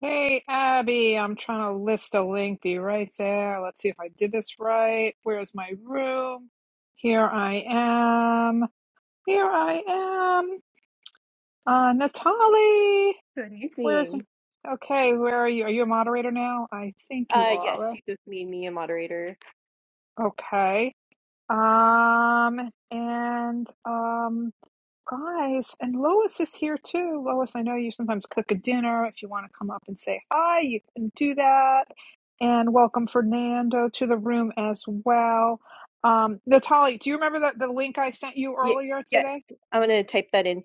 Hey, Abby, I'm trying to list a link. Be right there. Let's see if I did this right. Where's my room? Here I am. Here I am. Uh, Natalie, Good where's? evening. Okay, where are you? Are you a moderator now? I think you Uh, are. yes, right? you just made me a moderator. Okay. Um, and um, Guys, and Lois is here too. Lois, I know you sometimes cook a dinner. If you want to come up and say hi, you can do that. And welcome Fernando to the room as well. Um, Natalie, do you remember that the link I sent you Ye- earlier yes, today? I'm gonna type that in.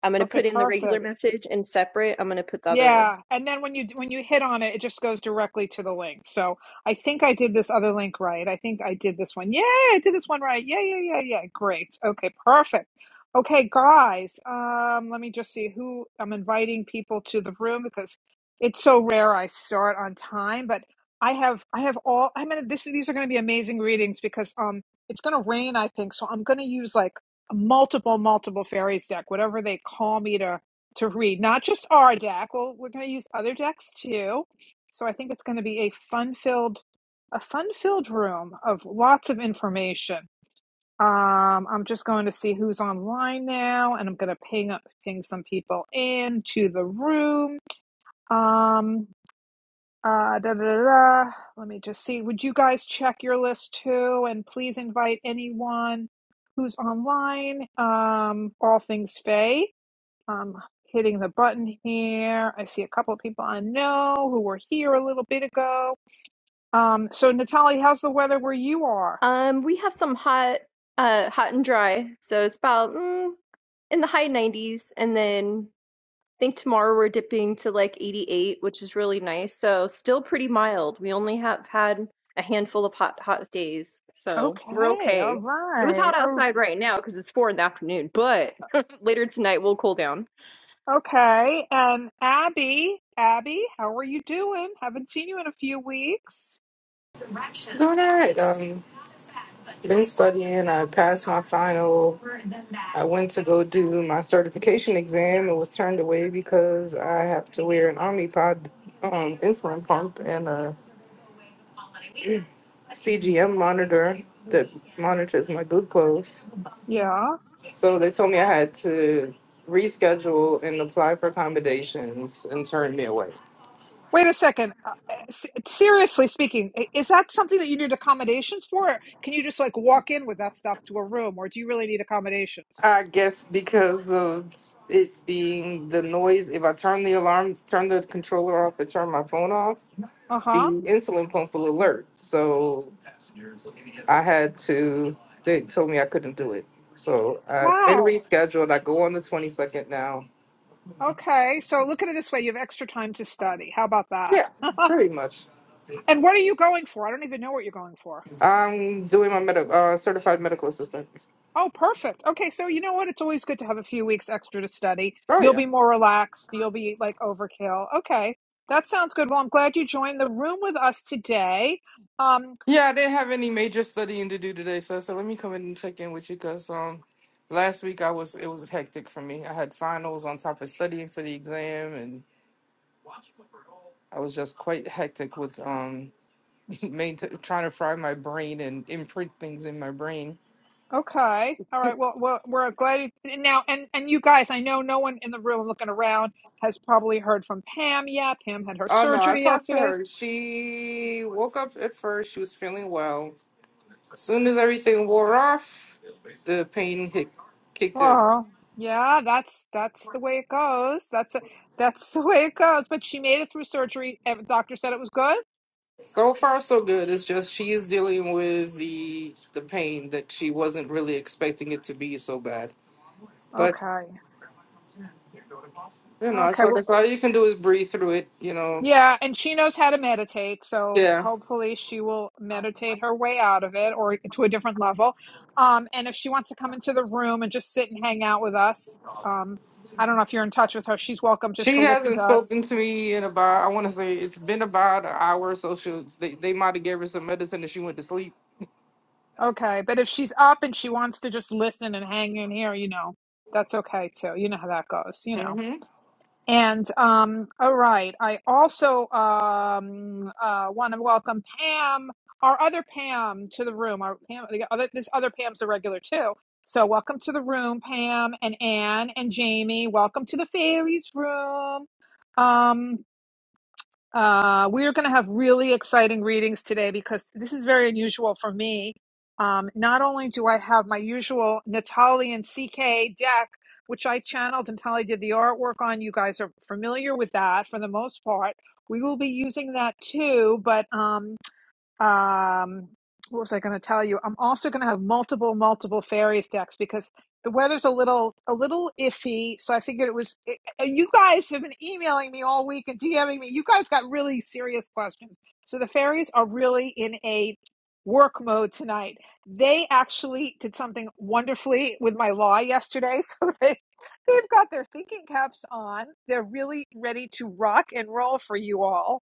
I'm gonna Okay, put in the regular perfect. message and separate. I'm gonna put the other one. Yeah, and then when you when you hit on it, it just goes directly to the link. So I think I did this other link right. I think I did this one. Yeah, I did this one right. Yeah, yeah, yeah, yeah. Great. Okay, perfect. Okay, guys. Um, let me just see who I'm inviting people to the room because it's so rare I start on time. But I have I have all. I'm gonna this these are gonna be amazing readings because um it's gonna rain I think so I'm gonna use like multiple multiple fairies deck whatever they call me to to read, not just our deck. Well, we're going to use other decks too. So I think it's going to be a fun-filled, a fun-filled room of lots of information. Um, I'm just going to see who's online now, and I'm going to ping up, ping some people into the room. Um, uh, da, da, da, da. Let me just see. Would you guys check your list too? And please invite anyone who's online. Um, all things Faye. I'm hitting the button here. I see a couple of people I know who were here a little bit ago. Um, so Natalie, how's the weather where you are? Um, we have some hot, uh, hot and dry. So it's about mm, in the high 90s, and then I think tomorrow we're dipping to like 88, which is really nice. So still pretty mild. We only have had a handful of hot, hot days, so we're Okay, all okay. It was right. hot Oh, outside right now because it's four in the afternoon, but later tonight we'll cool down. Okay, and Abby, Abby, how are you doing? Haven't seen you in a few weeks. Doing all right. Um, been studying. I passed my final. I went to go do my certification exam and was turned away because I have to wear an Omnipod um, insulin pump and a CGM monitor that monitors my glucose. Yeah. So they told me I had to reschedule and apply for accommodations and turned me away. Wait a second. Uh, uh, s- seriously speaking, i- is that something that you need accommodations for? Or can you just like walk in with that stuff to a room, or do you really need accommodations? I guess because of it being the noise, if I turn the alarm, turn the controller off, and turn my phone off, Uh the huh. insulin pump will alert. So I had to, they told me I couldn't do it. So I've been Wow. rescheduled. I go on the 22nd now. Okay, so look at it this way: you have extra time to study. How about that? Yeah, pretty much. and what are you going for? I don't even know what you're going for. I'm doing my med- uh, certified medical assistant. Oh, perfect. Okay, so you know what? It's always good to have a few weeks extra to study. Oh, You'll yeah. be more relaxed. You'll be like overkill. Okay, that sounds good. Well, I'm glad you joined the room with us today. Um, Yeah, I didn't have any major studying to do today, so so let me come in and check in with you because um last week I was it was hectic for me. I had finals on top of studying for the exam, and I was just quite hectic with um main trying to fry my brain and imprint things in my brain. okay, all right. Well, well we're glad you, and now. And and you guys, I know no one in the room looking around has probably heard from Pam yet. Pam had her Oh no, I surgery talked to yesterday her. She woke up at first. She was feeling well. As soon as everything wore off, the pain hit, kicked in. Well, yeah, that's that's the way it goes. That's a, that's the way it goes. But she made it through surgery. and doctor said it was good. So far, so good. It's just she's dealing with the the pain that she wasn't really expecting it to be so bad. But Okay. you know, Okay. so that's Well, all you can do is breathe through it. You know, yeah, and she knows how to meditate, so yeah. hopefully she will meditate her way out of it or to a different level. Um, and if she wants to come into the room and just sit and hang out with us, um, I don't know if you're in touch with her. She's welcome just She to listen hasn't to us. spoken to me in about I want to say it's been about an hour. So she they they might have gave her some medicine and she went to sleep. Okay, but if she's up and she wants to just listen and hang in here, you know, that's okay too. You know how that goes, you know. And um, all right, I also um, uh, want to welcome Pam, our other Pam, to the room. Our Pam, the other, this other Pam's a regular too. So welcome to the room, Pam and Anne and Jamie. Welcome to the fairies room. Um, uh, we are going to have really exciting readings today because this is very unusual for me. Um, not only do I have my usual Natali and CK deck, which I channeled, and Natali did the artwork on. You guys are familiar with that for the most part. We will be using that too, but um, um, what was I going to tell you? I'm also going to have multiple, multiple fairies decks because the weather's a little, a little iffy. So I figured it was. It, you guys have been emailing me all week and DMing me. You guys got really serious questions. So the fairies are really in a work mode tonight. They actually did something wonderfully with my law yesterday. So they, they've got their thinking caps on. They're really ready to rock and roll for you all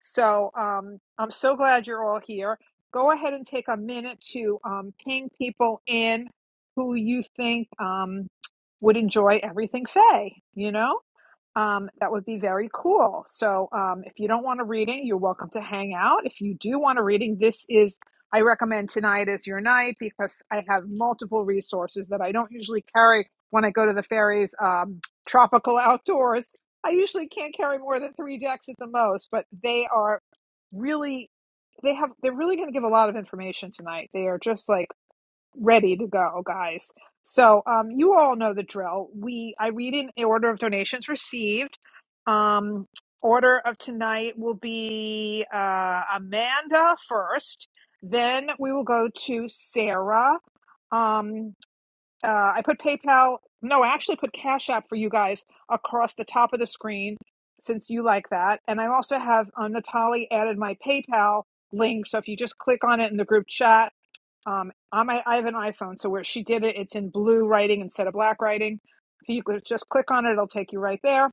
so um, I'm so glad you're all here. Go ahead and take a minute to um, ping people in who you think um, would enjoy everything Faye, you know? Um, that would be very cool. So, um, if you don't want a reading, you're welcome to hang out. If you do want a reading, this is, I recommend tonight is your night because I have multiple resources that I don't usually carry when I go to the fairies, um, tropical outdoors. I usually can't carry more than three decks at the most, but they are really, they have, they're really going to give a lot of information tonight. They are just like, ready to go, guys. So um, you all know the drill. We I read in order of donations received. Um, order of tonight will be uh, Amanda first. Then we will go to Sarah. Um, uh, I put PayPal. No, I actually put Cash App for you guys across the top of the screen since you like that. And I also have uh, Natalie added my PayPal link. So if you just click on it in the group chat, um, on my, I have an iPhone, so where she did it, it's in blue writing instead of black writing. If you could just click on it, it'll take you right there.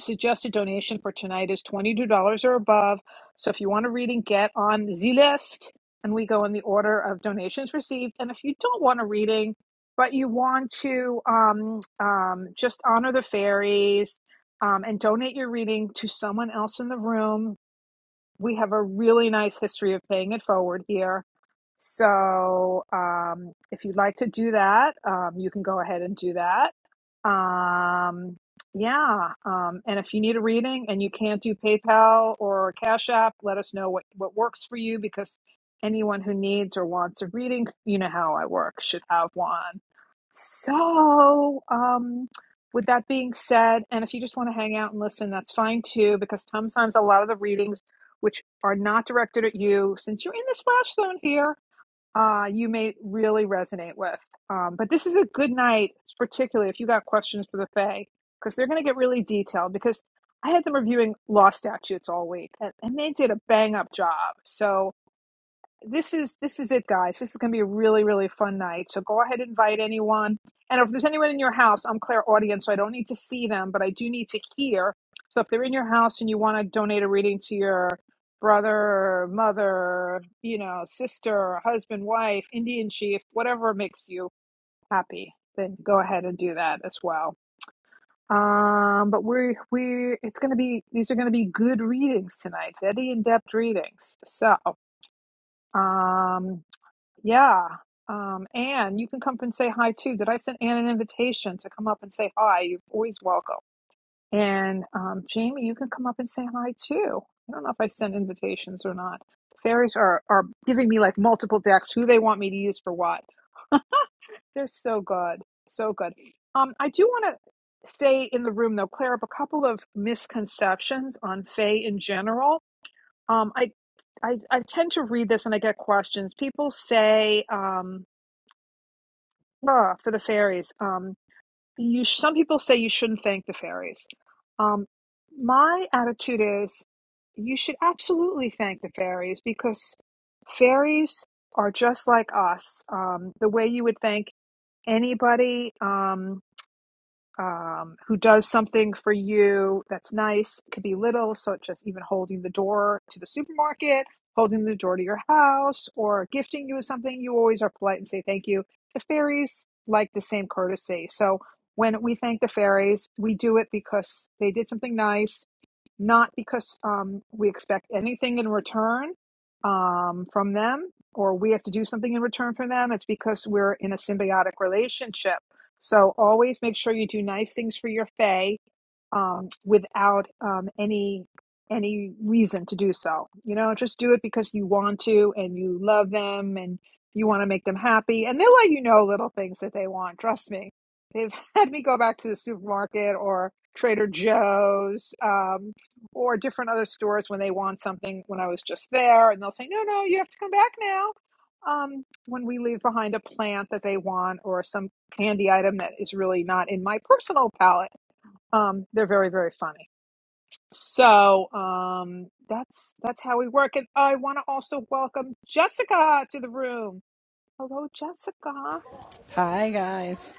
Suggested donation for tonight is $22 or above. So if you want a reading, get on the list. And we go in the order of donations received. And if you don't want a reading, but you want to um, um, just honor the fairies um, and donate your reading to someone else in the room we have a really nice history of paying it forward here. So um, if you'd like to do that, um, you can go ahead and do that. Um, yeah. Um, and if you need a reading and you can't do PayPal or Cash App, let us know what, what works for you because anyone who needs or wants a reading, you know how I work, should have one. So um, with that being said, and if you just want to hang out and listen, that's fine too, because sometimes a lot of the readings which are not directed at you, since you're in the splash zone here, uh, you may really resonate with. Um, but this is a good night, particularly if you got questions for the Fae, because they're going to get really detailed. Because I had them reviewing law statutes all week, and, and they did a bang up job. So this is this is it guys this is going to be a really really fun night so go ahead and invite anyone and if there's anyone in your house i'm claire audience so i don't need to see them but i do need to hear so if they're in your house and you want to donate a reading to your brother mother you know sister husband wife indian chief whatever makes you happy then go ahead and do that as well um but we're we are it's going to be these are going to be good readings tonight very in-depth readings so um yeah. Um, Anne, you can come up and say hi too. Did I send Anne an invitation to come up and say hi? You're always welcome. And um, Jamie, you can come up and say hi too. I don't know if I sent invitations or not. Fairies are, are giving me like multiple decks, who they want me to use for what. They're so good. So good. Um, I do want to say in the room though, clear up a couple of misconceptions on Fae in general. Um, I, I, I tend to read this and I get questions. People say, um, Ah, for the fairies. Um, you sh- some people say you shouldn't thank the fairies. Um, my attitude is you should absolutely thank the fairies because fairies are just like us. Um, the way you would thank anybody. Um, um, who does something for you that's nice. It could be little, so it's just even holding the door to the supermarket, holding the door to your house, or gifting you with something. You always are polite and say thank you. The fairies like the same courtesy. So when we thank the fairies, we do it because they did something nice, not because um, we expect anything in return um, from them or we have to do something in return for them. It's because we're in a symbiotic relationship so always make sure you do nice things for your fae um, without um, any any reason to do so. You know, just do it because you want to and you love them and you want to make them happy, and they'll let you know little things that they want. Trust me, they've had me go back to the supermarket or Trader Joe's um, or different other stores when they want something when I was just there, and they'll say, "No, no, you have to come back now." Um, when we leave behind a plant that they want or some candy item that is really not in my personal palate um, they're very, very funny. So um, that's that's how we work. And I want to also welcome Jessica to the room. Hello, Jessica. Hi guys.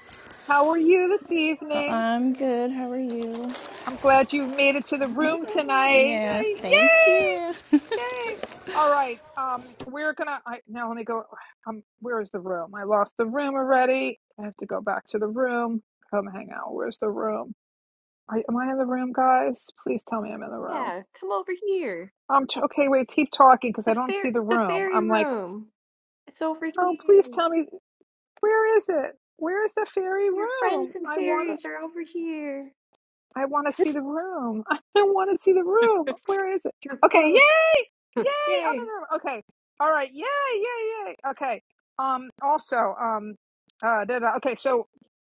How are you this Uh, evening? I'm good. How are you? I'm glad you made it to the room tonight. Uh, Yes, thank Yay! you. Yay! All right. Um, we're gonna. I, now let me go. Um, where is the room? I lost the room already. I have to go back to the room. Come hang out. Where's the room? I, am I in the room, guys? Please tell me I'm in the room. Yeah, come over here. I'm t- okay. Wait, keep talking because The I don't fair see the the room. fairy I'm like, room. It's over oh, please here. tell me where is it? Where is the fairy Your friends room? and I want it. fairies are over here. I want to see the room. I want to see the room. Where is it? You're Okay, close. yay, yay! I'm in Yay. the room. Okay, all right, yay, yay, yay. Okay. Um. Also, um. Uh. Da, da, okay. So,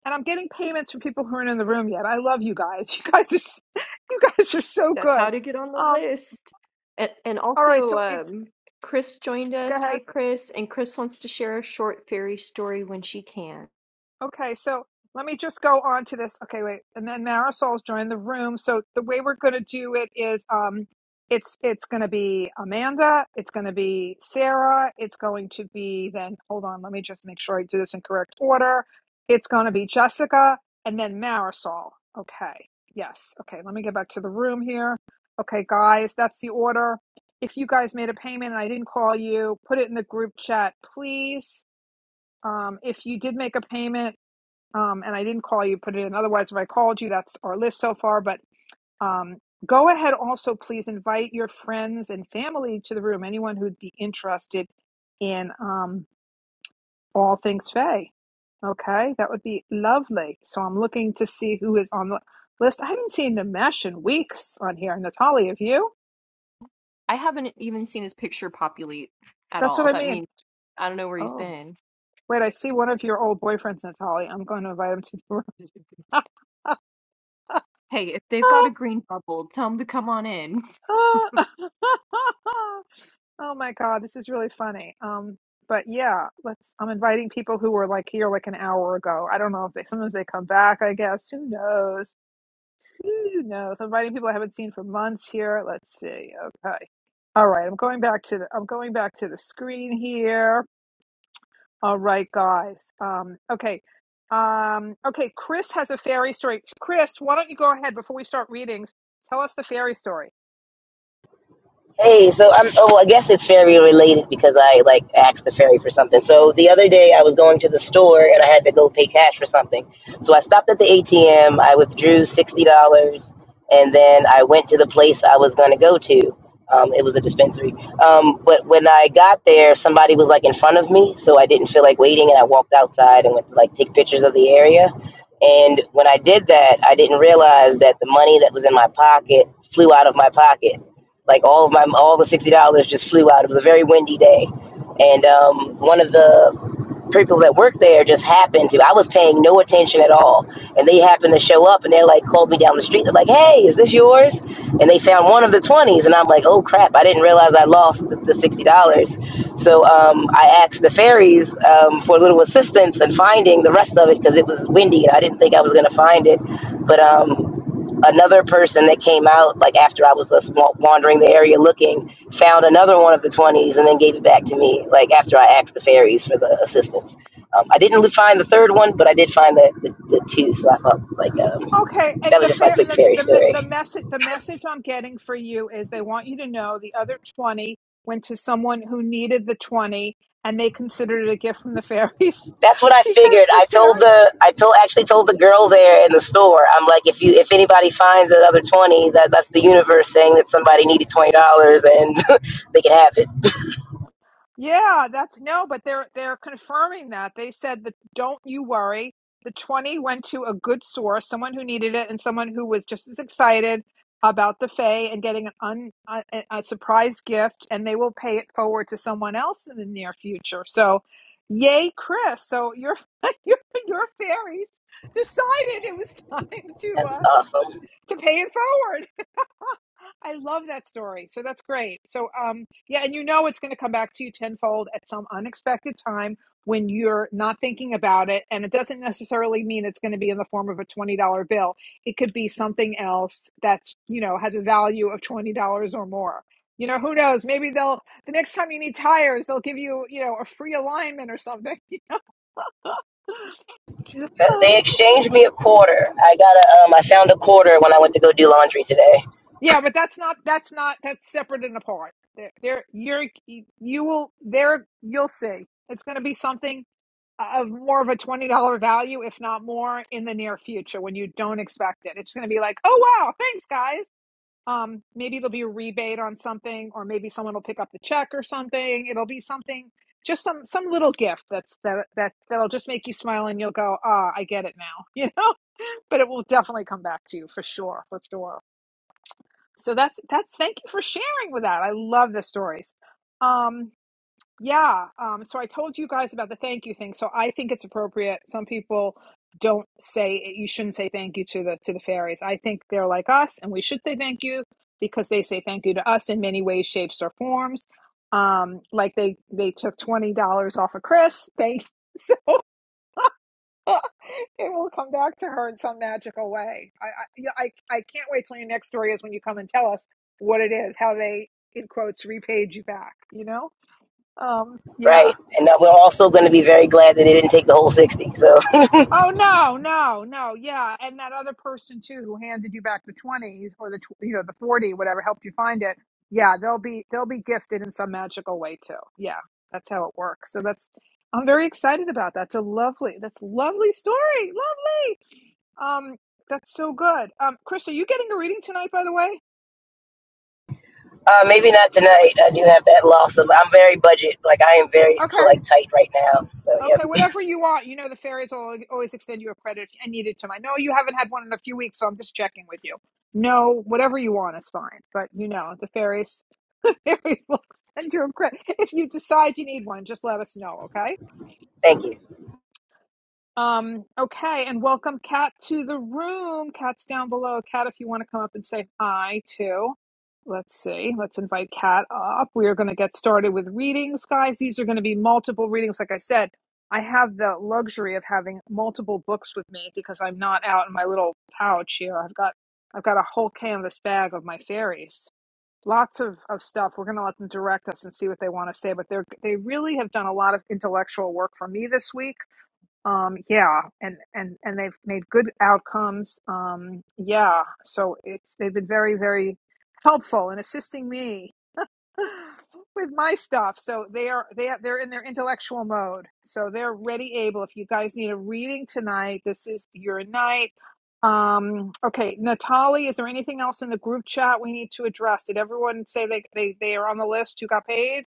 and I'm getting payments from people who aren't in the room yet. I love you guys. You guys are, s- you guys are so That's how good. to get on the Um. list. And and All right. also So it's um Chris joined go us. ahead. Hi Chris, and Chris wants to share a short fairy story when she can. Okay, so let me just go on to this. Okay, wait, and then Marisol's joined the room. So the way we're going to do it is, um, it's it's going to be Amanda, it's going to be Sarah, it's going to be then. Hold on, let me just make sure I do this in correct order. It's going to be Jessica, and then Marisol. Okay, yes. Okay, let me get back to the room here. Okay, guys, that's the order. If you guys made a payment and I didn't call you, put it in the group chat, please. Um, if you did make a payment um, and I didn't call you, put it in. Otherwise, if I called you, that's our list so far. But um, go ahead also, please invite your friends and family to the room, anyone who'd be interested in um, all things Faye. Okay, that would be lovely. So I'm looking to see who is on the list. I haven't seen Nimesh in weeks on here. Natalie, have you? I haven't even seen his picture populate at That's what all. I That mean. means I don't know where he's Oh, been. wait, I see one of your old boyfriends, Natalie. I'm going to invite him to the Hey, if they've got a green bubble, tell him to come on in. room. Oh my God, this is really funny. Um, but yeah, let's. I'm inviting people who were like here like an hour ago. I don't know if they sometimes they come back, I guess. Who knows? Who knows? I'm inviting people I haven't seen for months here. Let's see. Okay. All right, I'm going back to the I'm going back to the screen here. All right, guys. Um, okay. Um, okay, Chris has a fairy story. Chris, why don't you go ahead before we start readings? Tell us the fairy story. Hey, so I'm. Oh, well, I guess it's fairy related because I like asked the fairy for something. So the other day I was going to the store and I had to go pay cash for something. So I stopped at the ATM. I withdrew sixty dollars, and then I went to the place I was going to go to. Um, it was a dispensary. Um, but when I got there, somebody was like in front of me, so I didn't feel like waiting, and I walked outside and went to like take pictures of the area. And when I did that, I didn't realize that the money that was in my pocket flew out of my pocket like all of my all the sixty dollars just flew out. It was a very windy day, and um, one of the people that worked there just happened to. I was paying no attention at all, and they happened to show up, and they're like called me down the street. They're like, "Hey, is this yours?" And they found one of the twenties, and I'm like, "Oh crap! I didn't realize I lost the, the sixty dollars." So um, I asked the fairies um, for a little assistance in finding the rest of it because it was windy, and I didn't think I was going to find it, but. Um, another person that came out like after I was wandering the area looking found another one of the 20s and then gave it back to me like after I asked the fairies for the assistance. Um, I didn't find the third one, but I did find the, the, the two. So I thought like Okay, um, that and was the just my fair quick the fairy the me- the story. message the message I'm getting for you is they want you to know the other 20 went to someone who needed the 20 and they considered it a gift from the fairies That's what I because figured. the I told fairy the I told actually told the girl there in the store. I'm like, if you if anybody finds another twenty, that that's the universe saying that somebody needed twenty dollars and they can have it. Yeah, that's no, but they're they're confirming that. They said that don't you worry. The 20 went to a good source, someone who needed it and someone who was just as excited about the Fae and getting an un, a, a surprise gift and they will pay it forward to someone else in the near future. So, yay, Chris. So your your your fairies decided it was time to That's uh awesome. to pay it forward. I love that story. So that's great. So um yeah, and you know it's going to come back to you tenfold at some unexpected time when you're not thinking about it and it doesn't necessarily mean it's going to be in the form of a $20 bill. It could be something else that's, you know, has a value of $20 or more. You know, who knows? Maybe they'll the next time you need tires, they'll give you, you know, a free alignment or something. But um, They exchanged me a quarter. I got a, um, I found a quarter when I went to go do laundry today. Yeah, but that's not that's not that's separate and apart. There, there, you're you will there you'll see. It's going to be something uh, of more of a twenty dollar value, if not more, in the near future when you don't expect it. It's going to be like, oh wow, thanks guys. Um, maybe there'll be a rebate on something, or maybe someone will pick up the check or something. It'll be something, just some some little gift that's that that that'll just make you smile and you'll go, ah, I get it now, you know. But it will definitely come back to you for sure, for sure so that's that's thank you for sharing with that i love the stories um yeah um so i told you guys about the thank you thing so i think it's appropriate some people don't say it. you shouldn't say thank you to the to the fairies i think they're like us and we should say thank you because they say thank you to us in many ways shapes or forms um like they they took $20 off of chris they so it will come back to her in some magical way. I, I, yeah, I, I can't wait till your next story is when you come and tell us what it is, how they, in quotes, repaid you back, you know? Um, yeah. Right, and we're also going to be very glad that they didn't take the whole sixty. So Oh no, no, no. Yeah, and that other person too who handed you back the 20s or the tw- you know the 40 whatever helped you find it. Yeah, they'll be they'll be gifted in some magical way too. Yeah, that's how it works. So that's I'm very excited about that. That's a lovely that's a lovely story. Lovely. Um that's so good. Um Chris, are you getting a reading tonight by the way? uh, maybe not tonight. I do have that loss of. I'm very budget. Like I am very Okay. like tight right now. So yep. Okay, whatever you want. You know the fairies will always extend you a credit if I need it to. I know you haven't had one in a few weeks, so I'm just checking with you. No, whatever you want is fine. But you know the fairies, the fairies will extend you a credit if you decide you need one. Just let us know, okay? Thank you. Um, okay, and welcome Kat to the room. Kat's down below. Kat, if you want to come up and say hi too. Let's see. Let's invite Kat up. We are going to get started with readings, guys. These are going to be multiple readings. Like I said, I have the luxury of having multiple books with me because I'm not out in my little pouch here. I've got I've got a whole canvas bag of my fairies. Lots of, of stuff. We're going to let them direct us and see what they want to say. But they they really have done a lot of intellectual work for me this week um yeah and and and they've made good outcomes um yeah so it's they've been very very helpful in assisting me with my stuff so they are they are, they're in their intellectual mode so they're ready able if you guys need a reading tonight this is your night um okay natalie is there anything else in the group chat we need to address did everyone say they they, they are on the list who got paid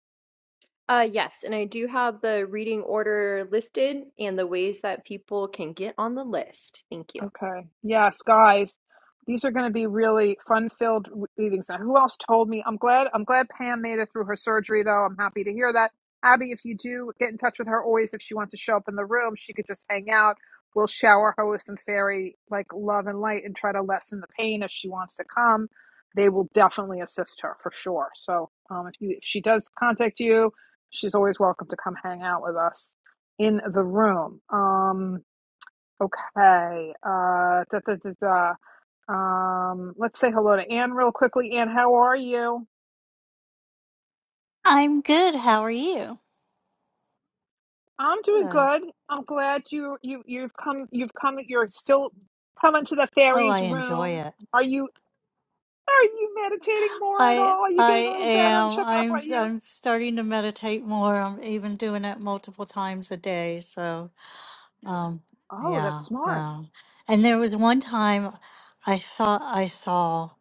Uh, yes, and I do have the reading order listed and the ways that people can get on the list. Thank you. Okay. Yes, guys, these are going to be really fun-filled readings. Now, who else told me? I'm glad. I'm glad Pam made it through her surgery, though. I'm happy to hear that. Abby, if you do get in touch with her, always if she wants to show up in the room, she could just hang out. We'll shower her with some fairy like love and light and try to lessen the pain if she wants to come. They will definitely assist her for sure. So, um, if you if she does contact you, she's always welcome to come hang out with us in the room. Um, Okay. Uh, da, da, da, da. Um, let's say hello to Anne real quickly. Anne, how are you? I'm good. How are you? I'm doing Good. good. I'm glad you you you've come you've come you're still coming to the Oh, fairies I enjoy room. it. Are you are you meditating more at I all? Are you I getting a little better? I'm am. checking up I'm on you. I'm starting to meditate more. I'm even doing it multiple times a day. So, um, Oh, that's yeah, smart. yeah. And there was one time I thought I saw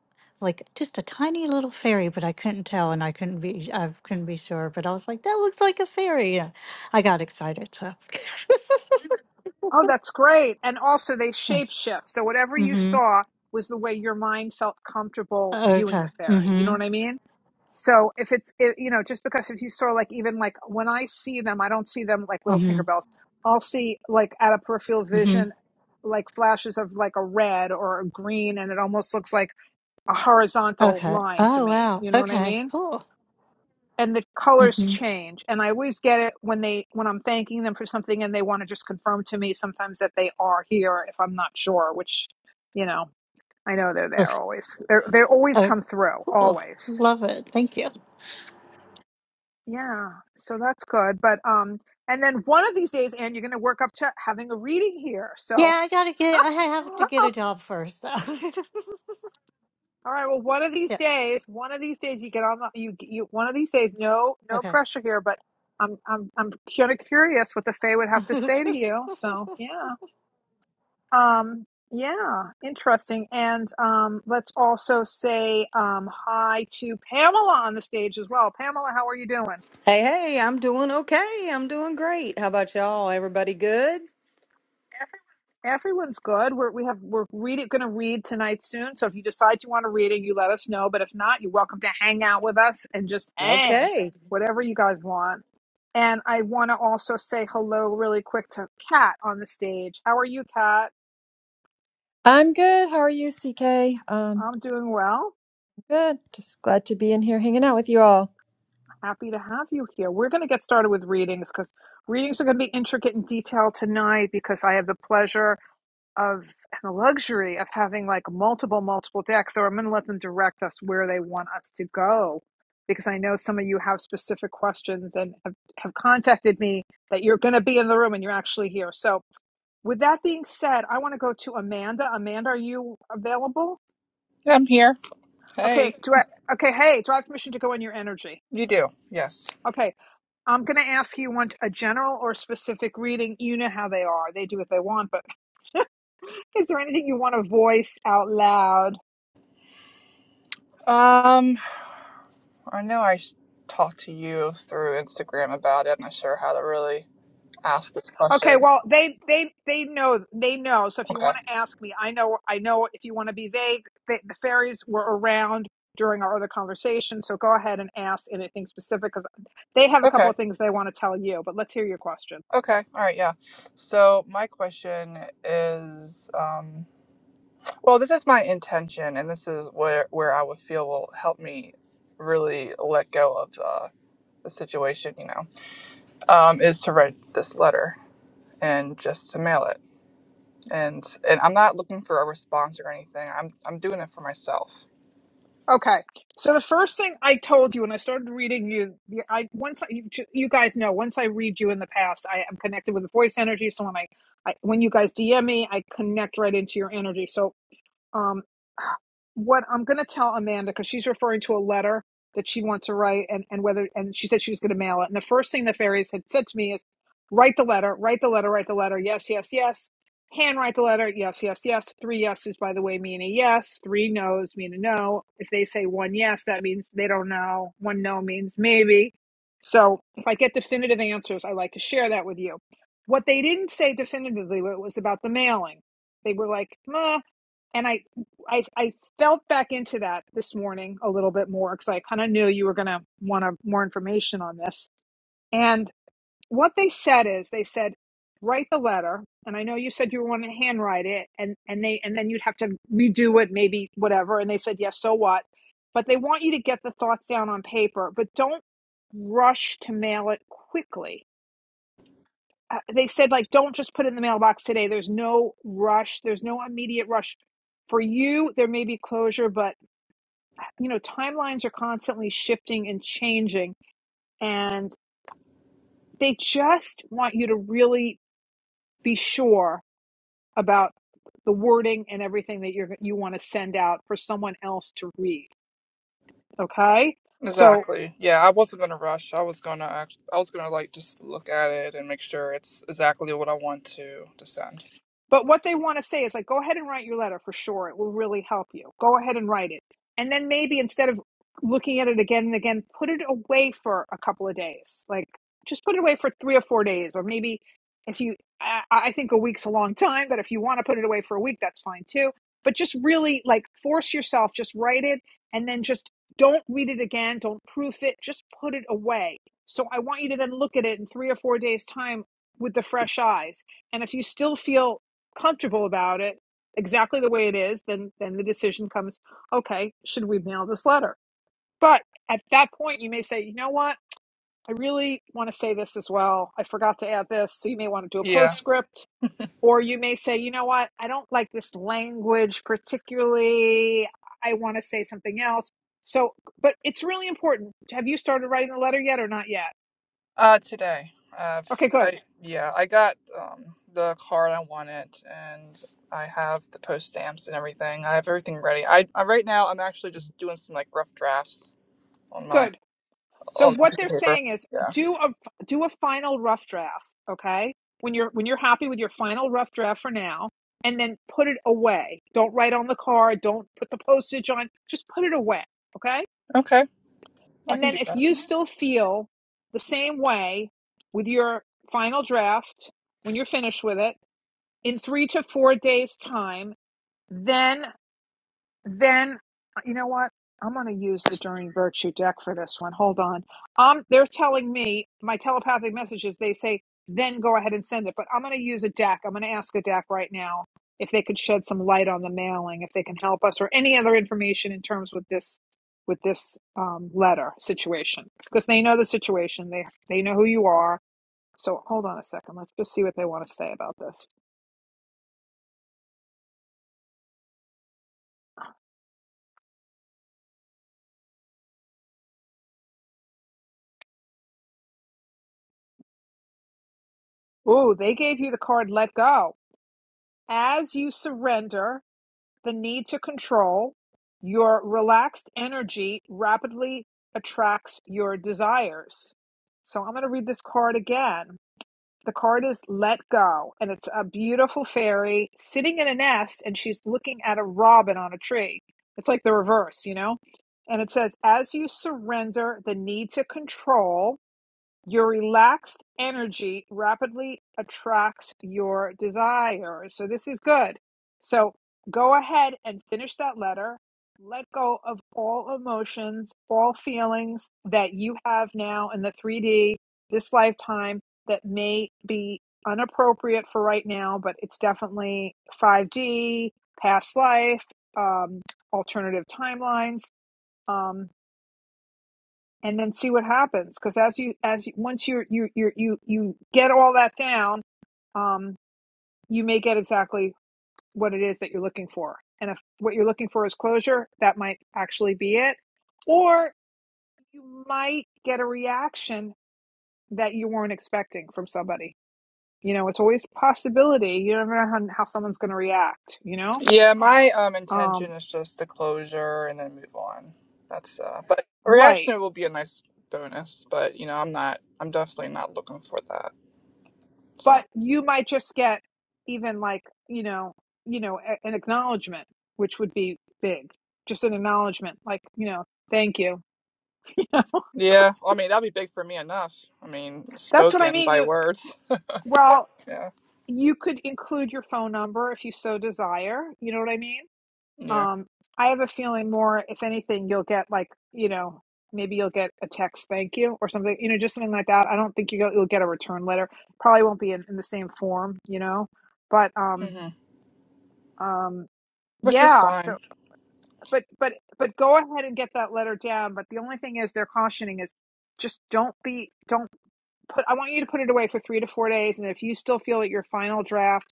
like just a tiny little fairy, but I couldn't tell, and I couldn't be I couldn't be sure. But I was like, that looks like a fairy. Yeah. I got excited. So. Oh, that's great. And also they shape shift. So whatever you mm-hmm. saw was the way your mind felt comfortable viewing Okay. the fairy. You know Mm-hmm. what I mean? So if it's it, you know just because if you saw like even like when I see them, I don't see them like little Mm-hmm. Tinkerbells. I'll see like at a peripheral Mm-hmm. vision like flashes of like a red or a green and it almost looks like a horizontal Okay. line to Oh me. wow. You know what I Okay. mean? Cool. And the colors Mm-hmm. change. And I always get it when they when I'm thanking them for something and they want to just confirm to me sometimes that they are here if I'm not sure, which you know, I know they're there Oh, always. They are they always come through, cool. always. Love it. Thank you. Yeah, so that's good. But um, and then one of these days, and you're going to work up to having a reading here. So, Yeah, I gotta get. I all have to get a job first, though. right. Well, one of these yeah. days, one of these days, you get on the you you one of these days. No, no Okay. pressure here, but I'm I'm I'm kind of curious what the Fae would have to say to you. So yeah, um, yeah, interesting. And um, let's also say um hi to Pamela on the stage as well. Pamela, how are you doing? Hey, hey, I'm doing okay. I'm doing great. How about y'all? Everybody good? Everyone's good. We're we have we're reading going to read tonight soon. So if you decide you want to read it, you let us know. But if not, you're welcome to hang out with us and just hang, Okay. whatever you guys want. And I want to also say hello really quick to Kat on the stage. How are you, Kat? I'm good. How are you, CK? Um, I'm doing well. good. Just glad to be in here hanging out with you all. Happy to have you here. We're going to get started with readings because readings are going to be intricate and detailed tonight because I have the pleasure of and the luxury of having like multiple multiple decks so i'm going to let them direct us where they want us to go because i know some of you have specific questions and have, have contacted me that you're going to be in the room and you're actually here so with that being said i want to go to amanda amanda are you available I'm here. okay Hey, do i okay hey do i have permission to go in your energy you do. Yes. okay i'm going to ask you want a general or specific reading you know how they are they do what they want but is there anything you want to voice out loud Um, I know I s- talked to you through Instagram about it. I'm not sure how to really ask this Okay, question. well, they they they know they know. So if you Okay. want to ask me, I know I know. If you want to be vague, they, the fairies were around during our other conversation. So go ahead and ask anything specific because they have a couple Okay. of things they want to tell you. But let's hear your question. Okay. All right. Yeah. So my question is, um, well, this is my intention, and this is where where I would feel will help me really let go of uh, the situation. You know, um, is to write this letter and just to mail it. and and I'm not looking for a response or anything. I'm I'm doing it for myself. Okay, so the first thing I told you when I started reading you, the- I once I, you, you guys know once I read you in the past, I am connected with the voice energy. So when I, I when you guys DM me, I connect right into your energy. So Um, what I'm going to tell Amanda because she's referring to a letter that she wants to write, and and whether and she said she was going to mail it. And the first thing the fairies had said to me is, write the letter, write the letter, write the letter. Yes, yes, yes. Handwrite the letter. Yes, yes, yes. Three yeses, by the way, mean a yes. Three nos mean a no. If they say one yes, that means they don't know. One no means maybe. So if I get definitive answers, I like to share that with you. What they didn't say definitively was about the mailing. They were like, "Meh, and I, I I felt back into that this morning a little bit more because I kind of knew you were going to want to more information on this. And what they said is they said write the letter, and I know you said you wanted to handwrite it, and and they and then you'd have to redo it, maybe whatever. And they said yes, so what? But they want you to get the thoughts down on paper, but don't rush to mail it quickly uh, they said like don't just put it in the mailbox today there's no rush there's no immediate rush for you there may be closure but you know timelines are constantly shifting and changing and they just want you to really be sure about the wording and everything that you're you want to send out for someone else to read okay so Exactly. Yeah, I wasn't gonna rush. I was gonna act, I was gonna like just look at it and make sure it's exactly what I want to to send. But what they want to say is like, go ahead and write your letter for sure. It will really help you. Go ahead and write it. And then maybe instead of looking at it again and again, put it away for a couple of days. Like just put it away for three or four days, or maybe if you, I, I think a week's a long time, but if you want to put it away for a week, that's fine too. But just really like force yourself, just write it and then just don't read it again. Don't proof it. Just put it away. So I want you to then look at it in three or four days time with the fresh eyes. And if you still feel comfortable about it exactly the way it is, then then the decision comes, okay, should we mail this letter? But at that point you may say, you know what? I really want to say this as well. I forgot to add this. So you may want to do a Yeah. postscript or you may say, you know what? I don't like this language particularly. I want to say something else. So, but it's really important. Have you started writing the letter yet or not yet? Uh, today. I've, Okay, good. I, yeah, I got um, the card I wanted, and I have the post stamps and everything. I have everything ready. I, I right now I'm actually just doing some like rough drafts on my Good So on a what piece of they're paper. saying is Yeah. do a do a final rough draft, okay? When you're when you're happy with your final rough draft for now, and then put it away. Don't write on the card, don't put the postage on, just put it away, okay? Okay, I And can then do if that. you still feel the same way with your final draft when you're finished with it in 3 to 4 days time, then. Then uh, you know what? I'm going to use the During Virtue deck for this one. Hold on. Um, they're telling me my telepathic messages. They say then go ahead and send it, but I'm going to use a deck. I'm going to ask a deck right now if they could shed some light on the mailing, if they can help us, or any other information in terms with this with this um, letter situation, because they know the situation. They they know who you are. So hold on a second. Let's just see what they want to say about this. Ooh, they gave you the card. Let go as you surrender. the need to control, your relaxed energy rapidly attracts your desires. So I'm going to read this card again. The card is Let Go, and it's a beautiful fairy sitting in a nest, and she's looking at a robin on a tree. It's like the reverse, you know? And it says, As you surrender the need to control, your relaxed energy rapidly attracts your desire. So this is good. So go ahead and finish that letter. Let go of all emotions, all feelings that you have now in the 3D, this lifetime that may be unappropriate for right now, but it's definitely 5D, past life, um, alternative timelines. Um, and then see what happens because as you as you, once you you you you you get all that down um you may get exactly what it is that you're looking for and if what you're looking for is closure that might actually be it or you might get a reaction that you weren't expecting from somebody you know it's always a possibility you never know how, how someone's going to react you know Yeah, my um intention um is just the closure and then move on. That's uh, but a right reaction will be a nice bonus. But you know, I'm not. I'm definitely not looking for that. so. but you might just get even like you know you know a- an acknowledgement which would be big just an acknowledgement like you know thank you You know? Yeah, well, I mean that'd be big for me enough. I mean, that's what i spoken mean by you words. well Yeah, you could include your phone number if you so desire you know what i mean yeah, um i have a feeling more if anything you'll get like you know maybe you'll get a text thank you or something you know just something like that i don't think you'll, you'll get a return letter probably won't be in, in the same form you know but um hmm um which is yeah, so fine. but but but go ahead and get that letter down but the only thing is they're cautioning is just don't be don't put i want you to put it away for three to four days and if you still feel that your final draft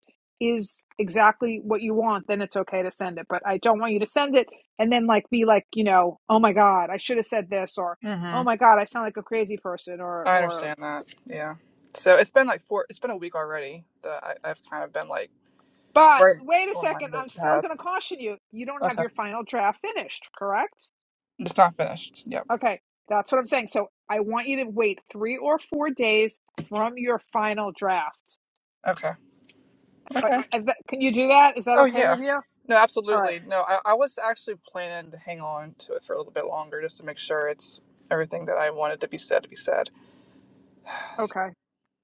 is exactly what you want then it's okay to send it but i don't want you to send it and then like be like you know oh my god i should have said this or hmm oh my god i sound like a crazy person or I or understand that. Yeah. So it's been like four. It's been a week already that I, I've kind of been like but right wait a on my second mid i'm still going to paths. caution you you don't have Okay, your final draft finished correct it's not finished. Yep. Okay, that's what I'm saying. So I want you to wait three or four days from your final draft. Okay. Uh, Okay. is that- Can you do that? Is that Oh okay yeah. with you? No, All right. absolutely. No, I, I was actually planning to hang on to it for a little bit longer just to make sure it's everything that I wanted to be said to be said. So, Okay.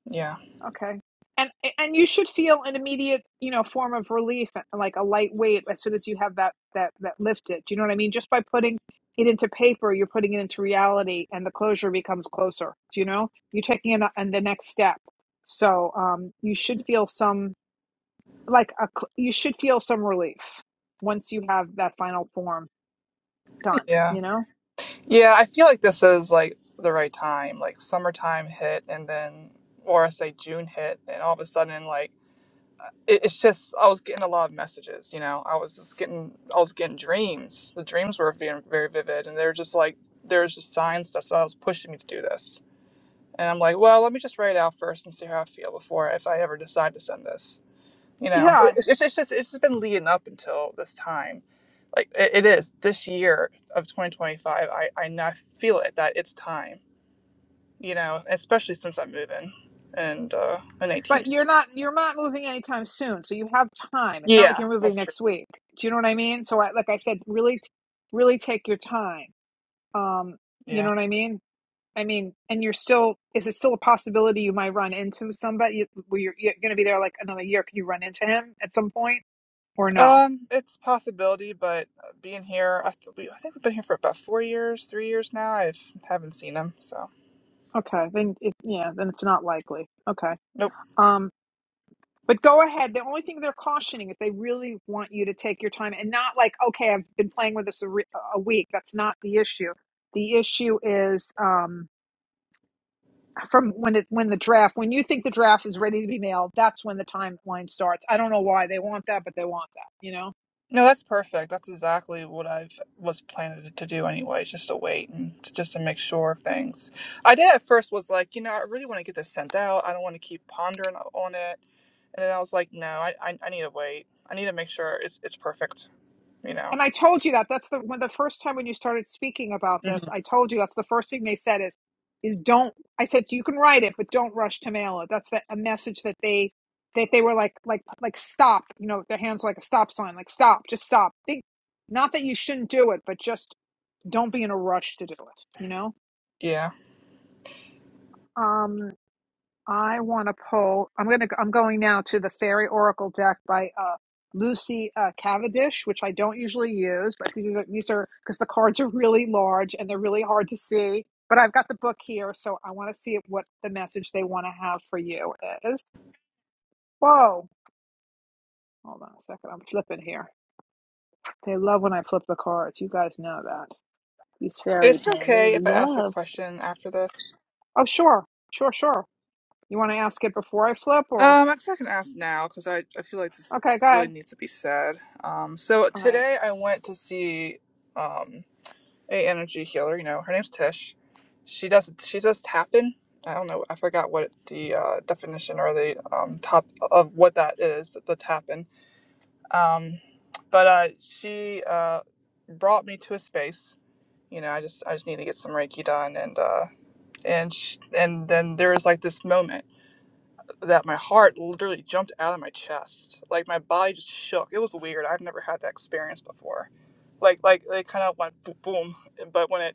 Yeah. Okay. And and you should feel an immediate, you know, form of relief, like a light weight, as soon as you have that that that lifted. Do you know what I mean? Just by putting it into paper, you're putting it into reality, and the closure becomes closer. Do you know? You're taking it on the next step. So um, you should feel some like a cl- you should feel some relief once you have that final form done Yeah. you know Yeah, I feel like this is like the right time. Like summertime hit, and then, or I say June hit, and all of a sudden, like it, it's just I was getting a lot of messages. You know, I was just getting I was getting dreams. The dreams were being very vivid, and they were just like there's just signs. That's what I was pushing me to do this. And I'm like, well, let me just write it out first and see how I feel before if I ever decide to send this you know yeah it's, it's just it's just been leading up until this time like it, it is this year of 2025 i i now feel it that it's time you know especially since i'm moving and uh in but 18 you're not you're not moving anytime soon so you have time it's not like yeah you're moving that's true next week do you know what i mean so I, like i said really t- really take your time um you yeah know what i mean i mean and you're still is it still a possibility you might run into somebody where you're, you're going to be there like another year can you run into him at some point or no um it's a possibility but uh, being here i, th- we, I think we've been here for about four years three years now i haven't seen him so okay then it, yeah then it's not likely okay nope um. But go ahead. The only thing they're cautioning is they really want you to take your time and not like, okay, I've been playing with this a, re- a week. That's not the issue. The issue is um, from when it when the draft when you think the draft is ready to be nailed, that's when the timeline starts. I don't know why they want that, but they want that. You know. No, that's perfect. That's exactly what I've was planning to do anyway, just to wait and to, just to make sure of things. I did at first was like, you know, I really want to get this sent out. I don't want to keep pondering on it. And then I was like, no, I, I, I need to wait. I need to make sure it's it's perfect, you know. And I told you that. That's the when the first time when you started speaking about this, hmm I told you that's the first thing they said is is don't I said you can write it, but don't rush to mail it. That's the, a message that they that they were like like like stop, you know, their hands were like a stop sign, like stop, just stop. Think not that you shouldn't do it, but just don't be in a rush to do it, you know? Yeah. Um I want to pull. I'm gonna. I'm going now to the Fairy Oracle deck by uh, Lucy uh, Cavendish, which I don't usually use, but these are these are because the cards are really large and they're really hard to see. But I've got the book here, so I want to see what the message they want to have for you is. Whoa! Hold on a second. I'm flipping here. They love when I flip the cards. You guys know that. These Is fairies, it man, they okay if I ask the love. question after this? Oh, sure, sure, sure. You want to ask it before I flip, or Um, I guess I can ask now because I, I feel like this okay, go really ahead. needs to be said. Um, so All right. today I went to see um a energy healer. You know, her name's Tish. She does she does tapping. I don't know. I forgot what the uh, definition or the um, top of what that is. The tapping. Um, but uh, she uh, brought me to a space. You know, I just I just need to get some Reiki done, and uh, and sh- and then there was like this moment that my heart literally jumped out of my chest. Like my body just shook. It was weird. I've never had that experience before. Like like it kind of went boom, boom. But when it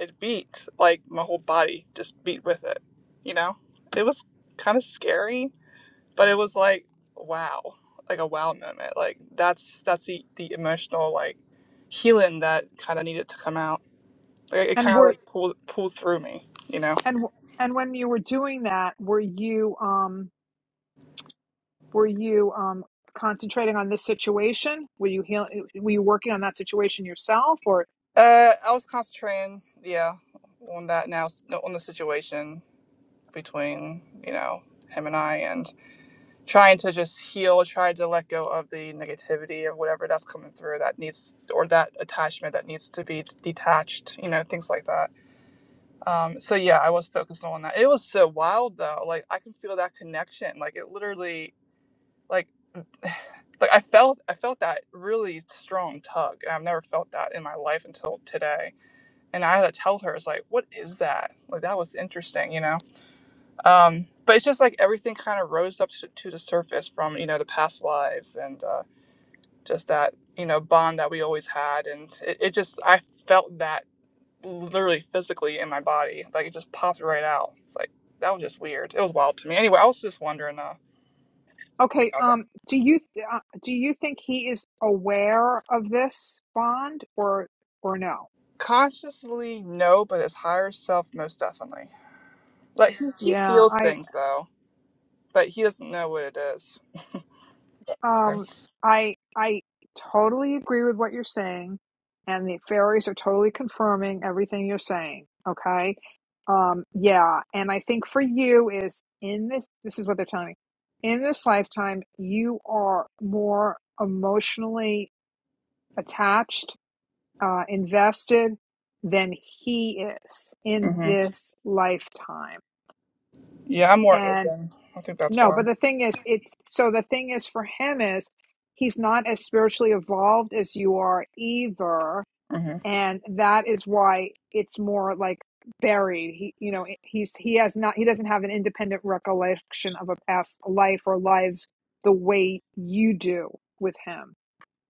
it beat like my whole body just beat with it you know it was kind of scary but it was like wow like a wow moment like that's that's the, the emotional like healing that kind of needed to come out like it And kind we of are like pulled pulled through me you know And w- and when you were doing that, were you um were you um concentrating on this situation? Were you heal- uh, were you working on that situation yourself or uh i was concentrating yeah on that now on the situation between you know him and i and. trying to just heal, try to let go of the negativity or whatever that's coming through that needs or that attachment that needs to be detached, you know, things like that. Um, so yeah, I was focused on that. It was so wild though. Like I can feel that connection. Like it literally like like I felt I felt that really strong tug and I've never felt that in my life until today. And I had to tell her, it's like, what is that? Like that was interesting, you know? Um, but it's just like everything kind of rose up to, to the surface from you know the past lives and uh, just that you know bond that we always had, and it, it just I felt that literally physically in my body, like it just popped right out. It's like that was just weird. It was wild to me. Anyway, I was just wondering uh, okay, about that. um do you uh, do you think he is aware of this bond or or no? Consciously, no, but his higher self most definitely. Like he, he feels Yeah, things though, but he doesn't know what it is. Um, Thanks. I I totally agree with what you're saying, and the fairies are totally confirming everything you're saying. Okay. Um, yeah, and I think for you is in this this is what they're telling me. In this lifetime, you are more emotionally attached, uh, invested than he is in hmm this lifetime. Yeah, I'm more and. open. I think that's No, why. but the thing is, it's so the thing is for him is he's not as spiritually evolved as you are either, hmm and that is why it's more like buried. He, you know, he's he has not he doesn't have an independent recollection of a past life or lives the way you do with him.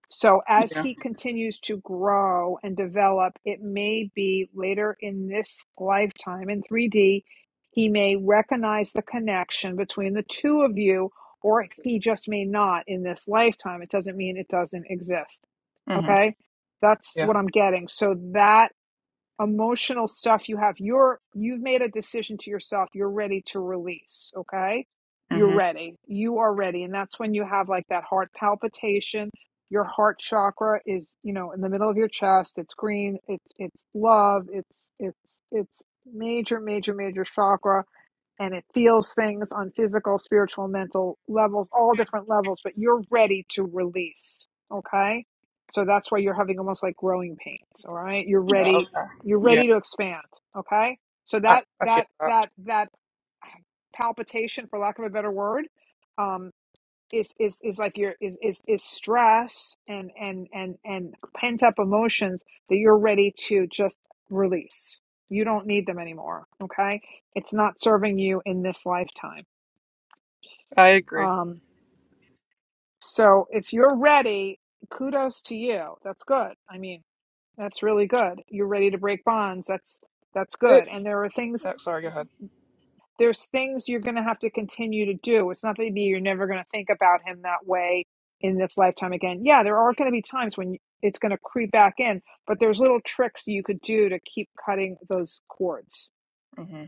So as Yeah. he continues to grow and develop, it may be later in this lifetime in 3D, he may recognize the connection between the two of you, or he just may not in this lifetime. It doesn't mean it doesn't exist. hmm Okay. That's Yeah. what I'm getting. So that emotional stuff you have you're you've made a decision to yourself you're ready to release okay you're hmm ready you are ready and that's when you have like that heart palpitation your heart chakra is you know in the middle of your chest it's green it's it's love it's it's it's major major major chakra and it feels things on physical, spiritual, mental levels, all different levels, but you're ready to release. Okay. So that's why you're having almost like growing pains. All right. You're Oh, ready. okay. You're Yeah, ready to expand. Okay. So I, that, I feel that, that. that, that palpitation, for lack of a better word, um. Is is is like your is is is stress and and and and pent up emotions that you're ready to just release. You don't need them anymore. Okay, it's not serving you in this lifetime. I agree. Um, so if you're ready, kudos to you. That's good. I mean, that's really good. You're ready to break bonds. That's that's It. good. And there are things Oh, sorry, go ahead. there's things you're going to have to continue to do. It's not that you're never going to think about him that way in this lifetime again. Yeah, there are going to be times when it's going to creep back in, but there's little tricks you could do to keep cutting those cords. hmm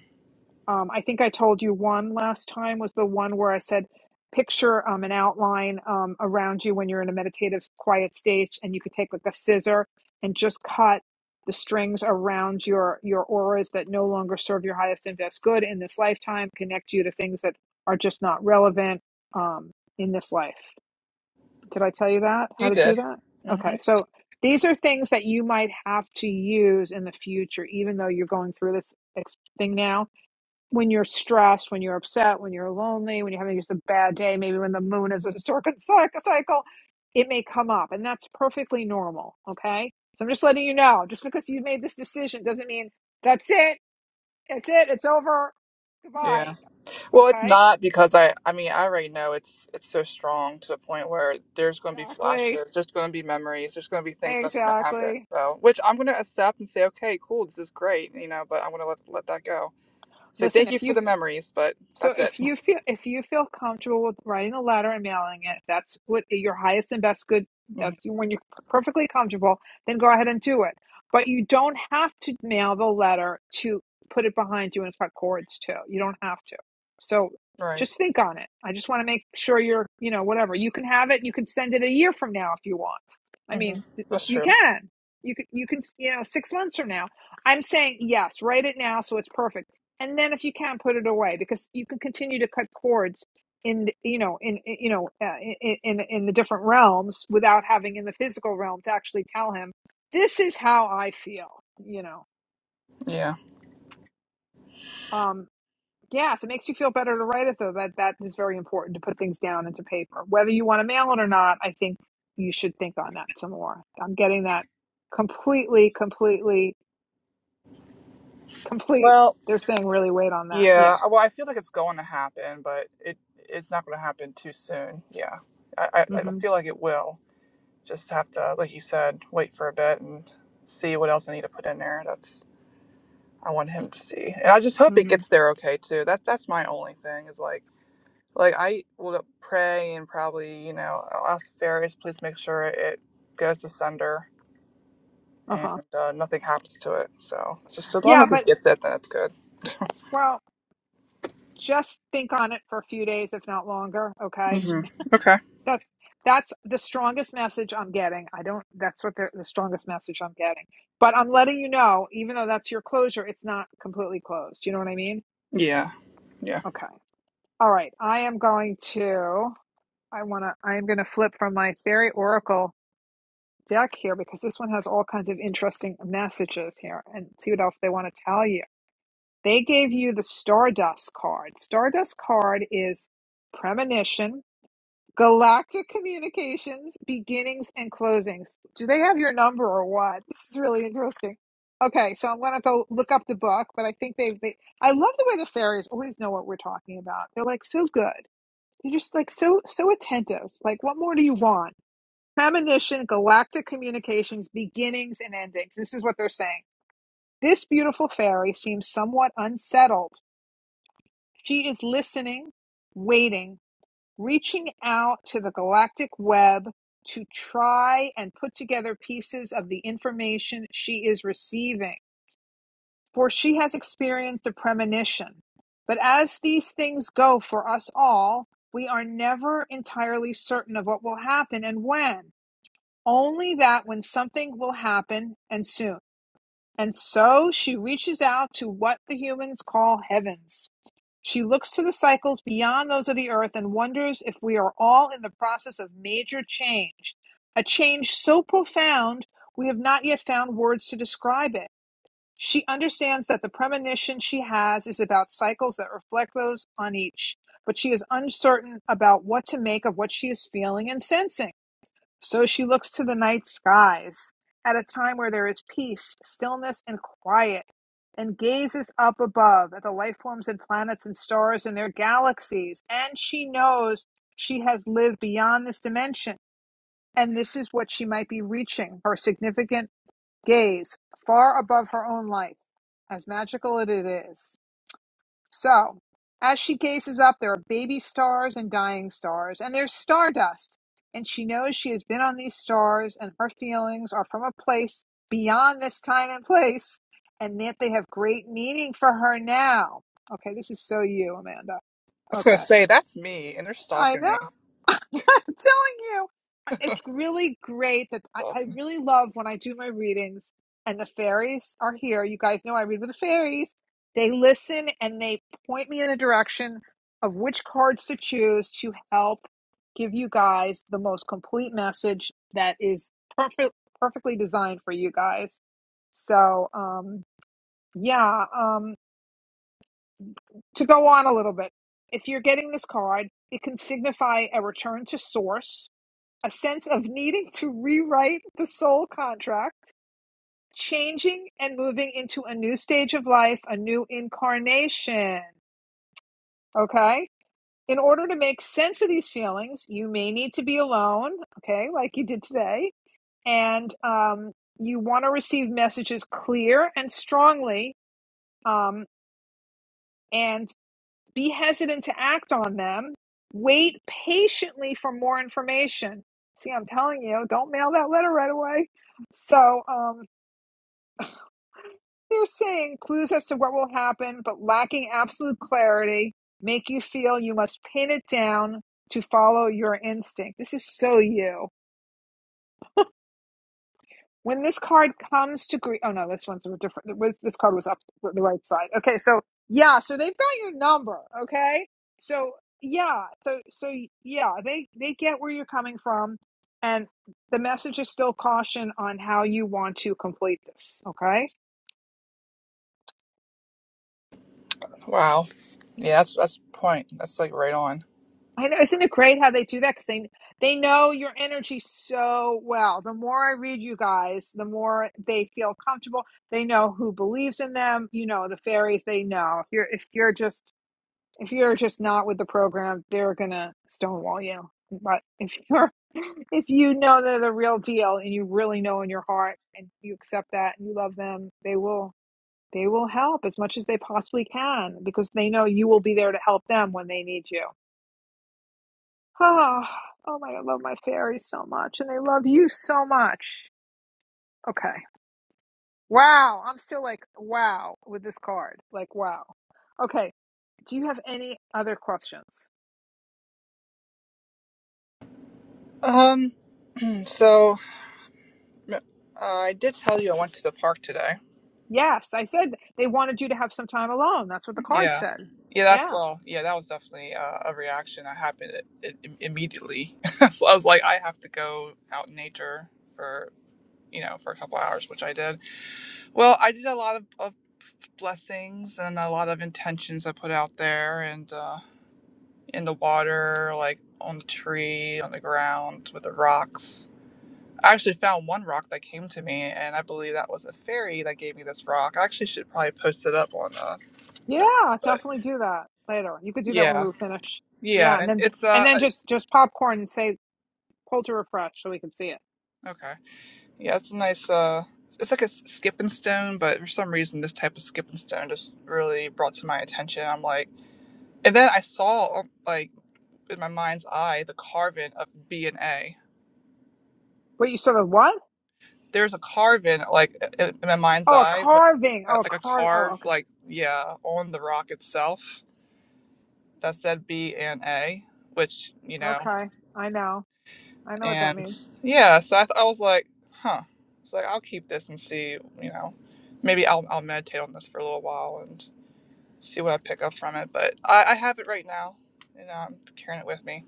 Um, I think I told you one last time was the one where I said, picture um, an outline um, around you when you're in a meditative quiet stage, and you could take like a scissor and just cut the strings around your your auras that no longer serve your highest and best good in this lifetime, connect you to things that are just not relevant um, in this life. Did I tell you that how You to do did. that? hmm Okay, so these are things that you might have to use in the future, even though you're going through this ex- thing now when you're stressed, when you're upset, when you're lonely, when you're having just a bad day, maybe when the moon is a circum- cycle, it may come up, and that's perfectly normal. Okay, so I'm just letting you know. Just because you made this decision doesn't mean that's it. That's it. It's over. Goodbye. Yeah. Well, it's Okay. not because I. I mean, I already know it's it's so strong to the point where there's going to be Exactly. flashes. There's going to be memories. There's going to be things that's going to happen. Exactly. So, which I'm going to accept and say, okay, cool, this is great. You know, but I'm going to let let that go. So Listen, thank you if you've for the memories, but So that's it. if you feel if you feel comfortable with writing a letter and mailing it, that's what your highest and best good. hmm That's when you're perfectly comfortable, then go ahead and do it. But you don't have to mail the letter to put it behind you and cut cords to. You don't have to. So Right. just think on it. I just want to make sure you're, you know, whatever. You can have it. You can send it a year from now if you want. I hmm mean, That's you true. can. You can. You can. You know, six months from now. I'm saying yes. Write it now so it's perfect and then if you can't put it away because you can continue to cut cords in you know in you know uh, in, in in the different realms without having in the physical realm to actually tell him this is how i feel you know Yeah. um yeah if it makes you feel better to write it though that that is very important to put things down into paper whether you want to mail it or not i think you should think on that some more i'm getting that completely completely complete Well, they're saying really wait on that Yeah, yeah uh, well, I feel like it's going to happen, but it it's not going to happen too soon. Yeah, I, I I mhm feel like it will. Just have to, like you said, wait for a bit and see what else I need to put in there. That's I want him to see, and I just hope it mhm gets there okay too. That's that's my only thing is like like I will pray and probably you know I'll ask the fairies please make sure it goes to sender and uh-huh uh, nothing happens to it. So it's just as long yeah as it but gets it, then it's good. well just think on it for a few days if not longer okay hmm Okay. that's that's the strongest message i'm getting i don't that's what the, the strongest message i'm getting but i'm letting you know even though that's your closure it's not completely closed you know what i mean Yeah. Yeah. okay all right i am going to i want to i am going to flip from my fairy oracle deck here because this one has all kinds of interesting messages here and see what else they want to tell you they gave you the stardust card stardust card is premonition Galactic Communications, beginnings and closings. Do they have your number or what? This is really interesting. Okay, so I'm gonna go look up the book, but I think they they I love the way the fairies always know what we're talking about. They're like so good. They're just like so so attentive. Like what more do you want? Premonition, galactic communications, beginnings and endings. This is what they're saying. This beautiful fairy seems somewhat unsettled. She is listening, waiting, reaching out to the galactic web to try and put together pieces of the information she is receiving, for she has experienced a premonition. But as these things go for us all, we are never entirely certain of what will happen and when, only that when something will happen and soon. And so she reaches out to what the humans call heavens she looks to the cycles beyond those of the earth and wonders if we are all in the process of major change, a change so profound we have not yet found words to describe it. She understands that the premonition she has is about cycles that reflect those on each, but she is uncertain about what to make of what she is feeling and sensing. So she looks to the night skies at a time where there is peace, stillness, and quiet, and gazes up above at the life forms and planets and stars and their galaxies. And she knows she has lived beyond this dimension, and this is what she might be reaching her significant gaze far above her own life, as magical as it is. So, as she gazes up, there are baby stars and dying stars, and there's stardust. And she knows she has been on these stars, and her feelings are from a place beyond this time and place, and that they have great meaning for her now. Okay, this is so you, Amanda. was gonna Okay, say that's me, and they're I stalking know. me. I'm telling you, it's really great that I, That's I awesome. really love when I do my readings and the fairies are here. You guys know I read with the fairies. They listen and they point me in a direction of which cards to choose to help give you guys the most complete message that is perfect, perfectly designed for you guys. So, um, yeah, um, to go on a little bit, if you're getting this card, it can signify a return to source a sense of needing to rewrite the soul contract, changing and moving into a new stage of life, a new incarnation. Okay? In order to make sense of these feelings, you may need to be alone, okay, like you did today. And um, you want to receive messages clear and strongly um, and Be hesitant to act on them. Wait patiently for more information. See, I'm telling you, don't mail that letter right away. So um, they're saying clues as to what will happen, but lacking absolute clarity, make you feel you must pin it down to follow your instinct. This is so you. when this card comes to grief oh no this one's a different this card was up the right side okay so yeah so they've got your number okay so yeah so so yeah they they get where you're coming from and the message is still caution on how you want to complete this okay Wow. Yeah, that's that's the point. That's like right on. I know, isn't it great how they do that because they they know your energy so well the more i read you guys the more they feel comfortable they know who believes in them you know the fairies they know if you're if you're just if you're just not with the program, they're gonna stonewall you. But if you're if you know they're the real deal and you really know in your heart and you accept that and you love them, they will they will help as much as they possibly can because they know you will be there to help them when they need you. Oh, oh my I love my fairies so much and they love you so much. Okay. Wow, I'm still like wow with this card. Like wow. Okay. Do you have any other questions? Um. So, uh, I did tell you I went to the park today. Yes, I said they wanted you to have some time alone. That's what the card Yeah. said. Yeah, that's Yeah. well. Yeah, that was definitely uh, a reaction that happened it, it, immediately. so I was like, I have to go out in nature for you know for a couple hours, which I did. Well, I did a lot of, of blessings and a lot of intentions I put out there and uh, in the water, like on the tree, on the ground, with the rocks. I actually found one rock that came to me, and I believe that was a fairy that gave me this rock. I actually should probably post it up on uh, message, Yeah, but definitely do that later. You could do that when we yeah, were finished. Yeah, yeah, and and then it's and uh, then it's, just just popcorn and say pull to refresh so we can see it. okay, yeah, it's a nice uh, it's like a s- skipping stone, but for some reason, this type of skipping stone just really brought to my attention. I'm like, and then I saw um, like in my mind's eye the carving of B and A. Wait, you saw the what? There's a carving like in my mind's Oh, a eye, carving. uh, Oh, a like a car. Oh, carve, okay. like yeah, on the rock itself that said B and A, which you know, Okay. I know. I know what that and means. yeah. So I, th- I was like, huh. It's like I'll keep this and see, you know, maybe I'll I'll meditate on this for a little while and see what I pick up from it. But I, I have it right now, you know, I'm carrying it with me,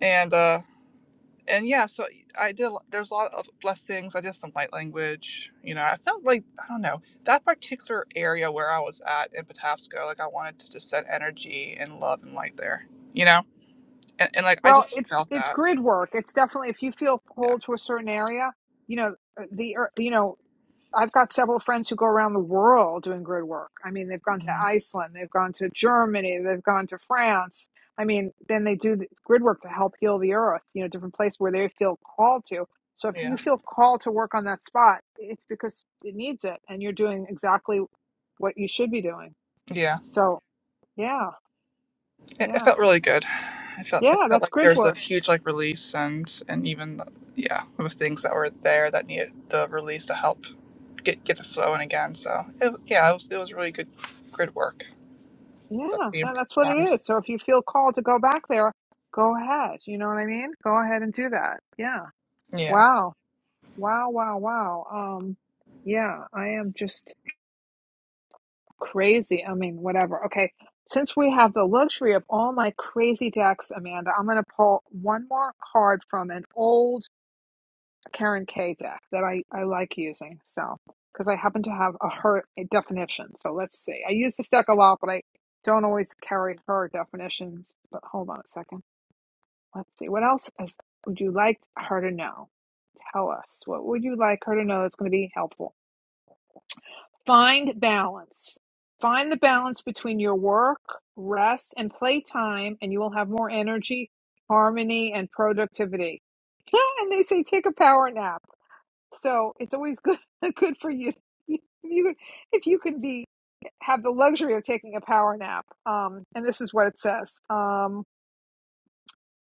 and uh and yeah, so e, I did. There's a lot of blessings. I did some light language. You know, I felt like I don't know that particular area where I was at in Patapsco. Like I wanted to just send energy and love and light there. You know, and, and like I Well, just it's felt it's that. grid work. It's definitely if you feel Yeah, pulled to a certain area, you know, uh, the ear- you know, I've got several friends who go around the world doing grid work. I mean, they've gone to Mhm. Iceland, they've gone to Germany, they've gone to France. I mean, then they do the grid work to help heal the earth, you know, different places where they feel called to. So if yeah, you feel called to work on that spot, it's because it needs it and you're doing exactly what you should be doing. yeah. So, yeah, It, it yeah, felt really good. I felt I yeah, felt that's like grid there's a work. huge like release and and even yeah, there was things that were there that needed the release to help get get it flowing again. So it, yeah, it was it was really good good work that's Yeah, being that- that's what performed. it is. So if you feel called to go back there, go ahead. You know what I mean? Go ahead and do that. Yeah. Yeah, Wow. Wow, wow, wow. Um, yeah, I am just crazy. I mean, whatever. Okay, since we have the luxury of all my crazy decks, Amanda, I'm going to pull one more card from an old Karen K deck that I, I like using. So, because I happen to have a her a definition. So let's see. I use this deck a lot, but I don't always carry her definitions. But hold on a second. Let's see. What else is, would you like her to know? Tell us. What would you like her to know that's going to be helpful? Find balance. Find the balance between your work, rest, and playtime, and you will have more energy, harmony, and productivity. Yeah, and they say take a power nap. So it's always good good for you. If You, if you can be have the luxury of taking a power nap, um, and this is what it says. Um,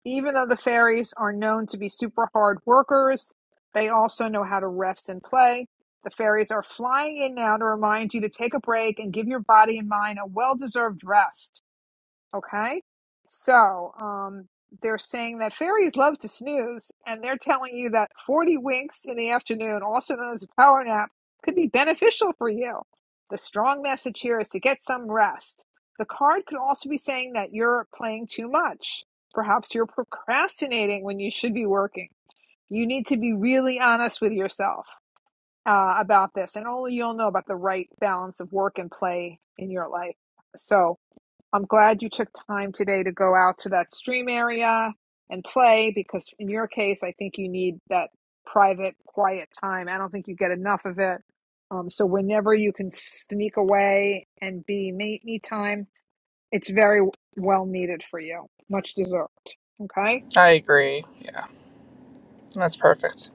even though the fairies are known to be super hard workers, they also know how to rest and play. The fairies are flying in now to remind you to take a break and give your body and mind a well deserved rest. Okay. So um, they're saying that fairies love to snooze, and they're telling you that 40 winks in the afternoon, also known as a power nap, could be beneficial for you. The strong message here is to get some rest. The card could also be saying that you're playing too much. Perhaps you're procrastinating when you should be working. You need to be really honest with yourself uh, about this, and only you'll know about the right balance of work and play in your life. So, I'm glad you took time today to go out to that stream area and play because, in your case, I think you need that private, quiet time. I don't think you get enough of it. Um, so, whenever you can sneak away and be me, me time, it's very well needed for you. Much deserved. Okay. I agree. Yeah, that's perfect.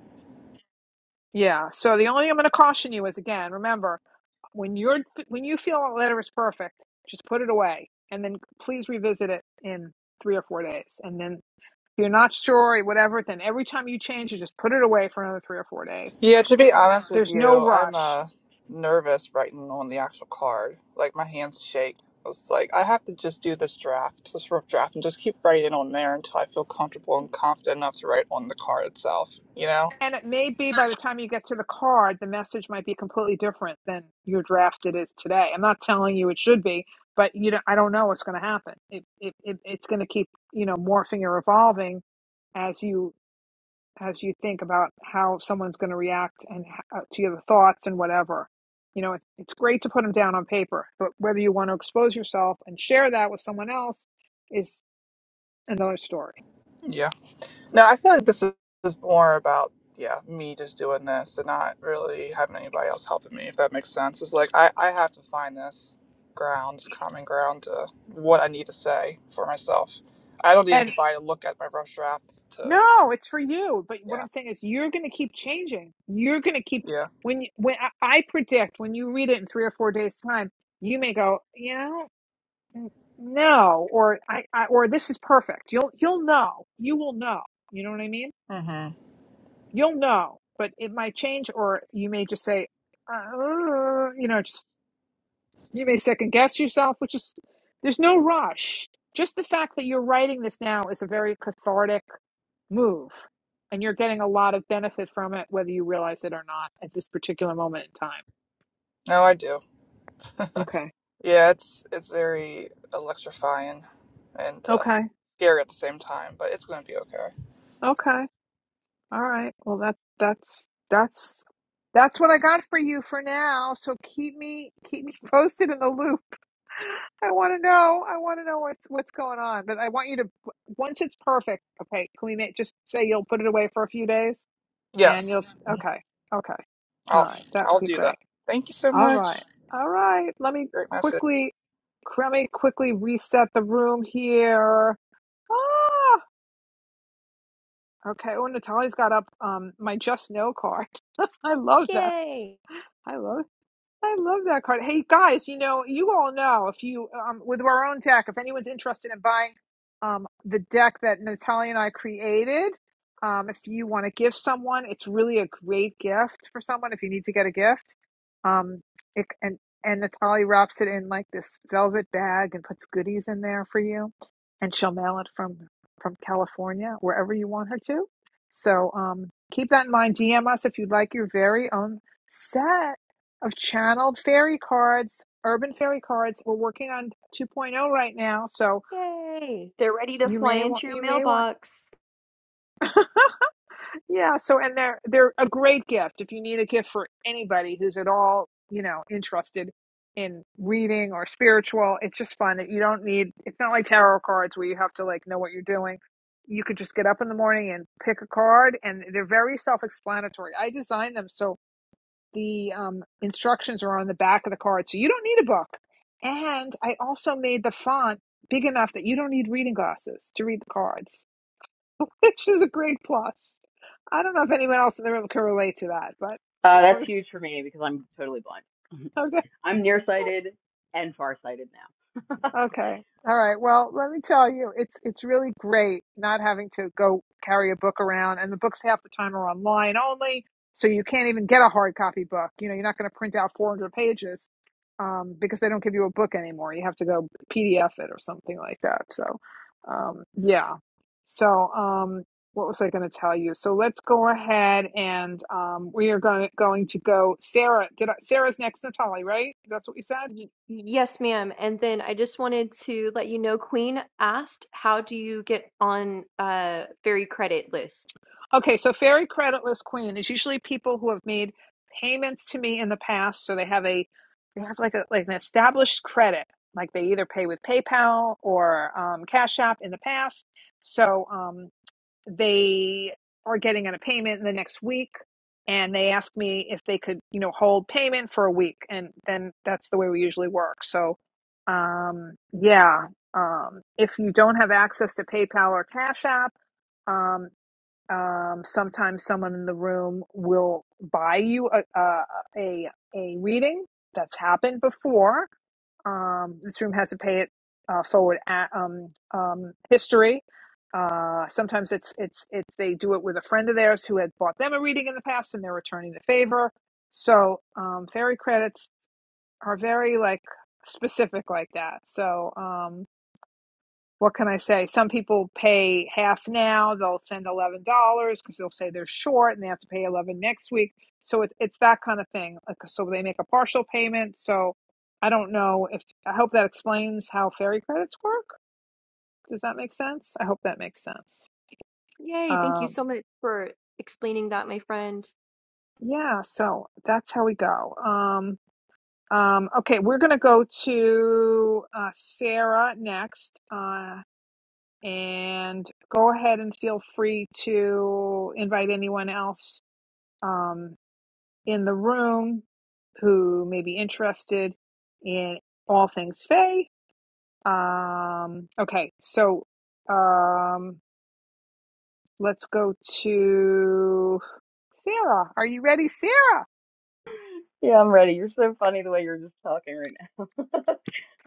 Yeah. So, the only thing I'm going to caution you is again, remember, when you're when you feel a letter is perfect, just put it away and then please revisit it in three or four days, and then If you're not sure, whatever, then every time you change you just put it away for another three or four days. Yeah, to be honest with There's no you, I'm rush. uh nervous writing on the actual card. Like my hands shake. I was like, I have to just do this draft, this rough draft, and just keep writing on there until I feel comfortable and confident enough to write on the card itself. You know? And it may be by the time you get to the card, the message might be completely different than your draft it is today. I'm not telling you it should be, but you don't, I don't know what's going to happen. It, it, it, it's going to keep, you know, morphing or evolving as you as you think about how someone's going to react and how, to your thoughts and whatever. You know, it's, it's great to put them down on paper, but whether you want to expose yourself and share that with someone else is another story. Yeah. No, I feel like this is is more about yeah me just doing this and not really having anybody else helping me. If that makes sense, it's like I I have to find this ground, this common ground to what I need to say for myself. I don't need And anybody to look at my rough drafts to no, it's for you. But what yeah I'm saying is, you're going to keep changing. You're going to keep yeah. when you, when I I predict when you read it in three or four days' time, you may go, you know, n- no, or I, I or this is perfect. You'll you'll know. You will know. You know what I mean? Mm-hmm. You'll know, but it might change, or you may just say, uh, you know, just you may second guess yourself, which is there's no rush. Just the fact that you're writing this now is a very cathartic move, and you're getting a lot of benefit from it, whether you realize it or not at this particular moment in time. No, I do. Okay. Yeah, it's it's very electrifying and uh, Okay. scary at the same time, but it's gonna be okay. Okay. All right. Well, that that's that's that's what I got for you for now. So keep me keep me posted in the loop. I want to know. I want to know what's what's going on. But I want you to once it's perfect. Okay, can we make, just say you'll put it away for a few days and you'll Yes, Mhm. okay. Okay. All I'll right. That would I'll be do that. great. Thank you so All right. much. All right. Let me Great message. quickly let me quickly reset the room here. Ah, Okay. Oh, Natalie's got up um my Just Know card. I love that. Yay! I love I love that card. Hey guys, you know, you all know if you um with our own deck, if anyone's interested in buying um the deck that Natalia and I created, um if you want to give someone, it's really a great gift for someone if you need to get a gift. Um it, and and Natalia wraps it in like this velvet bag and puts goodies in there for you and she'll mail it from from California wherever you want her to. So, um keep that in mind. DM us if you'd like your very own set of channeled fairy cards, urban fairy cards. We're working on 2.0 right now, so Yay! They're ready to you fly may want into your you may want mailbox. yeah. So and they're they're a great gift if you need a gift for anybody who's at all you know interested in reading or spiritual. It's just fun that you don't need. It's not like tarot cards where you have to like know what you're doing. You could just get up in the morning and pick a card, and they're very self-explanatory. I designed them so the um, instructions are on the back of the card, so you don't need a book. And I also made the font big enough that you don't need reading glasses to read the cards, which is a great plus. I don't know if anyone else in the room can relate to that, but Uh, that's from huge for me because I'm totally blind. okay. I'm nearsighted and farsighted now. Okay. All right. Well, let me tell you, it's it's really great not having to go carry a book around, and the books half the time are online only, so you can't even get a hard copy book. You know, you're not going to print out 400 pages um, because they don't give you a book anymore. You have to go PDF it or something like that. So, um, yeah. So, um, what was I going to tell you? So let's go ahead and um, we are going going to go. Sarah, did I, Sarah's next, Natalie, right? That's what we said. Y- yes, ma'am. And then I just wanted to let you know Queen asked, how do you get on uh fairy credit list? Okay, so fairy creditless queen is usually people who have made payments to me in the past, so they have a they have like a like an established credit, like they either pay with PayPal or um, Cash App in the past. So um, they are getting on a payment in the next week, and they ask me if they could, you know, hold payment for a week, and then that's the way we usually work. So, um, yeah, um, if you don't have access to PayPal or Cash App. um, um, sometimes someone in the room will buy you a a a, a reading. That's happened before. Um, this room has to pay it uh, forward at, um, um, history. Uh, sometimes it's it's it's they do it with a friend of theirs who had bought them a reading in the past and they're returning the favor. So um, fairy credits are very like specific like that. So. um, what can I say? Some people pay half now. They'll send eleven dollars because they'll say they're short and they have to pay eleven dollars next week. So it's it's that kind of thing. Like, so they make a partial payment. So I don't know if I hope that explains how ferry credits work. Does that make sense? I hope that makes sense. Yay, thank you Um, so much for explaining that, my friend. yeah. So that's how we go. Um, um, okay, we're gonna go to uh, Sarah next. Uh. and go ahead and feel free to invite anyone else um, in the room who may be interested in all things Faye. Um, okay, so um, let's go to Sarah. Are you ready, Sarah? yeah, I'm ready. You're so funny the way you're just talking right now.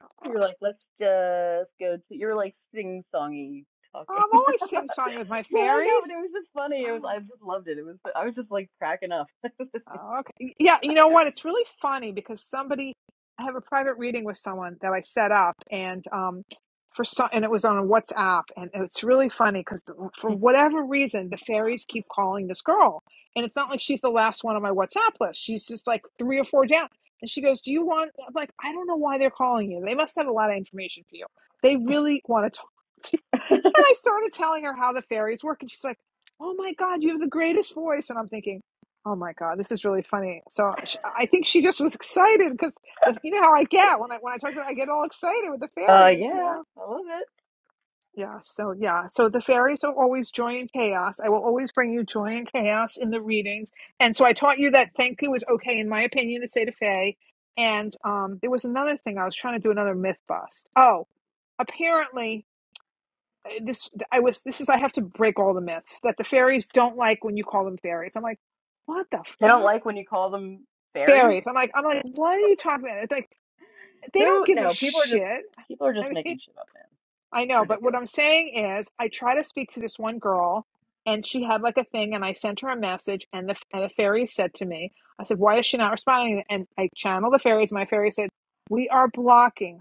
you're like, let's just go to. You're like sing songy talking. I'm always sing song with my I know, but fairies. it was just funny. It was. I just loved it. It was. I was just like cracking up. uh, Oh, okay. Yeah, you know what? It's really funny because somebody, I have a private reading with someone that I set up, and um, for some, and it was on WhatsApp, and it's really funny because for whatever reason, the fairies keep calling this girl, and it's not like she's the last one on my WhatsApp list. She's just like three or four down, and she goes, "Do you want?" I'm like, "I don't know why they're calling you. They must have a lot of information for you. They really want to talk." And I started telling her how the fairies work. And she's like, Oh my God, you have the greatest voice. And I'm thinking, Oh my God, this is really funny. So sh I think she just was excited because you know how I get when I when I talk to her, I get all excited with the fairies, you yeah, know? I love it. Yeah. So yeah. So the fairies are always joy and chaos. I will always bring you joy and chaos in the readings. And so I taught you that thank you was okay, in my opinion, to say to Faye. And um, there was another thing I was trying to do another myth bust. Oh, apparently uh, this I was this is I have to break all the myths that the fairies don't like when you call them fairies. I'm like, what the They don't fuck? like when you call them fairies. Fairies. I'm like, I'm like, what are you talking about? It's like they don't Who? give a No, people are just shit. people are just I mean, making shit up, man. I It's know, but what ridiculous. I'm saying is I try to speak to this one girl and she had like a thing and I sent her a message and the and the fairy said to me, I said, Why is she not responding? And I channeled the fairies, my fairy said, We are blocking.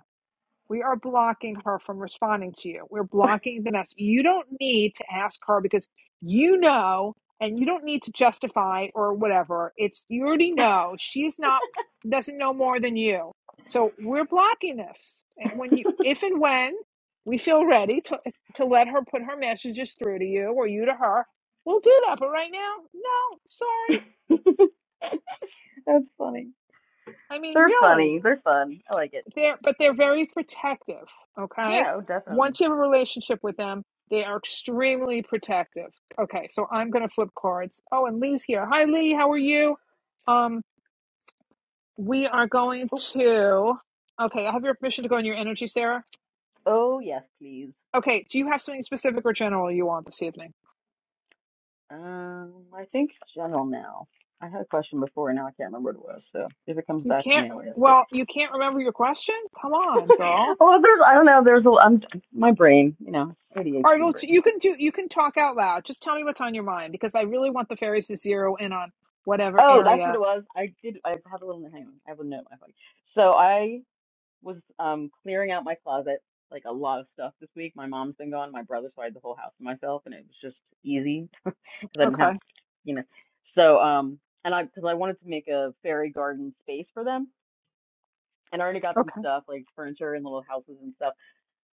We are blocking her from responding to you. We're blocking the message. You don't need to ask her because you know, and you don't need to justify or whatever. It's you already know she's not doesn't know more than you. So we're blocking this. Eh, When you, if and when we feel ready to to let her put her messages through to you or you to her, we'll do that. But right now, no, sorry. That's funny. I mean, They're funny. really. They're fun. I like it. they're but they're very protective okay Yeah, oh, definitely. once you have a relationship with them they are extremely protective okay so i'm going to flip cards oh and lee's here hi lee how are you um we are going Oh, to okay i have your permission to go in your energy sarah oh yes, please. okay do you have something specific or general you want this evening Um, I think general now. I had a question before, and now I can't remember what it was. So if it comes you back to can't me, I'll ask it. well you can't remember your question come on girl well, there's I don't know. There's a I'm my brain, you know, all right ADHD well brain. you can do you can talk out loud just tell me what's on your mind because i really want the fairies to zero in on whatever Oh, that's what area it was. I did. I have a little hang on. I have a note in my phone. So I was um clearing out my closet, like a lot of stuff this week. My mom's been gone. My brother, so I had the whole house to myself, and it was just easy. because I didn't okay have, you know. So um, and I because I wanted to make a fairy garden space for them, and I already got some Okay. stuff like furniture and little houses and stuff.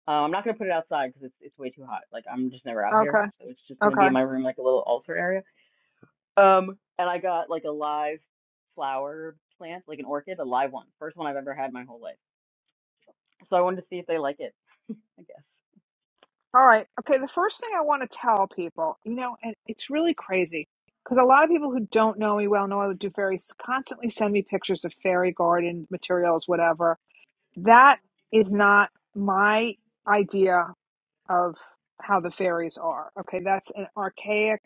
Um, I'm not gonna put it outside because it's it's way too hot. Like I'm just never out here, Okay. so it's just gonna be Okay. in my room, like a little altar area. Um, and I got like a live flower plant, like an orchid, a live one, first one I've ever had in my whole life. So I wanted to see if they like it. I guess. All right. Okay. The first thing I want to tell people, you know, and it's really crazy because a lot of people who don't know me well know I do fairies constantly send me pictures of fairy garden materials, whatever. That is not my idea of how the fairies are. Okay, that's an archaic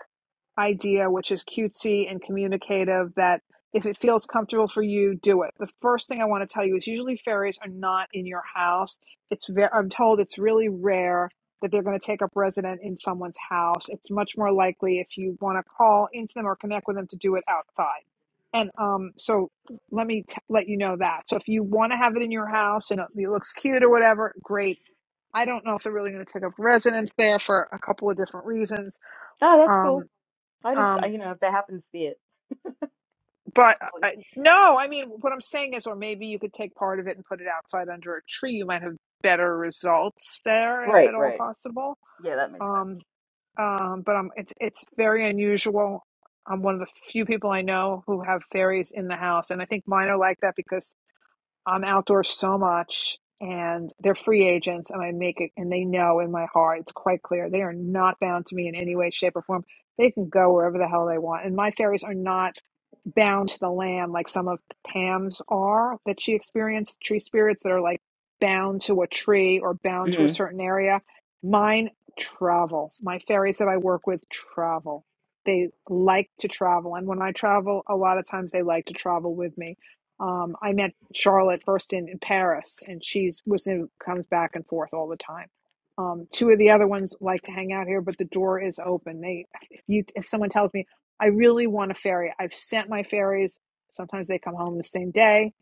idea which is cutesy and communicative that if it feels comfortable for you, do it. The first thing I want to tell you is usually fairies are not in your house. It's very I'm told it's really rare that they're going to take up resident in someone's house. It's much more likely if you want to call into them or connect with them to do it outside. And um, so let me t- let you know that. So if you want to have it in your house and it it looks cute or whatever, great I don't know if they're really going to take up residence there for a couple of different reasons. Oh, that's Um, cool. I just, I, um, you know, if they happen to see it, but possibly. I, no, I mean, what I'm saying is, or maybe you could take part of it and put it outside under a tree. You might have better results there, if Right, at all right. possible. Yeah, that makes Um, um, but um, it's it's very unusual. I'm one of the few people I know who have fairies in the house, and I think mine are like that because I'm outdoors so much and they're free agents and I make it and they know in my heart it's quite clear they are not bound to me in any way shape or form they can go wherever the hell they want and my fairies are not bound to the land like some of Pam's are that she experienced tree spirits that are like bound to a tree or bound to a sense. certain area mine travel my fairies that I work with travel they like to travel and when I travel a lot of times they like to travel with me um, I met Charlotte first in, in Paris, and she's was in, comes back and forth all the time. Um, two of the other ones like to hang out here, but the door is open. They, if you, if someone tells me I really want a ferry, I've sent my ferries. Sometimes they come home the same day.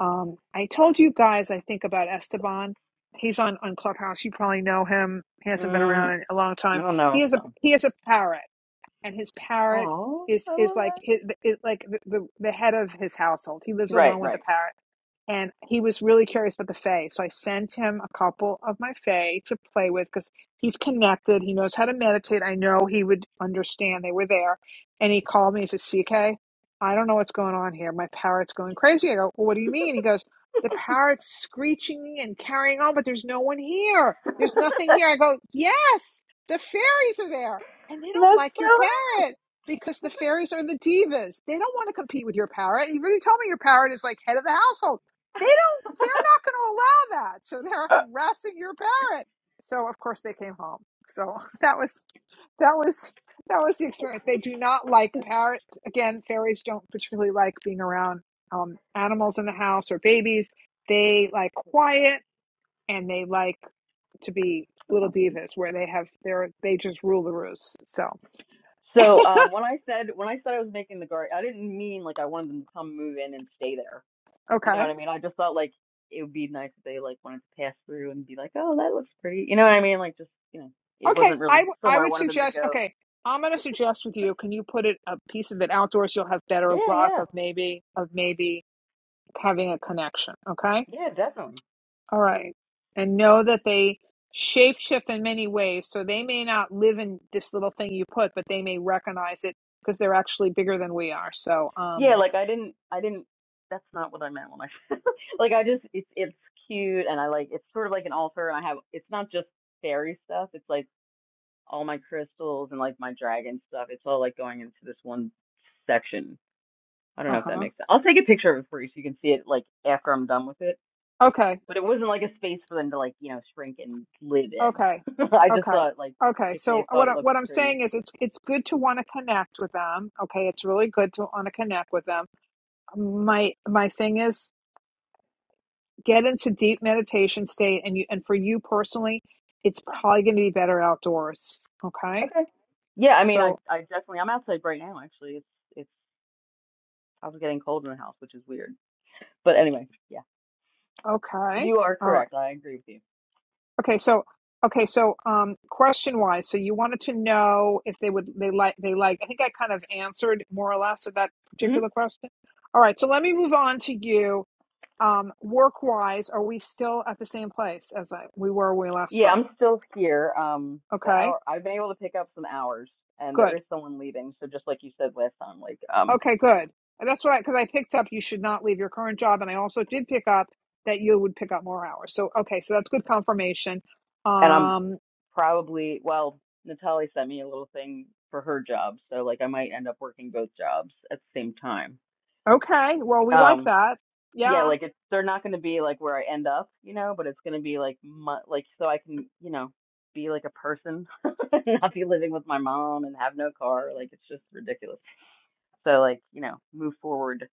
Um, I told you guys, I think about Esteban. He's on on Clubhouse. You probably know him. He Mm-hmm. hasn't been Mm, around in a long I time. don't He know is So, a he is a parrot and his parrot Oh, is I is love like that. his, is like the, the the head of his household. He lives alone Right, with the right. parrot, and he was really curious about the fae. So I sent him a couple of my fae to play with because he's connected. He knows how to meditate. I know he would understand. They were there, and he called me. He says, "CK, I don't know what's going on here. My parrot's going crazy." I go, well, "What do you mean?" He goes, "The parrot's screeching and carrying on, but there's no one here. That's There's nothing here." I go, "Yes." The fairies are there and they don't like your so hot. parrot because the fairies are the divas. They don't want to compete with your parrot. You already told me your parrot is like head of the household. They don't. They're not going to allow that. So they're That harassing your parrot. So of course they came home. So that was that was that was the experience. They do not like parrot. Again, fairies don't particularly like being around um, animals in the house or babies. They like quiet and they like to be little sounds creepy. divas where they have their they just rule the roost. So So um, when I said when I said I was making the garden, I didn't mean like I wanted them to come move in and stay there. You know Okay. what I mean? I just thought like it would be nice if they like wanted to pass through and be like, oh, that looks pretty. You know what I mean? Like just you know, it Okay. wasn't I really w- I somewhere I would wanted them to suggest. go. Okay. I'm gonna suggest with you. Can you put it a piece of it outdoors? You'll have better Yeah, luck yeah, of maybe of maybe having a connection. Okay. yeah, definitely. All right. And know that they shapeshift in many ways. So they may not live in this little thing you put, but they may recognize it because they're actually bigger than we are. So Yeah, um. like I didn't, I didn't. That's not what I meant when I said. like I just, it's it's cute, and I like. It's sort of like an altar, and I have. It's not just fairy stuff. It's like all my crystals and like my dragon stuff. It's all like going into this one section. I don't Uh know if that huh. makes sense. I'll take a picture of it for you so you can see it like after I'm done with it. Okay. But it wasn't like a space for them to like you know shrink and live in. Okay. I just Okay. thought like Okay, if so they thought what I, it looked what I'm pretty. saying is it's it's good to want to connect with them. Okay, it's really good to want to connect with them my my thing is get into deep meditation state and you and for you personally it's probably going to be better outdoors okay Okay. Yeah, I mean, I so I definitely I'm outside right now actually. It's it's I was getting cold in the house, which is weird. But anyway, yeah, okay you are all right correct. I agree with okay so okay so um question wise so you wanted to know if they would they like they like i think i kind of answered more or less of that you. hmm particular question all right so let me move on to you um work wise are we still at the same place as I, we were when we last Yeah, spoke I'm still here. Um, the okay hour I've been able to pick up some hours, and good there is someone leaving. So just like you said last time, like um, Okay, good. And that's what I, because I picked up you should not leave your current job. And I also did pick up that you would pick up more hours. So, okay, so that's good confirmation. and I'm Um, probably well, Natalie sent me a little thing for her job, so like I might end up working both jobs at the same time. okay, well, we like Um, that. yeah, Yeah. like it's they're not going to be like where I end up, you know, but it's going to be like mu like so I can, you know, be like a person, and not be living with my mom and have no car. Like it's just ridiculous. So like you know, move forward.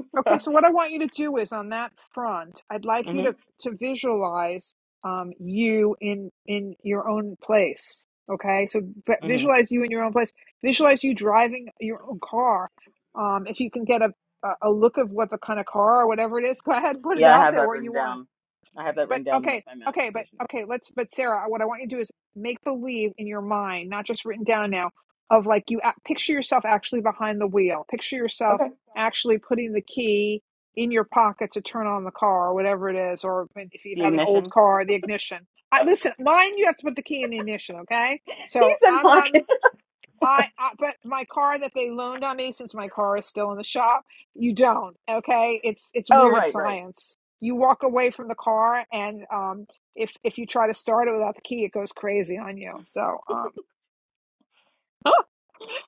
Okay, so what I want you to do is on that front, I'd like you mhm. to, to visualize um, you in in your own place. Okay, so v- Mhm. visualize you in your own place. Visualize you driving your own car. Um, if you can get a a a look of what the kind of car or whatever it is, go ahead and put it Yeah, I out have there that where you written want down. I have that But written down in, like okay, my okay, but manifestation. okay, let's but Sarah, what I want you to do is make believe in your mind, not just written down now, of like you act- picture yourself actually behind the wheel. Picture yourself Okay. actually putting the key in your pocket to turn on the car or whatever it is, or if you The have an old ignition. car, the ignition. I, listen, mine, you have to put the key in the ignition, okay? he So said I'm not. pocket. I, I but my car that they loaned on me since my car is still in the shop, you don't. Okay, it's it's oh weird right, right. science. You walk away from the car, and um, if if you try to start it without the key, it goes crazy on you. So um,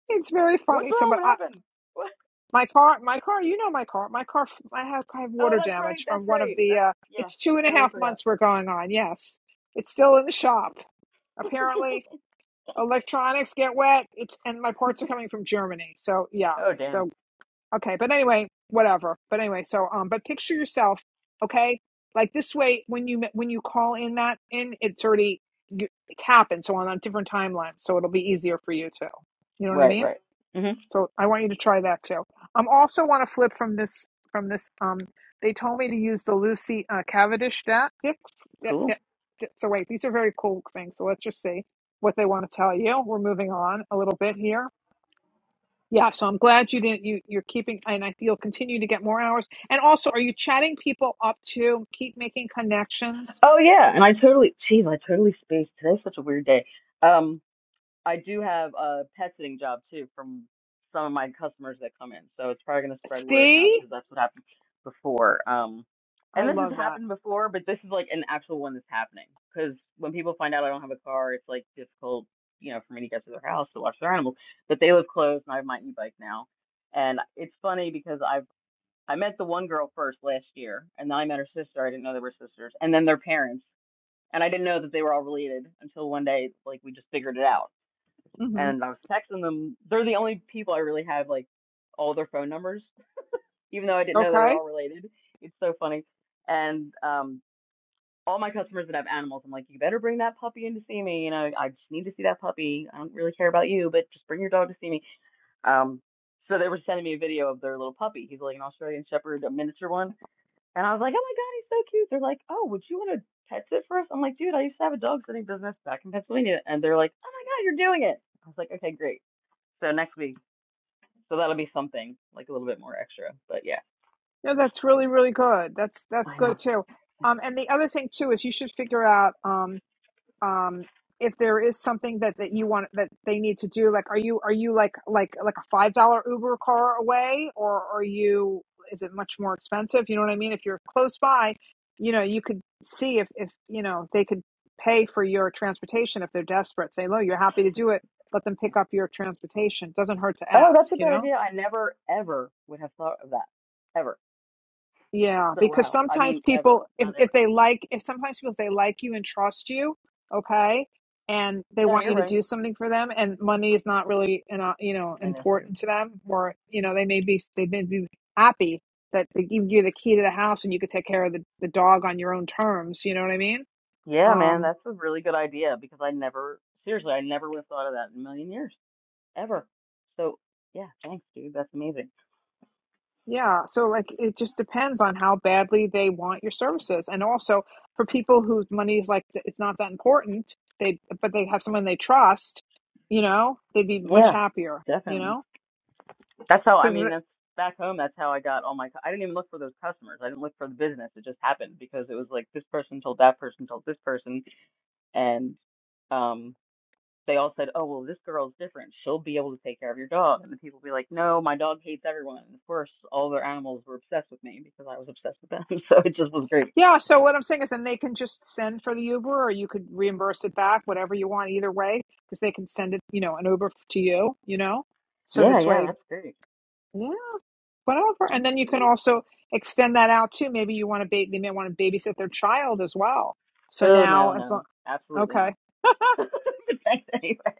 it's very What's funny. So, wrong? but What I, happened? What? my car, my car, you know my car, my car. I have I have Oh, water that's right. damage That's from one of right. the. That's Uh, yeah. it's two and a Totally half forgot. months we're going on. Yes, it's still in the shop. Apparently, electronics get wet. It's and my parts are coming from Germany. So yeah. Oh so. damn. Okay, but anyway, whatever. But anyway, so um, but picture yourself, okay? Like this way, when you when you call in that in, it's already you- it's happened. So on a different timeline, so it'll be easier for you too. You know what I Right, mean? right. Mhm. So I want you to try that too. Um, also want to flip from this from this um. They told me to use the Lucy uh, Cavendish deck. Dick, dick, Cool. dick, dick. So wait, these are very cool things. So let's just see what they want to tell you. We're moving on a little bit here. Yeah, so I'm glad you didn't. You you're keeping, and I, you'll continue to get more hours. And also, are you chatting people up to keep making connections? Oh yeah, and I totally, geez, I totally spaced. Today's such a weird day. Um, I do have a pet sitting job too from some of my customers that come in, so it's probably gonna spread word of mouth See, because that's what happened before. Um, I and this has love that. happened before, but this is like an actual one that's happening because when people find out I don't have a car, it's like difficult, you know, for me to get to their house to watch their animals. But they live close, and I have my e-bike now, and it's funny because I've I met the one girl first last year, and then I met her sister. I didn't know they were sisters, and then their parents and I didn't know that they were all related until one day, like we just figured it out. hmm And I was texting them. They're the only people I really have like all their phone numbers, even though I didn't know they were Okay, all related. It's so funny. And um, all my customers that have animals, I'm like, you better bring that puppy in to see me. You know, I just need to see that puppy. I don't really care about you, but just bring your dog to see me. Um, so they were sending me a video of their little puppy. He's like an Australian Shepherd, a miniature one and I was like, oh my God, he's so cute. They're like, oh, would you want to pet sit for us? I'm like, dude, I used to have a dog sitting business back in Pennsylvania. And they're like, oh my God, you're doing it. I was like, okay, great. So next week. So that'll be something like a little bit more extra. But yeah, no, that's really really good. That's that's I know. good too. Um, and the other thing too is you should figure out. Um, um if there is something that that you want that they need to do like are you are you like like like a five dollar uber car away or are you is it much more expensive you know what i mean if you're close by you know you could see if if you know they could pay for your transportation if they're desperate say look you're happy to do it let them pick up your transportation doesn't hurt to Oh, ask that's a you good know idea. I never, ever would have thought of that. Ever. Yeah, So because wow. I sometimes mean, ever, people, if, not if ever. they like, if sometimes people, if they like you and trust you, okay, and they No, want you're you to right. do something for them, and money is not really, an, uh, you know, I know, too. important to them, or you know, they may be, they may be happy that they give you the key to the house and you could take care of the, the dog on your own terms. You know what I mean? Yeah, man, Um, that's a really good idea because I never, seriously, I never would have thought of that in a million years, ever. So yeah, thanks, dude. That's amazing. Yeah, so like it just depends on how badly they want your services. And also for people whose money is like th- it's not that important, they but they have someone they trust, you know, they'd be much Yeah, happier, you definitely. know? That's how I Because mean. That's back home. That's how I got all my. cu- I didn't even look for those customers. I didn't look for the business. It just happened because it was like this person told that person told this person, and um, they all said, "Oh well, this girl's different. She'll be able to take care of your dog." And the people be like, "No, my dog hates everyone." And of course, all their animals were obsessed with me because I was obsessed with them. So it just was great. yeah, so what I'm saying is then they can just send for the Uber or you could reimburse it back, whatever you want either way, because they can send it, you know, an Uber f- to you, you know? So Yeah, this yeah, way that's great. Yeah, whatever. And Thanks, then you to can you. also extend that out too. Maybe you want to ba- they may want to babysit their child as well. So Oh now, no, as long, no, absolutely not. okay, But Thanks anyway.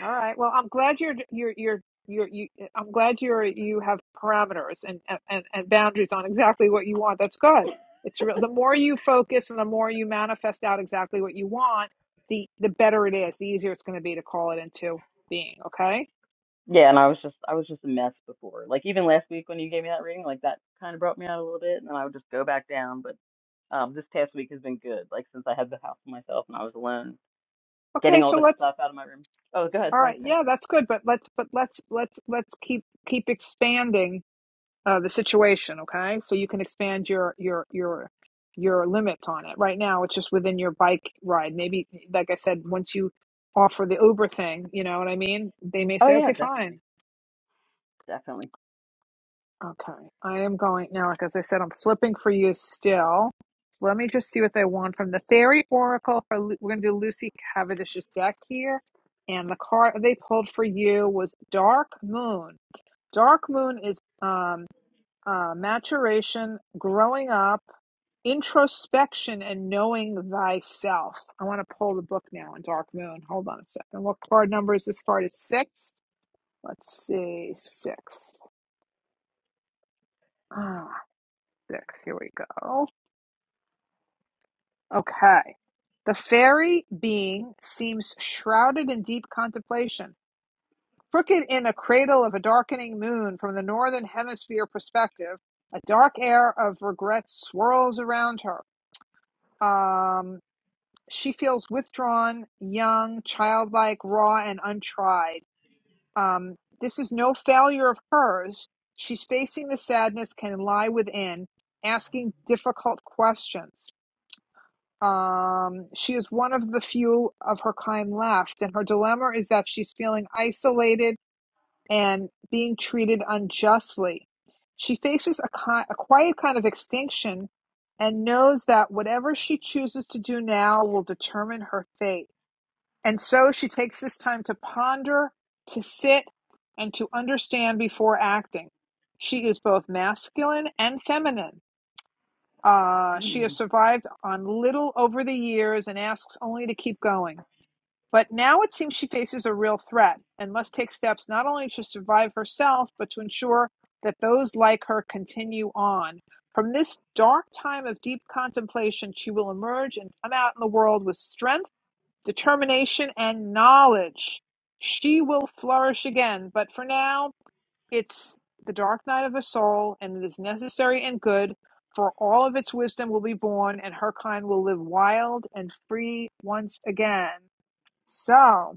all right. Well, I'm glad you're you're you're you're you. I'm glad you're you have parameters and and and boundaries on exactly what you want. That's good. It's real. The more you focus and the more you manifest out exactly what you want, the the better it is. The easier it's going to be to call it into being. Okay. Yeah, and I was just I was just a mess before. Like even last week when you gave me that reading, like that kind of brought me out a little bit, and then I would just go back down. But um, this past week has been good. Like since I had the house to myself and I was alone, Okay. getting all So this let's stuff out of my room. Oh, go ahead. All Sorry. right, Go ahead. yeah, that's good, but let's but let's let's let's keep keep expanding uh, the situation, okay? So you can expand your your your your limits on it. Right now, it's just within your bike ride. Maybe, like I said, once you offer the Uber thing, you know what I mean? They may Oh say, yeah, okay, fine, definitely, definitely. okay, I am going now. Like as I said, I'm flipping for you still. So let me just see what they want from the fairy oracle. For Lu- we're gonna do Lucy Cavendish's deck here, and the card they pulled for you was Dark Moon. Dark Moon is um, uh, maturation, growing up, introspection, and knowing thyself. I want to pull the book now on Dark Moon. Hold on a second. What card number is this card? Is six? Let's see, six. Ah, six. Here we go. Okay. The fairy being seems shrouded in deep contemplation. Crooked in a cradle of a darkening moon from the northern hemisphere perspective, a dark air of regret swirls around her Um, she feels withdrawn, young, childlike, raw, and untried. Um, this is no failure of hers. She's facing the sadness can lie within, asking difficult questions. Um, she is one of the few of her kind left, and her dilemma is that she's feeling isolated and being treated unjustly. She faces a, ki- a quiet kind of extinction and knows that whatever she chooses to do now will determine her fate. And so she takes this time to ponder, to sit, and to understand before acting. She is both masculine and feminine. Uh, she has Mm. survived on little over the years and asks only to keep going. But now it seems she faces a real threat and must take steps not only to survive herself, but to ensure that those like her continue on. From this dark time of deep contemplation, she will emerge and come out in the world with strength, determination, and knowledge. She will flourish again, but for now, it's the dark night of the soul, and it is necessary and good, for all of its wisdom will be born, and her kind will live wild and free once again. So,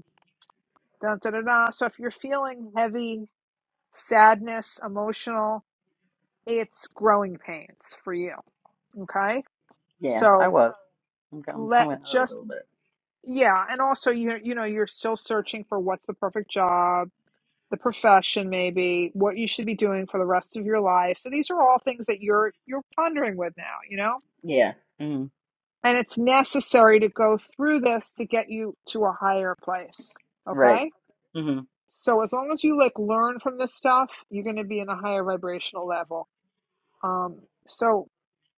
Dun, dun, dun, dun. So if you're feeling heavy, sadness, emotional, it's growing pains for you. Okay. Yeah, So I was. I'm, co- I'm let coming out of it a just, little bit. yeah. And also, you, you know, you're still searching for what's the perfect job, the profession, maybe what you should be doing for the rest of your life. So these are all things that you're, you're pondering with now, you know, Yeah. Mm. and it's necessary to go through this to get you to a higher place. Right. Okay. hmm So as long as you like learn from this stuff, you're going to be in a higher vibrational level. Um, so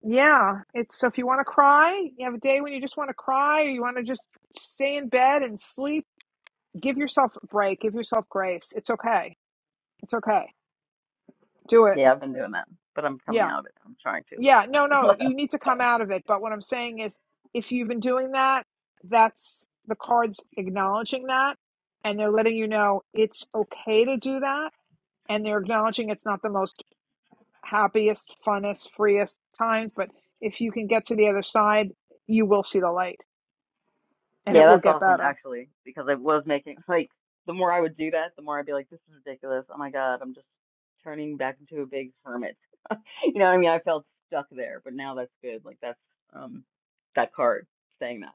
yeah, it's so if you want to cry, you have a day when you just want to cry, or you want to just stay in bed and sleep. Give yourself a break. Give yourself grace. It's okay. It's okay. Do it. Yeah, I've been doing that, but I'm coming Yeah. out of it. I'm trying to a little Yeah. No, bit. no, you need to come out of it. But what I'm saying is, if you've been doing that, that's the cards acknowledging that, and they're letting you know it's okay to do that and they're acknowledging it's not the most happiest, funnest, freest times. But if you can get to the other side, you will see the light and Yeah, it will that's get awesome better. actually, because I was making like the more I would do that, the more I'd be like, this is ridiculous. Oh my God, I'm just turning back into a big hermit. you know what I mean? I felt stuck there, but now that's good. Like that's um that card saying that,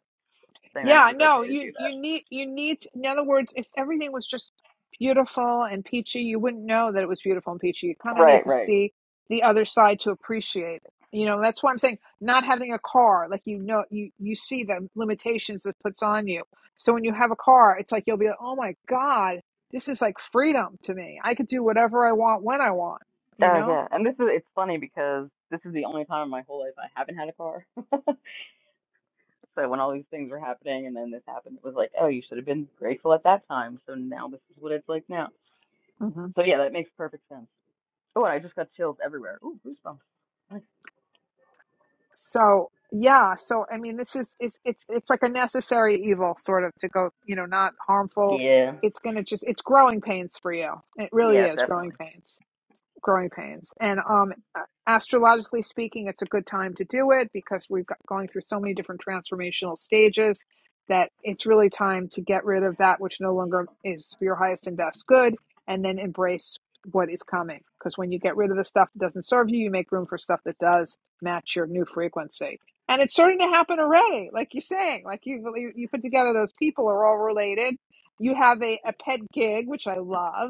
saying that it Yeah, was no, okay to do you you that. need you need in other words, if everything was just beautiful and peachy, you wouldn't know that it was beautiful and peachy. You kind of need Right, to right. see the other side to appreciate it. You know, that's why I'm saying not having a car, like you know you you see the limitations it puts on you. So when you have a car, it's like you'll be like, "Oh my God, this is like freedom to me. I could do whatever I want when I want," you Oh know? yeah, and this is it's funny because this is the only time in my whole life I haven't had a car. so when all these things were happening and then this happened, it was like, oh, you should have been grateful at that time. So now this is what it's like now. So yeah, that makes perfect sense. Oh, and I just got chills everywhere. Ooh, goosebumps. Nice. So yeah, so I mean, this is it's it's it's like a necessary evil sort of to go, you know, not harmful. Yeah. It's gonna just it's growing pains for you. It really Yeah, is growing definitely. pains growing pains. And um, astrologically speaking, it's a good time to do it because we've got going through so many different transformational stages that it's really time to get rid of that which no longer is for your highest and best good and then embrace what is coming. Because when you get rid of the stuff that doesn't serve you, you make room for stuff that does match your new frequency. And it's starting to happen already, like you're saying. Like you, you you put together those people are all related. You have a, a pet gig, which I love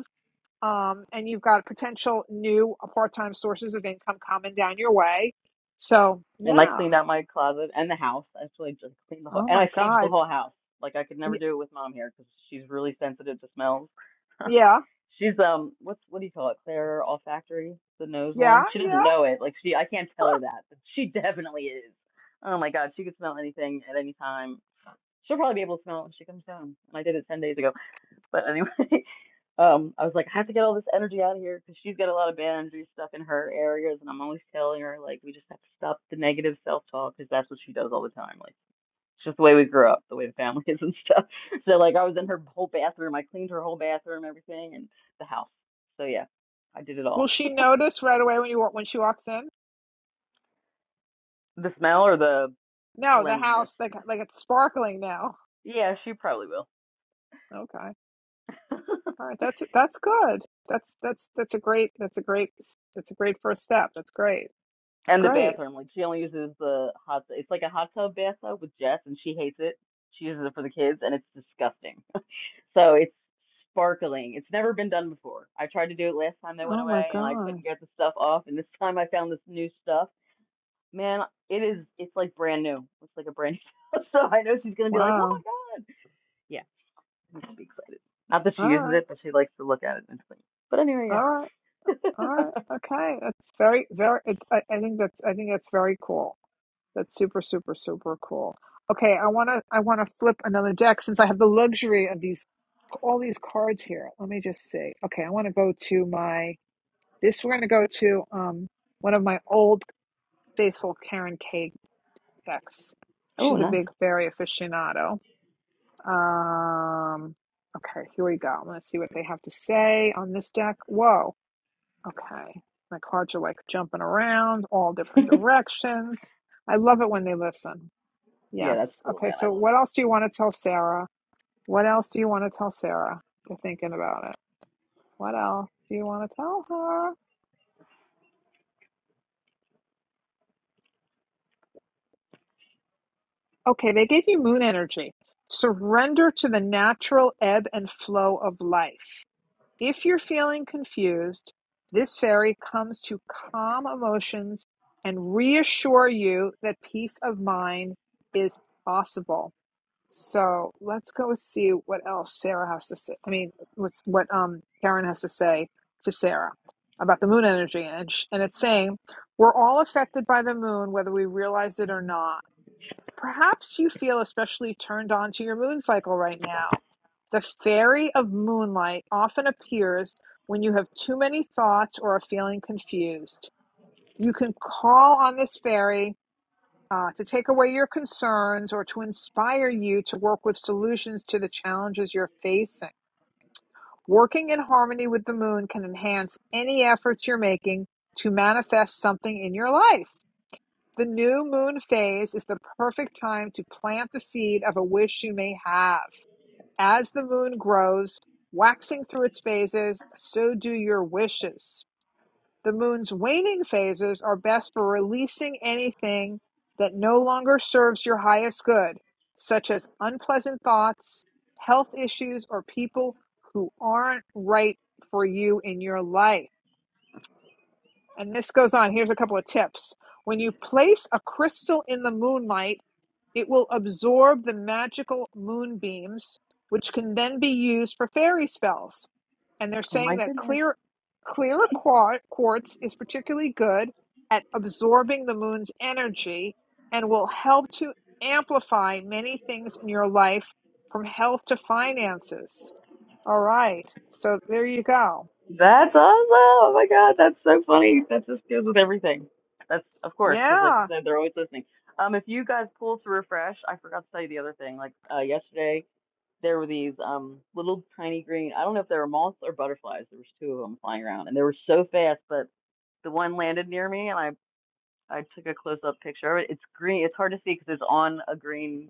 um, and you've got potential new part-time sources of income coming down your way. So And I yeah, cleaned out my closet and the house. I actually just cleaned the whole, oh and my I changed the God, whole house. Like I could never Y- do it with mom here because she's really sensitive to smells. yeah, she's um, what's what do you call it? Claire olfactory, the nose yeah, one. She doesn't yeah. know it. Like she, I can't tell her that, but she definitely is. Oh my god, she could smell anything at any time. She'll probably be able to smell it when she comes home. And I did it ten days ago. But anyway, um, I was like, I have to get all this energy out of here because she's got a lot of bad energy stuff in her areas, and I'm always telling her like we just have to stop the negative self-talk because that's what she does all the time. Like it's just the way we grew up, the way the family is and stuff. So like I was in her whole bathroom, I cleaned her whole bathroom, everything, and the house. So yeah, I did it Will all. she notice right away when you wa- when she walks in? The smell or the No, the cleanliness? house like like it's sparkling now. Yeah, she probably will. Okay, all right, that's that's good. That's that's that's a great that's a great that's a great first step. That's great. It's And the great. bathroom, like she only uses the hot. It's like a hot tub bathtub with jets, and she hates it. She uses it for the kids, and it's disgusting. so it's sparkling. It's never been done before. I tried to do it last time they went Oh my away, and I God, couldn't get the stuff off. And this time, I found this new stuff. Man, it is. It's like brand new. It's like a brand new. so I know she's gonna be like, "Oh wow. my god!" Yeah, I'm gonna be excited. Not that she All uses right, it, but she likes to look at it and clean. But anyway, all right, yeah. all right. Okay, that's very very. It, I, I think that's I think that's very cool. That's super, super, super cool. Okay, I wanna I wanna flip another deck since I have the luxury of these all these cards here. Let me just see. Okay, I wanna go to my this we're gonna go to um one of my old faithful Karen K decks. oh, She's a nice. big fairy aficionado. Um okay, here we go. Let's see what they have to say on this deck. Whoa. Okay. My cards are like jumping around all different directions. I love it when they listen. Yeah, that's Yes. cool, Okay. man. I So love what it. else do you want to tell Sarah? What else do you want to tell Sarah? You're thinking about it. What else do you want to tell her? Okay. They gave you moon energy. Surrender to the natural ebb and flow of life. If you're feeling confused, this fairy comes to calm emotions and reassure you that peace of mind is possible. So let's go see what else Sarah has to say. I mean, what's what um Karen has to say to Sarah about the moon energy, and sh- and it's saying we're all affected by the moon, whether we realize it or not. Perhaps you feel especially turned on to your moon cycle right now. The fairy of moonlight often appears when you have too many thoughts or are feeling confused. You can call on this fairy uh, to take away your concerns or to inspire you to work with solutions to the challenges you're facing. Working in harmony with the moon can enhance any efforts you're making to manifest something in your life. The new moon phase is the perfect time to plant the seed of a wish you may have. As the moon grows, waxing through its phases, so do your wishes. The moon's waning phases are best for releasing anything that no longer serves your highest good, such as unpleasant thoughts, health issues, or people who aren't right for you in your life. And this goes on. Here's a couple of tips. When you place a crystal in the moonlight, it will absorb the magical moonbeams, which can then be used for fairy spells. And they're Oh saying my that goodness. clear, clear quartz is particularly good at absorbing the moon's energy and will help to amplify many things in your life, from health to finances. All right, so there you go. That's awesome. Oh my God, that's so funny. That just goes with everything. That's of course, because like Yeah. you said, they're always listening. Um, if you guys pull to refresh, I forgot to tell you the other thing. Like uh, yesterday, there were these um little tiny green. I don't know if they were moths or butterflies. There was two of them flying around, and they were so fast. But the one landed near me, and I I took a close up picture of it. It's green. It's hard to see because it's on a green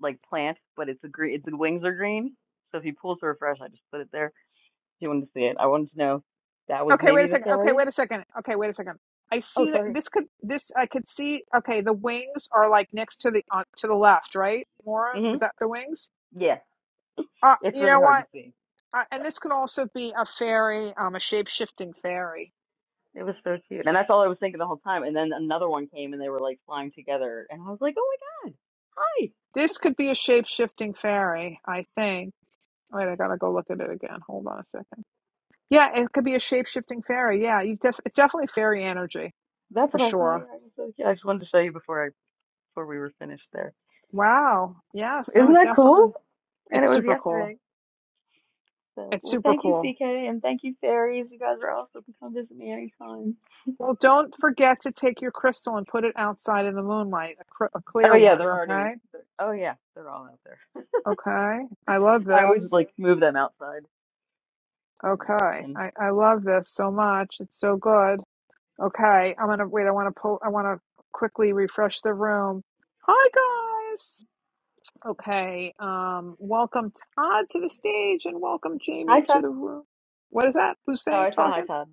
like plant, but it's a green. Its the wings are green. So if you pull to refresh, I just put it there you wanted to see it. I wanted to know that was Okay, wait a maybe the second. Okay, fairies. wait a second. Okay, wait a second. I Oh, see that sorry. this could this I could see. Okay, the wings are like next to the on to the left, right? More of is Mhm. that the wings? Yeah, Uh, it's you know really hard what? to see. Uh, and this could also be a fairy, um, a shape shifting fairy. It was so cute, and that's all I was thinking the whole time. And then another one came, and they were like flying together, and I was like, oh my god, hi. This could be a shape shifting fairy, I think. Wait, I gotta go look at it again. Hold on a second. Yeah, it could be a shape shifting fairy. Yeah, you def- it's definitely fairy energy That's for what I thought. sure. Yeah, it was so cute. I just wanted to show you before I before we were finished there. Wow. Yes. No. Isn't It that definitely. cool? And it It's was super cool. yesterday. So, It's well, super thank you, cool. CK, and thank you, fairies. You guys are awesome. Come visit me anytime. Well, don't forget to take your crystal and put it outside in the moonlight, a, cr- a Oh clear yeah, one, they're already. okay? They're, oh yeah, they're all out there. Okay. I love I always this. like move them outside, bring them back Okay. in. I, I love this so much. It's so good. Okay. I'm going to wait. I want to pull, I want to quickly refresh the room. Hi, guys. Okay. Um, welcome Todd to the stage and welcome Hi, Jamie Ty. to the room. What is that? Who's Oh, saying, I said hi, talking? Todd.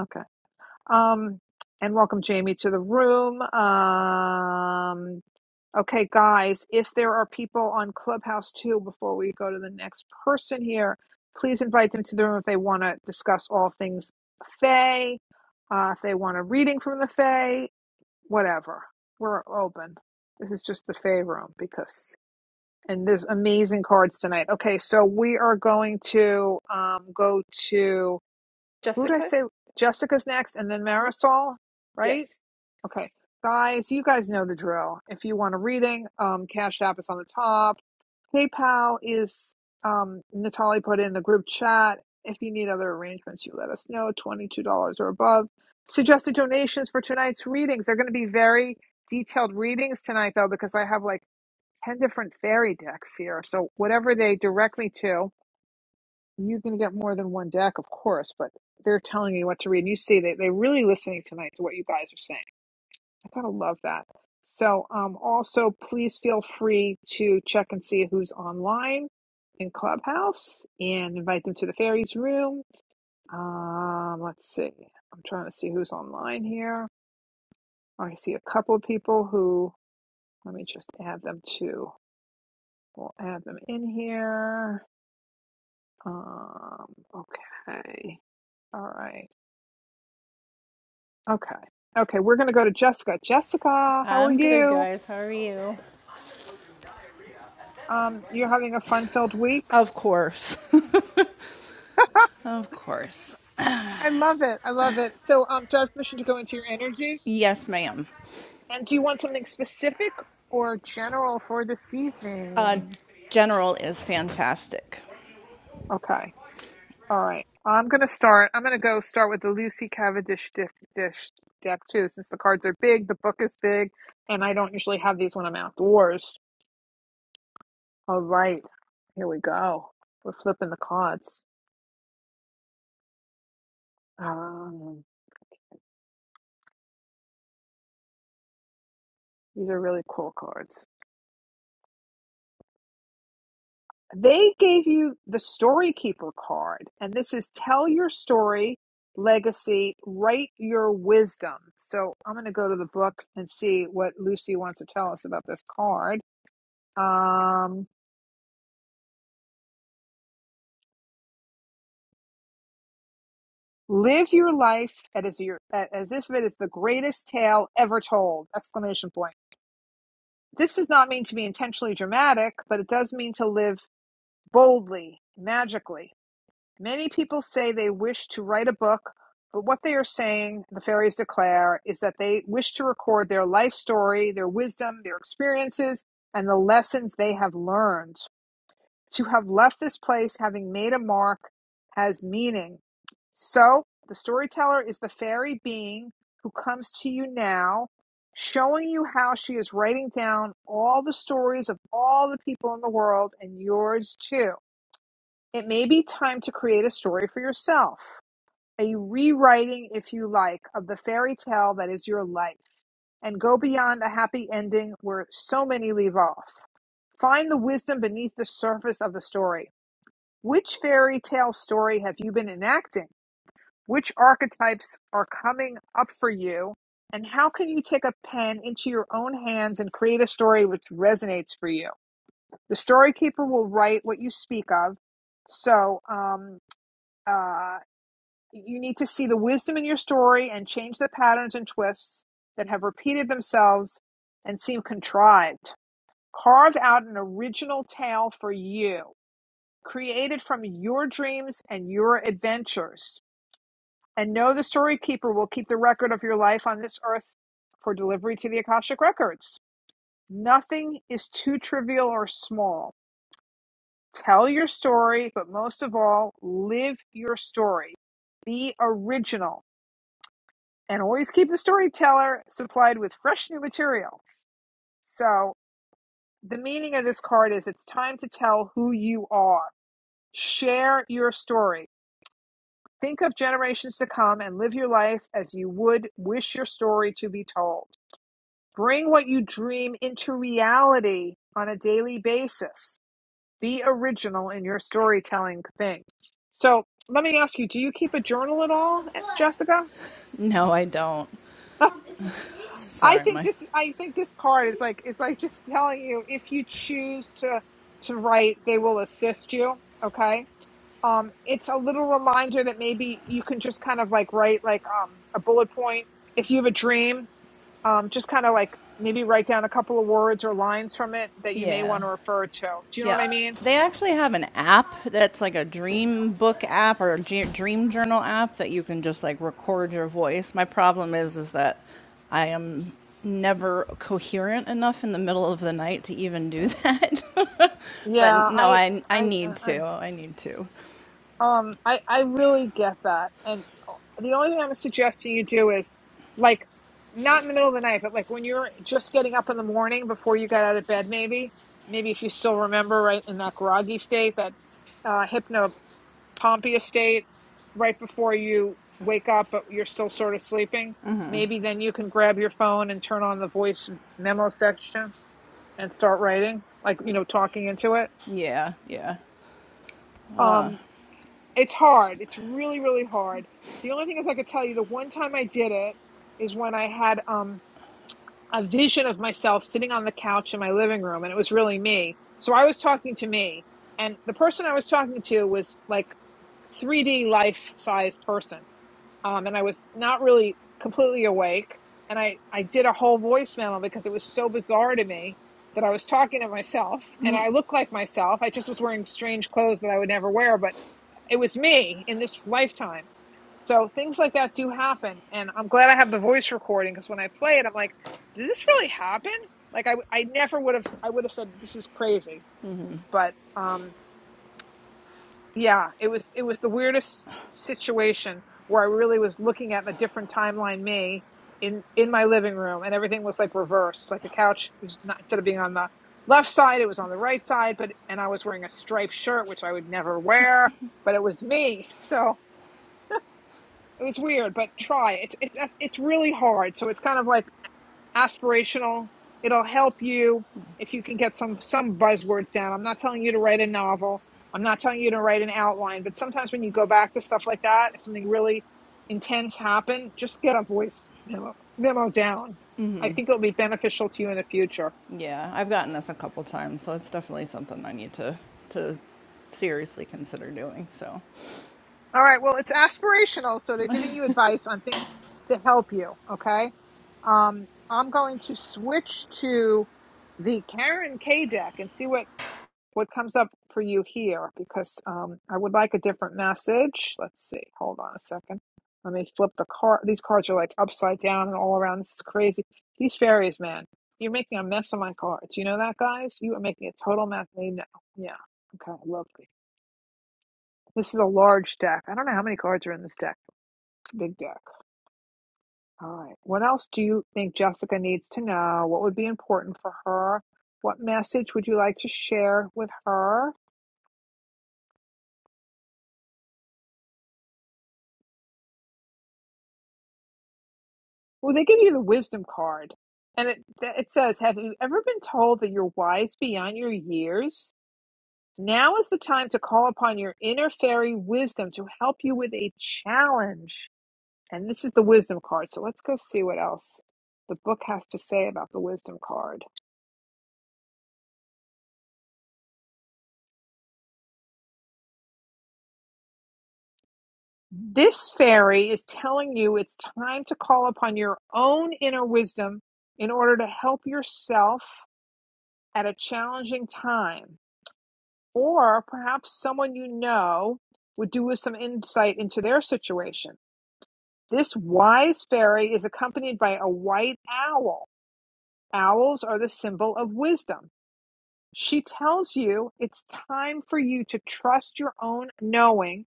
Okay. Um, and welcome Jamie to the room. Um, Okay, guys, if there are people on Clubhouse too, before we go to the next person here, please invite them to the room if they want to discuss all things Fae, uh, if they want a reading from the Fae, whatever. We're open. This is just the Fae room because, and there's amazing cards tonight. Okay, so we are going to um, go to, who did I Jessica? say? Jessica's next and then Hmm? Marisol, right? Yes. Okay, guys, you guys know the drill. If you want a reading, um, Cash App is on the top. PayPal is um, Natalie put in the group chat. If you need other arrangements, you let us know. Twenty-two dollars or above. Suggested donations for tonight's readings. They're going to be very detailed readings tonight, though, because I have like ten different fairy decks here. So whatever they direct me to, you can get more than one deck, of course, but. They're telling you what to read, and you see they, they're really listening tonight to what you guys are saying. I gotta love that. So, um, also, please feel free to check and see who's online in Clubhouse and invite them to the fairies room. Um, let's see. I'm trying to see who's online here. I see a couple of people who. Let me just add them to. We'll add them in here. Um, okay. All right. Okay. Okay. We're gonna go to Jessica. Jessica, how are I'm good, you? guys. How are you? Um, you're having a fun-filled week. Of course. Of course. I love it. I love it. So, um, do I have permission to go into your energy? Yes, ma'am. And do you want something specific or general for this Uh evening? General is fantastic. Okay. All right. I'm gonna start. I'm gonna go start with the Lucy Cavendish dish, dish deck too, since the cards are big, the book is big, and I don't usually have these when I'm outdoors. All right. Here we go. We're flipping the cards. Um, these are really cool cards. They gave you the story keeper card, and this is tell your story, legacy, write your wisdom. So I'm going to go to the book and see what Lucy wants to tell us about this card. Um, live your life at as your at- as if it is the greatest tale ever told! Exclamation point. This does not mean to be intentionally dramatic, but it does mean to live boldly, magically. Many people say they wish to write a book, but what they are saying, the fairies declare, is that they wish to record their life story, their wisdom, their experiences, and the lessons they have learned. To have left this place having made a mark has meaning. So, the storyteller is the fairy being who comes to you now, showing you how she is writing down all the stories of all the people in the world and yours too. It may be time to create a story for yourself, a rewriting, if you like, of the fairy tale that is your life, and go beyond a happy ending where so many leave off. Find the wisdom beneath the surface of the story. Which fairy tale story have you been enacting? Which archetypes are coming up for you? And how can you take a pen into your own hands and create a story which resonates for you? The story keeper will write what you speak of. So, um, uh, you need to see the wisdom in your story and change the patterns and twists that have repeated themselves and seem contrived. Carve out an original tale for you, created from your dreams and your adventures. And know the story keeper will keep the record of your life on this earth for delivery to the Akashic Records. Nothing is too trivial or small. Tell your story, but most of all, live your story. Be original and always keep the storyteller supplied with fresh new material. So, the meaning of this card is it's time to tell who you are. Share your story. Think of generations to come and live your life as you would wish your story to be told. Bring what you dream into reality on a daily basis. Be original in your storytelling thing. So, let me ask you do you keep a journal at all, Jessica? No, I don't. I Sorry, think my. this I think this card is like is like just telling you if you choose to to write, they will assist you. Okay. Um, it's a little reminder that maybe you can just kind of like write like um a bullet point. If you have a dream, um, just kind of like maybe write down a couple of words or lines from it that you may want Yeah. to refer to. Do you know what Yeah. I mean? They actually have an app that's like a dream book app or a j- dream journal app that you can just like record your voice. My problem is is that I am never coherent enough in the middle of the night to even do that. Yeah, but no, I I I I, need I to. I need to. Um, I I really get that, and uh, the only thing I'm suggesting you do is like not in the middle of the night, but like when you're just getting up in the morning before you got out of bed, maybe maybe if you still remember right in that groggy state, that uh, hypnopompia state, right before you wake up, but you're still sort of sleeping. Maybe then you can grab your phone and turn on the voice memo section and start writing, like you know, talking into it. Yeah, yeah. Um, It's hard. It's really, really hard. The only thing is I could tell you the one time I did it is when I had um a vision of myself sitting on the couch in my living room and it was really me. So I was talking to me and the person I was talking to was like 3D life size person. Um and I was not really completely awake and I I did a whole voice memo because it was so bizarre to me that I was talking to myself and I looked like myself. I just was wearing strange clothes that I would never wear, but it was me in this lifetime. So things like that do happen, and I'm glad I have the voice recording because when I play it, I'm like, did this really happen? Like I, I never would have, I would have said this is crazy, but um, yeah, it was, it was the weirdest situation where I really was looking at a different timeline me in in my living room, and everything was like reversed. Like the couch was not instead of being on the left side, it was on the right side, but and I was wearing a striped shirt, which I would never wear, but it was me, so It was weird, but try. It's it's it's really hard. So it's kind of like aspirational. It'll help you if you can get some some buzzwords down. I'm not telling you to write a novel. I'm not telling you to write an outline, but sometimes when you go back to stuff like that, if something really intense happened, just get a voice memo, memo down. I think it'll be beneficial to you in the future. Yeah. I've gotten this a couple times, so it's definitely something I need to to seriously consider doing. So, All right, well, it's aspirational, so they're giving you advice on things to help you, okay? Um, I'm going to switch to the Karen K deck and see what what comes up for you here because um, I would like a different message. Let's see. Hold on a second. Let me flip the card. These cards are like upside down and all around. This is crazy. These fairies, man, you're making a mess of my cards. You know that, guys? You are making a total mess. They know. Yeah. Okay. I love this. This is a large deck. I don't know how many cards are in this deck. It's a big deck. All right. What else do you think Jessica needs to know? What would be important for her? What message would you like to share with her? Well, they give you the wisdom card, and it it says, "Have you ever been told that you're wise beyond your years? Now is the time to call upon your inner fairy wisdom to help you with a challenge." And this is the wisdom card. So let's go see what else the book has to say about the wisdom card. This fairy is telling you it's time to call upon your own inner wisdom in order to help yourself at a challenging time. Or perhaps someone you know would do with some insight into their situation. This wise fairy is accompanied by a white owl. Owls are the symbol of wisdom. She tells you it's time for you to trust your own knowing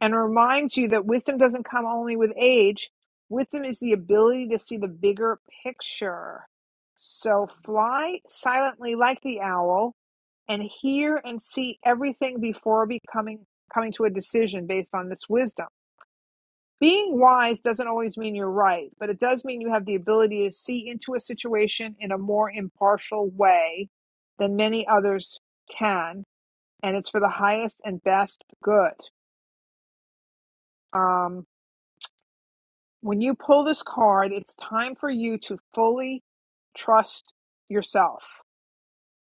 and reminds you that wisdom doesn't come only with age. Wisdom is the ability to see the bigger picture. So fly silently like the owl and hear and see everything before becoming coming to a decision based on this wisdom being wise doesn't always mean you're right, but it does mean you have the ability to see into a situation in a more impartial way than many others can, and it's for the highest and best good. Um, when you pull this card, it's time for you to fully trust yourself.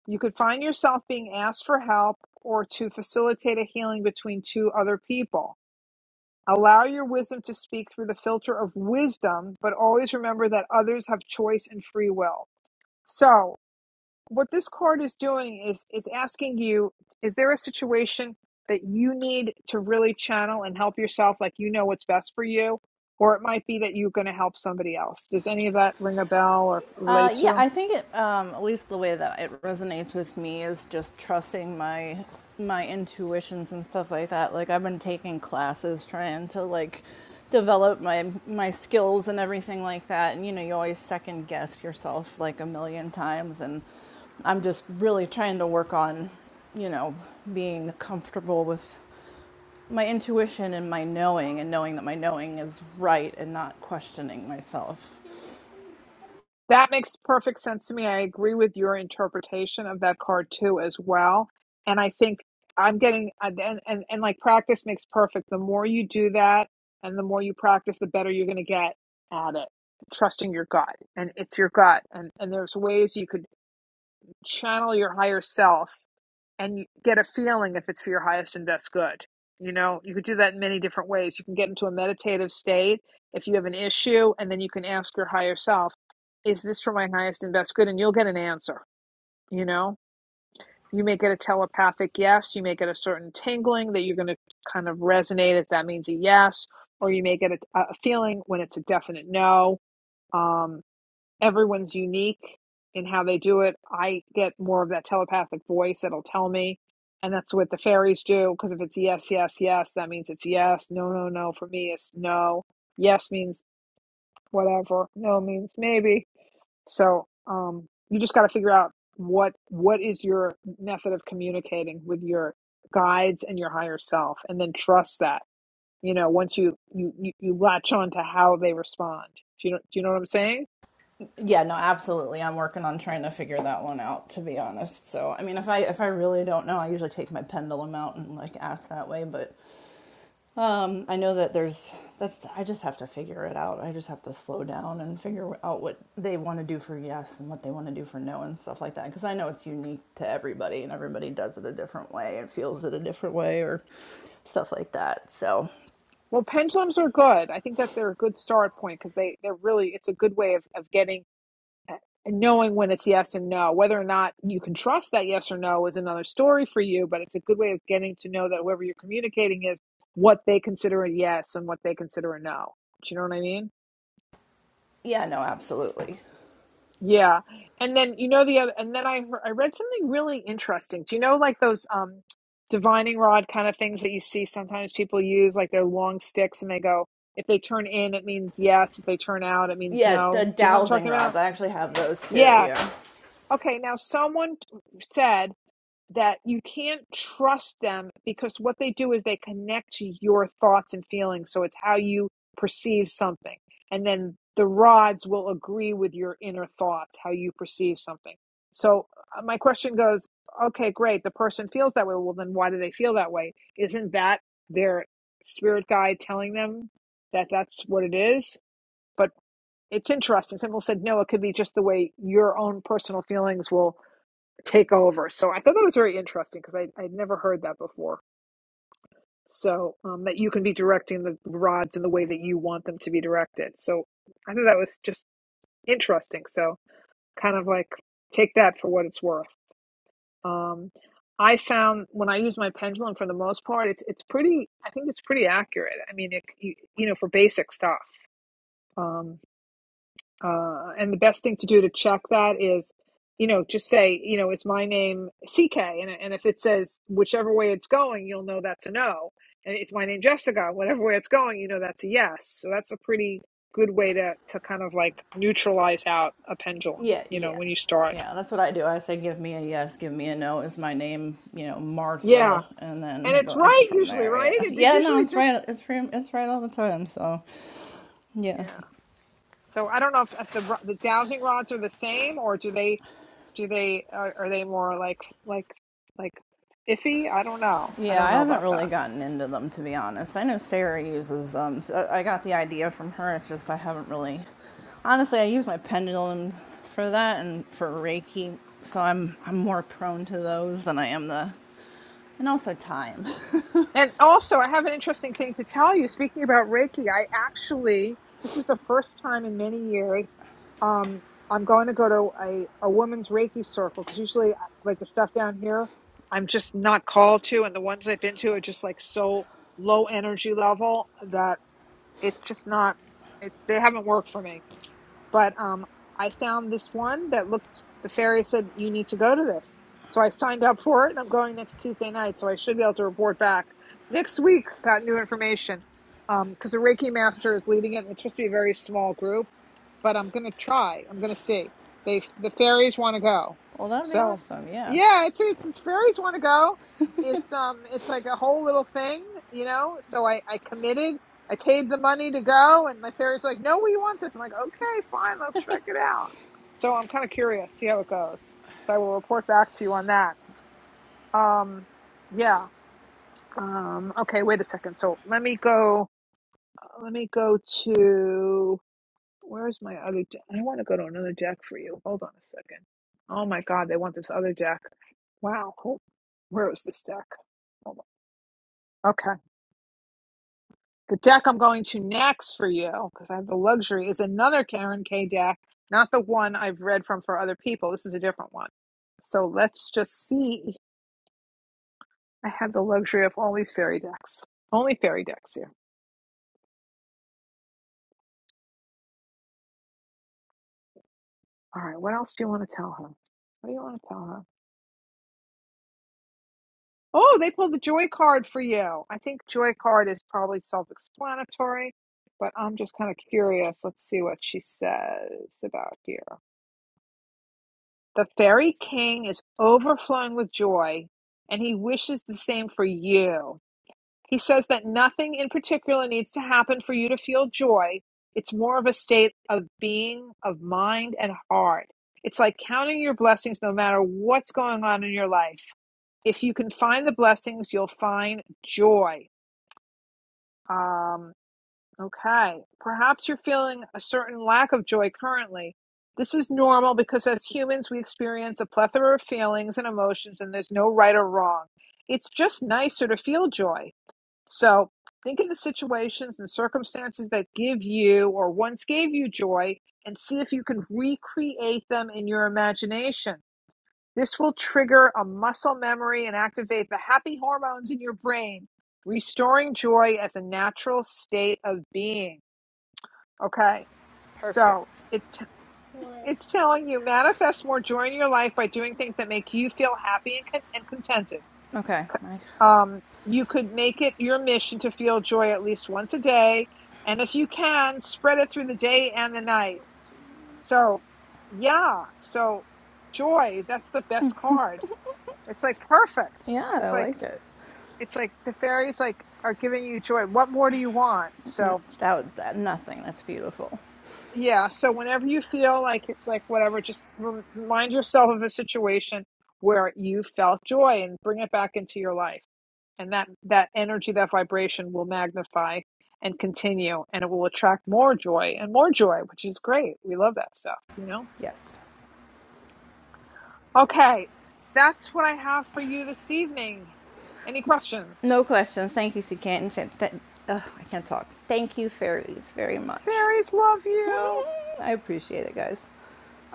You could find yourself being asked for help or to facilitate a healing between two other people. Allow your wisdom to speak through the filter of wisdom, but always remember that others have choice and free will. So, what this card is doing is is asking you, is there a situation that you need to really channel and help yourself like you know what's best for you, or it might be that you're going to help somebody else. Does any of that ring a bell or Uh, relate yeah, to? I think it, um, at least the way that it resonates with me is just trusting my my intuitions and stuff like that. Like I've been taking classes trying to like develop my my skills and everything like that. And you know, you always second guess yourself like a million times. And I'm just really trying to work on, you know, being comfortable with my intuition and my knowing, and knowing that my knowing is right, and not questioning myself. That makes perfect sense to me. I agree with your interpretation of that card too, as well. And I think I'm getting uh, and and, and like practice makes perfect. The more you do that, and the more you practice, the better you're going to get at it. Trusting your gut, and it's your gut, and and there's ways you could channel your higher self and get a feeling if it's for your highest and best good. You know, you could do that in many different ways. You can get into a meditative state if you have an issue, and then you can ask your higher self, Is this for my highest and best good? And you'll get an answer. You know, you may get a telepathic yes, you may get a certain tingling that you're going to kind of resonate if that means a yes, or you may get a, a feeling when it's a definite no. Um, everyone's unique in how they do it. I get more of that telepathic voice that'll tell me, and that's what the fairies do. Because if it's yes, yes, yes, that means it's yes. No, no, no. For me, it's no. Yes means whatever. No means maybe. So um, you just got to figure out what what is your method of communicating with your guides and your higher self, and then trust that. You know, once you you you, latch on to how they respond. Do you know, do you know what I'm saying? Yeah, no, absolutely. I'm working on trying to figure that one out, to be honest. So, I mean, if I if I really don't know, I usually take my pendulum out and like ask that way. But um, I know that there's that's I just have to figure it out. I just have to slow down and figure out what they want to do for yes and what they want to do for no and stuff like that. Because I know it's unique to everybody, and everybody does it a different way and feels it a different way or stuff like that. So, Well, pendulums are good. I think that they're a good start point because they they're really it's a good way of of getting uh, and knowing when it's yes and no. Whether or not you can trust that yes or no is another story for you, but it's a good way of getting to know that whoever you're communicating is what they consider a yes and what they consider a no. Do you know what I mean? yeah, no, absolutely. Yeah. And then you know the other and then I heard, I read something really interesting. Do you know like those um divining rod kind of things that you see sometimes people use like they're long sticks and they go if they turn in it means yes, if they turn out it means Yeah, the no. Do you know what I'm dowsing talking about? rods. I actually have those too. Yeah. Yes. Okay, now someone said that you can't trust them because what they do is they connect to your thoughts and feelings. So it's how you perceive something. And then the rods will agree with your inner thoughts, how you perceive something. So uh, my question goes, okay, great. The person feels that way. Well, then why do they feel that way? Isn't that their spirit guide telling them that that's what it is? But it's interesting. Simple said, no, it could be just the way your own personal feelings will take over. So I thought that was very interesting because I I'd never heard that before. So um, that you can be directing the rods in the way that you want them to be directed. So I thought that was just interesting. So kind of like take that for what it's worth. Um, I found when I use my pendulum, for the most part, it's it's pretty. I think it's pretty accurate. I mean, it, you, you know, for basic stuff. Um, Uh, and the best thing to do to check that is, you know, just say, you know, is my name CK? And, and if it says whichever way it's going, you'll know that's a no. And it's my name Jessica. Whatever way it's going, you know that's a yes. So that's a pretty good way to to kind of like neutralize out a pendulum. Yeah, You know, yeah. when you start, Yeah, that's what I do. I say, give me a yes, give me a no. Is my name, you know, yeah, Martha, and and then it's go. I go right from usually, there. right? Yeah, It's yeah. No, usually it's just right. It's free, It's right all the time. So, yeah, yeah. So I don't know if, if the the dowsing rods are the same, or do they do they are, are they more like like like iffy? I don't know. I yeah. I don't know haven't about really that. gotten into them to be honest. I know Sarah uses them. So I I got the idea from her. It's just I haven't really. Honestly, I use my pendulum for that and for Reiki. So I'm I'm more prone to those than I am the, and also time. And also, I have an interesting thing to tell you. Speaking about Reiki, I actually, this is the first time in many years, um, I'm going to go to a, a woman's Reiki circle because usually, like the stuff down here, I'm just not called to. And the ones I've been to are just like so low energy level that it's just not, it, they haven't worked for me. But um, I found this one that looked, the fairy said, you need to go to this. So I signed up for it and I'm going next Tuesday night. So I should be able to report back next week Got new information. Because um, the Reiki master is leading it and it's supposed to be a very small group but I'm gonna try. I'm gonna see. They the fairies want to go, Well, that'd be so awesome. Yeah. yeah, it's it's, it's fairies want to go. It's um it's like a whole little thing, you know. So I I committed. I paid the money to go, and my fairies like, no, we want this. I'm like, okay, fine, I'll check it out. So I'm kind of curious, see how it goes. So I will report back to you on that. Um, yeah. Um, okay, wait a second. So let me go. Let me go to Where's my other jack? I want to go to another jack for you. Hold on a second. Oh my God, they want this other jack. Wow. Who, Where was this deck? Hold on. Okay. The deck I'm going to next for you, because I have the luxury, is another Karen K deck, not the one I've read from for other people. This is a different one. So let's just see. I have the luxury of all these fairy decks. Only fairy decks here. All right. What else do you want to tell her? What do you want to tell her? Oh, they pulled the joy card for you. I think joy card is probably self-explanatory, but I'm just kind of curious. Let's see what she says about here. The fairy king is overflowing with joy, and he wishes the same for you. He says that nothing in particular needs to happen for you to feel joy. It's more of a state of being, of mind and heart. It's like counting your blessings no matter what's going on in your life. If you can find the blessings, you'll find joy. Um, okay. Perhaps you're feeling a certain lack of joy currently. This is normal because as humans, we experience a plethora of feelings and emotions, and there's no right or wrong. It's just nicer to feel joy. So think of the situations and circumstances that give you or once gave you joy and see if you can recreate them in your imagination. This will trigger a muscle memory and activate the happy hormones in your brain, restoring joy as a natural state of being. Okay, so Perfect. it's t- it's telling you manifest more joy in your life by doing things that make you feel happy and, con- and contented. Okay. I, Um, you could make it your mission to feel joy at least once a day, and if you can, spread it through the day and the night. So, yeah, so joy, that's the best card it's like perfect. yeah, I It's like like it. it's like the fairies like are giving you joy. What more do you want? So that, was- that nothing. That's beautiful. yeah. So whenever you feel like it's like whatever, just rem- remind yourself of a situation where you felt joy and bring it back into your life. And that that energy, that vibration will magnify and continue, and it will attract more joy and more joy, which is great. We love that stuff, you know. Yes. Okay, that's what I have for you this evening. Any questions? No questions. Thank you, C. Canton. Th- ugh, I can't talk. Thank you, fairies, very much. Fairies love you. I appreciate it, guys.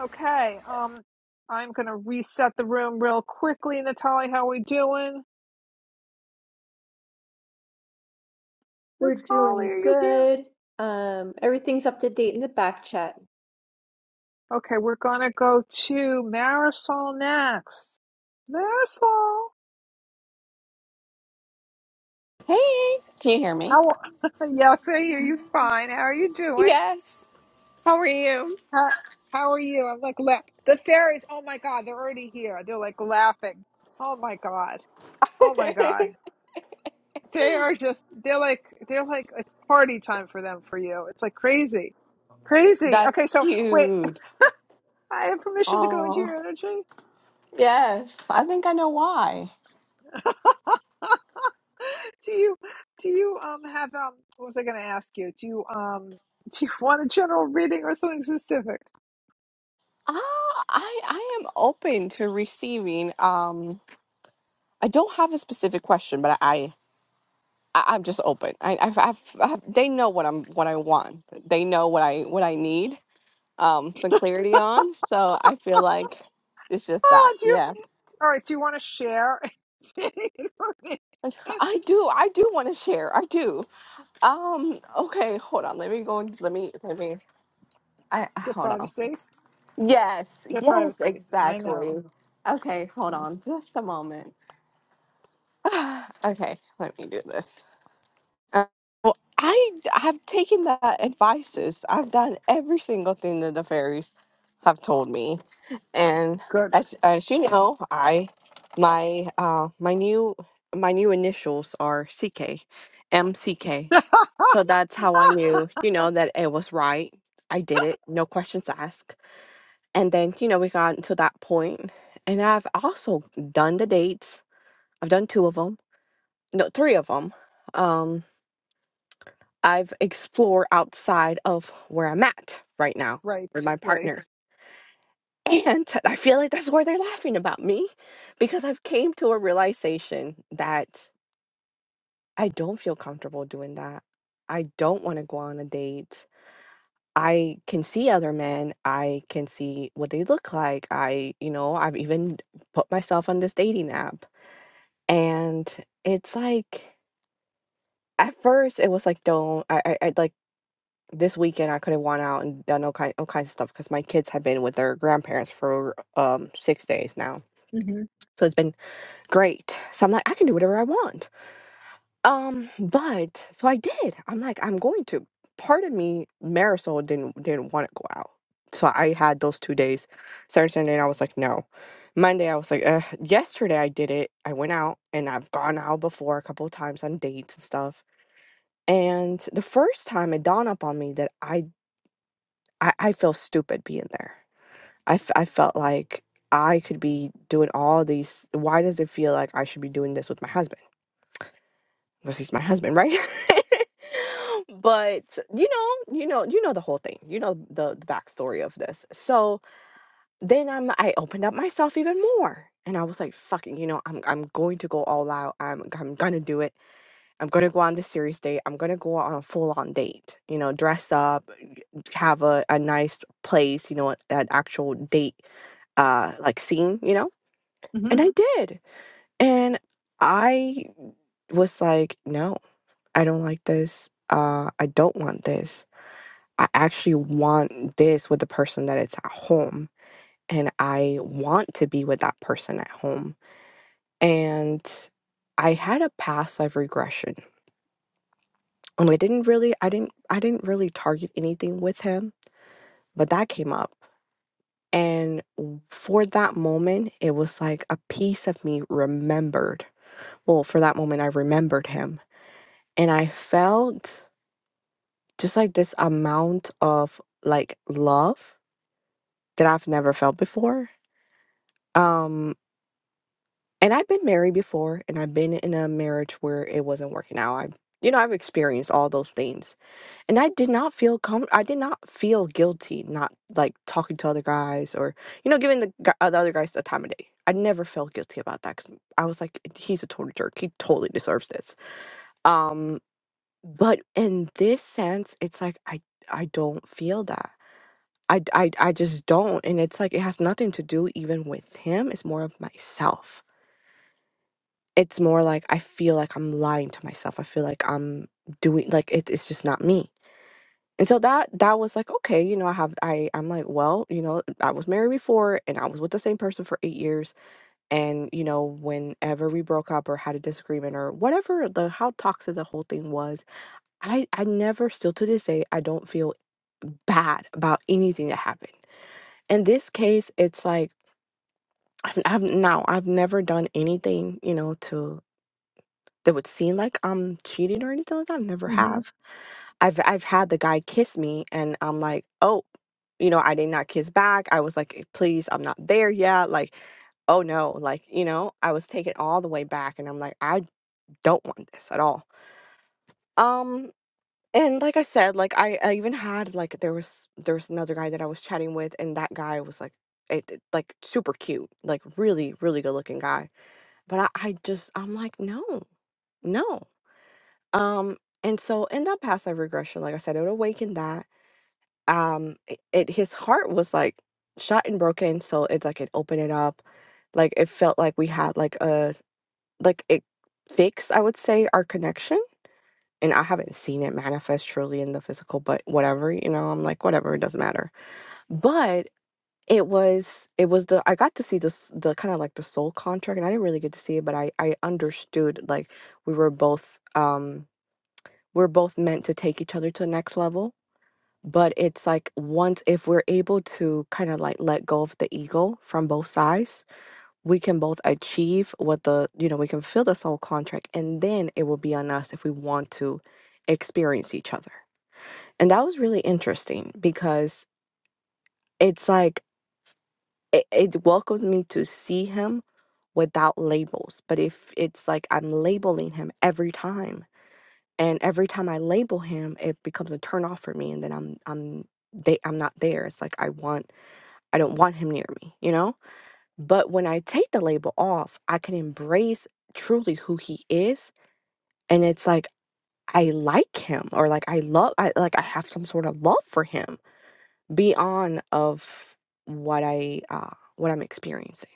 Okay. Um, I'm gonna reset the room real quickly. Natalie, how we doing? We're Natalie, doing are you here? good. Um, everything's up to date in the back chat. Okay, we're gonna go to Marisol next. Marisol, Hey, can you hear me? how? yes, I hear you. Fine. How are you doing? Yes. How are you? How, how are you? I'm like la- the fairies. Oh my god, they're already here. They're like laughing. Oh my god. Oh my god. They are just. They're like. They're like. It's party time for them. For you. It's like crazy. Crazy. Okay, That's so wait. cute. I have permission to go into Oh, your energy. yes. I think I know why. Do you do you um have um what was I gonna ask you? Do you um do you want a general reading or something specific? Ah, I I am open to receiving. Um, I don't have a specific question, but I, I I'm just open. I I've, I've, I've they know what I'm what I want. They know what I what I need. Um, some clarity on. So I feel like it's just that. Oh, do you Yeah. all right, do you wanna share Get I do. I do want to share. I do. Um, okay, hold on. Let me go and let me let me I hold on. privacy. Yes, Get yes, privacy. I know. exactly. Okay, hold on. Just a moment. okay, let me do this. Uh, Well, I have taken that advices. I've done every single thing that the fairies have told me. and Good. as as you know, I my uh my new my new initials are C K, M C K, So that's how I knew, you know, that it was right. I did it, no questions asked. And then, you know, we got to that point, point. and I've also done the dates. I've done two of them, no, three of them. Um, I've explored outside of where I'm at right now right, with my right. partner And I feel like that's why they're laughing about me because I've came to a realization that I don't feel comfortable doing that. I don't want to go on a date. I can see other men. I can see what they look like. I, you know, I've even put myself on this dating app. And it's like at first it was like don't I I, I like this weekend I could have went out and done all kind all kinds of stuff because my kids have been with their grandparents for um six days now. hmm So it's been great. So I'm like, I can do whatever I want. Um, but so I did. I'm like, I'm going to. Part of me, Marisol didn't didn't want to go out. So I had those two days. Saturday, Sunday, and I was like, no. Monday, I was like, uh, yesterday I did it. I went out and I've gone out before a couple of times on dates and stuff. And the first time it dawned up on me that I I, I feel stupid being there. I, f- I felt like I could be doing all these. Why does it feel like I should be doing this with my husband? because he's my husband, right? but you know, you know, you know the whole thing. You know the, the backstory of this. So then I'm I opened up myself even more. And I was like, fucking, you know, I'm I'm going to go all out. I'm I'm gonna do it. I'm gonna go on the serious date. I'm gonna go on a full on date. You know, dress up, have a, a nice place, you know, an actual date uh like scene, you know? hmm And I did. And I was like, no, I don't like this. Uh, I don't want this. I actually want this with the person that it's at home. And I want to be with that person at home. And I had a past life regression. And I didn't really, I didn't, I didn't really target anything with him, but that came up. And w- for that moment, it was like a piece of me remembered. Well, for that moment, I remembered him. And I felt just like this amount of like love that I've never felt before. Um and I've been married before and I've been in a marriage where it wasn't working out. I you know, I've experienced all those things. And I did not feel com- I did not feel guilty not like talking to other guys or you know giving the, gu- uh, the other guys the time of day. I never felt guilty about that cuz I was like he's a total jerk. He totally deserves this. Um but in this sense it's like I I don't feel that. I, d- I, d- I just don't. And it's like, it has nothing to do even with him. It's more of myself. It's more like I feel like I'm lying to myself. I feel like I'm doing like it, it's just not me. And so that that was like okay, you know, I have I I'm like, well, you know, I was married before and I was with the same person for 8 years and you know, whenever we broke up or had a disagreement or whatever the how toxic the whole thing was, I I never still to this day I don't feel bad about anything that happened. In this case, it's like I've I've now I've never done anything, you know, to that would seem like I'm cheating or anything like that. I've never hmm have. I've I've had the guy kiss me and I'm like, oh, you know, I did not kiss back. I was like, "Eh, please, I'm not there yet. Like, oh no, like, you know, I was taken all the way back and I'm like, I don't want this at all. Um and like I said, like I, I even had like there was there was another guy that I was chatting with and that guy was like it, it- like super cute, like really, really good looking guy But I, I just I'm like, no, no. Um, and so in that past life regression, like I said, it awakened that. Um, it, it his heart was like shot and broken, so it's like it opened it up. Like it felt like we had like a like it fixed, I would say, our connection. And I haven't seen it manifest truly in the physical, but whatever, you know, I'm like, whatever, it doesn't matter. but. It was it was the I got to see the the kinda like the soul contract, and I didn't really get to see it, but I I understood, like, we were both, um we're both meant to take each other to the next level, but it's like once if we're able to kinda, like, let go of the ego from both sides, we can both achieve what the you know, we can fulfill the soul contract, and then it will be on us if we want to experience each other. And that was really interesting because it's like it, it welcomes me to see him without labels. But if it's like I'm labeling him every time, and every time I label him, it becomes a turn off for me, and then I'm I'm they I'm not there. It's like I want I don't want him near me, you know. But when I take the label off, I can embrace truly who he is, and it's like I like him, or like I love, I like I have some sort of love for him beyond of what I uh what I'm experiencing.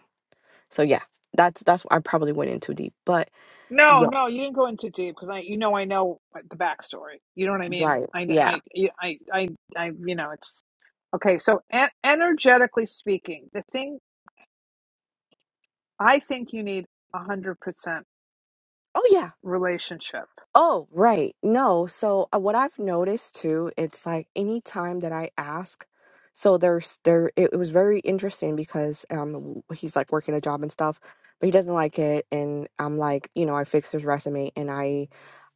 So yeah, that's that's I probably went in too deep, but No, no, yes, you didn't go into deep because I, you know, I know like, the backstory. You know what I mean? right, I, yeah, I, I, I, I, you know, it's Okay, so en- energetically speaking, the thing I think you need 100% oh yeah, relationship. oh right, no. So uh, what I've noticed too, it's like any time that I ask, so there's there it, it was very interesting because um w- he's like working a job and stuff, but he doesn't like it, and I'm like you know I fixed his resume and I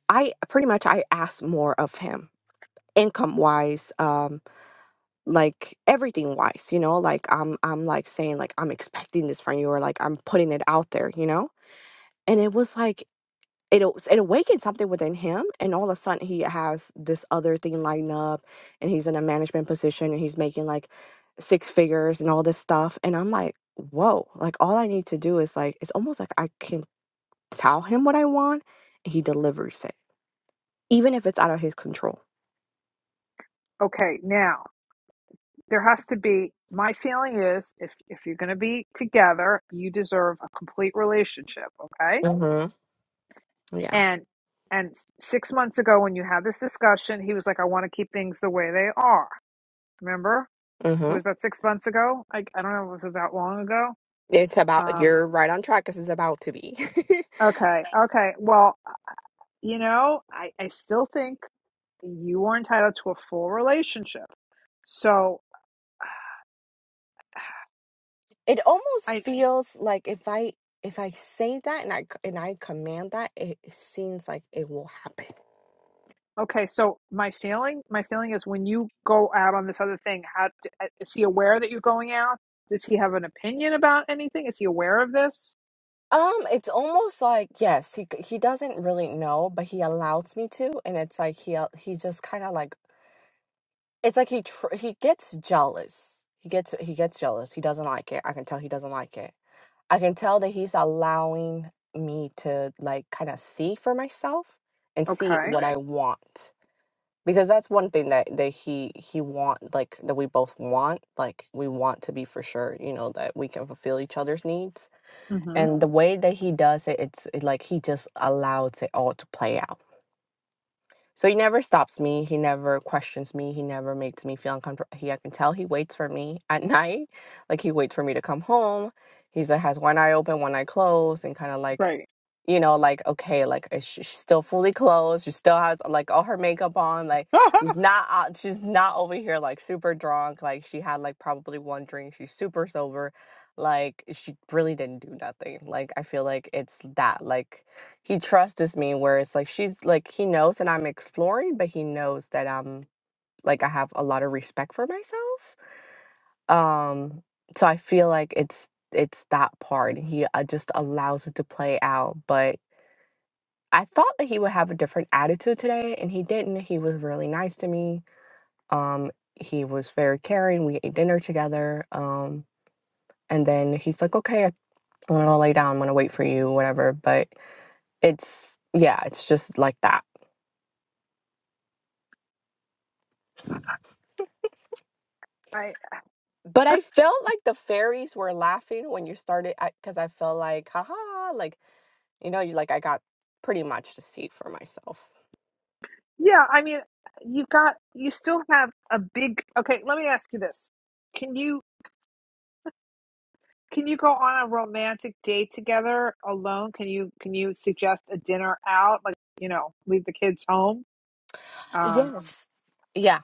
I pretty much I asked more of him income wise like everything wise, you know, like I'm I'm like saying like I'm expecting this from you or like I'm putting it out there, you know? And it was like it o- it awakened something within him and all of a sudden he has this other thing lighting up and he's in a management position and he's making like six figures and all this stuff and I'm like, "Whoa, like all I need to do is like it's almost like I can tell him what I want and he delivers it, even if it's out of his control." Okay, now there has to be my feeling is if if you're going to be together, you deserve a complete relationship, okay? Mhm. Yeah. And and s- 6 months ago when you had this discussion, he was like I want to keep things the way they are. Remember? Mhm. It was about 6 months ago. I I don't know if it was that long ago. It's about Um you're right on track because it's about to be. okay, okay. Well, you know, I, I still think you are entitled to a full relationship. So it almost I feels like if I if I say that and I c- and I command that, it seems like it will happen. okay. So my feeling, my feeling is when you go out on this other thing, how is he aware that you're going out? Does he have an opinion about anything? Is he aware of this? Um, it's almost like yes, he c- he doesn't really know, but he allows me to, and it's like he al- he just kind of like it's like he tr- he gets jealous. He gets he gets jealous. He doesn't like it. I can tell he doesn't like it. I can tell that he's allowing me to like kind of see for myself and see Okay. what I want. because that's one thing that that he he want like that we both want like we want to be for sure you know that we can fulfill each other's needs Mm-hmm. and the way that he does it it's it, like he just allows it all to play out so he never stops me. He never questions me. He never makes me feel uncomfortable. He, I can tell he waits for me at night. Like he waits for me to come home. He's like has one eye open, one eye closed, and kind of like, Right. you know, like okay, like is she, she's still fully clothed. She still has like all her makeup on. Like she's I not out. She's not over here like super drunk. Like she had like probably one drink. She's super sober. Like she really didn't do nothing. Like I feel like it's that like he trusts me where it's like she's like he knows that I'm exploring, but he knows that I'm like I have a lot of respect for myself. Um so I feel like it's it's that part. He uh, just allows it to play out, but I thought that he would have a different attitude today and he didn't. He was really nice to me. Um he was very caring. We ate dinner together. Um and then he's like, "Okay, I'm going to lay down. I'm going to wait for you, whatever." But it's yeah, it's just like that. But I felt like the fairies were laughing when you started because I because I felt like, haha, like, you know, you like I got pretty much to see it for myself. yeah. I mean, you got you still have a big. Okay. Let me ask you this. Can you? Can you go on a romantic date together alone? Can you can you suggest a dinner out, like you know, leave the kids home? Um, Yes. Yeah.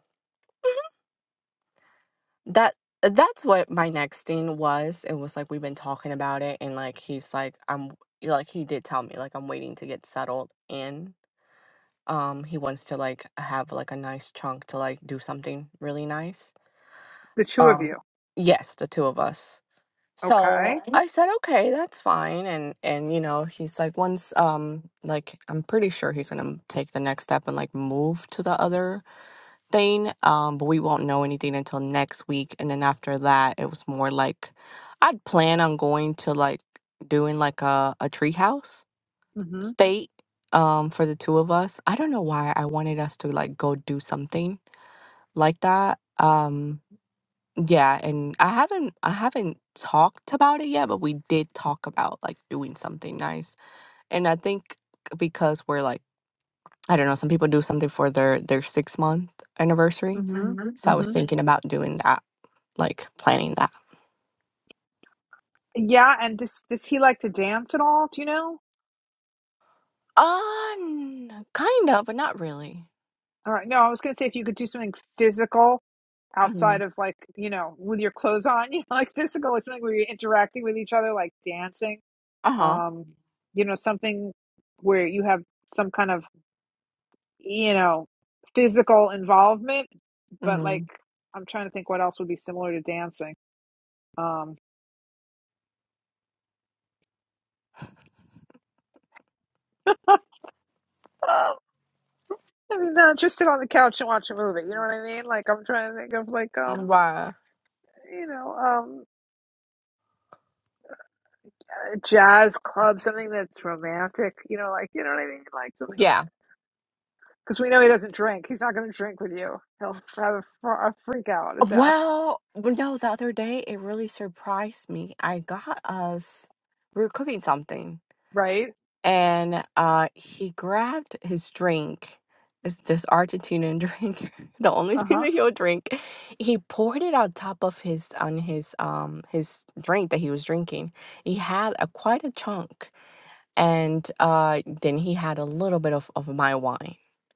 That that's what my next thing was. It was like we've been talking about it and like he's like I'm like he did tell me like I'm waiting to get settled in. Um he wants to like have like a nice chunk to like do something really nice. the two of Um you, yes, the two of us. So okay? Okay. I said, okay, that's fine. And and you know, he's like, once um like I'm pretty sure he's gonna take the next step and like move to the other thing. Um, but we won't know anything until next week. And then after that, it was more like I'd plan on going to like doing like a, a treehouse Mm-hmm. state um for the two of us. I don't know why I wanted us to like go do something like that. Um yeah, and I haven't I haven't talked about it yet, but we did talk about like doing something nice. And I think because we're like, I don't know, some people do something for their their six month anniversary. Mm-hmm. Mhm. So I Mm-hmm. was thinking about doing that, like planning that. Yeah, and does does he like to dance at all? Do you know? Uh, kind of, but not really. All right. No, I was gonna say if you could do something physical Mm-hmm. outside of like you know with your clothes on, you know, like physical, like something where you're interacting with each other, like dancing. Uh huh. Um, you know, something where you have some kind of you know, physical involvement, but hmm like I'm trying to think what else would be similar to dancing. Um I mean, not just sit on the couch and watch a movie. You know what I mean? Like I'm trying to think of like um, Why? you know, um, jazz club, something that's romantic. You know, like you know what I mean? Like something that Yeah. because we know he doesn't drink. He's not going to drink with you. He'll have a, fr- a freak out attack, Well, w- no, the other day it really surprised me. I got us, we were cooking something. right? and uh, he grabbed his drink. It's this Argentinian drink, the only Uh thing huh. that he'll drink. He poured it on top of his on his um his drink that he was drinking. He had a quite a chunk, and uh, then he had a little bit of of my wine,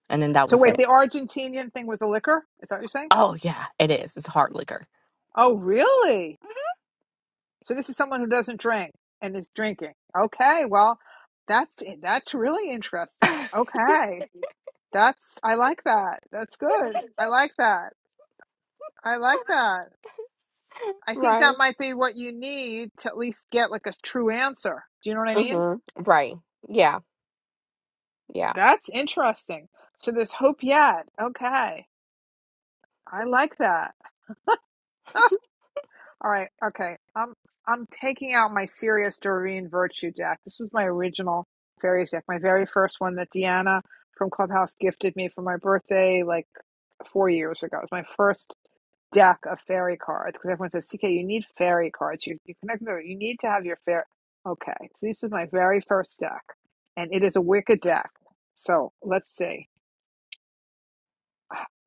and then that So was wait, it. the Argentinian thing was the liquor? Is that what you're saying? Oh yeah, it is. It's hard liquor. Oh, really? So this is someone who doesn't drink and is drinking. Okay, well, that's that's really interesting. Okay. That's I like that. That's good. I like that. I like that. I think that right. might be what you need to at least get like a true answer. Do you know what I mean? Mm-hmm. Right. Yeah. Yeah. That's interesting. So there's hope yet. Okay. I like that. All right, okay. I'm I'm taking out my serious Doreen Virtue deck. This was my original fairies deck, my very first one that Deanna from Clubhouse gifted me for my birthday like four years ago. It was my first deck of fairy cards because everyone says, CK, you need fairy cards. You you connect them. You need to have your fair. Okay, so this is my very first deck, and it is a wicked deck. So let's see.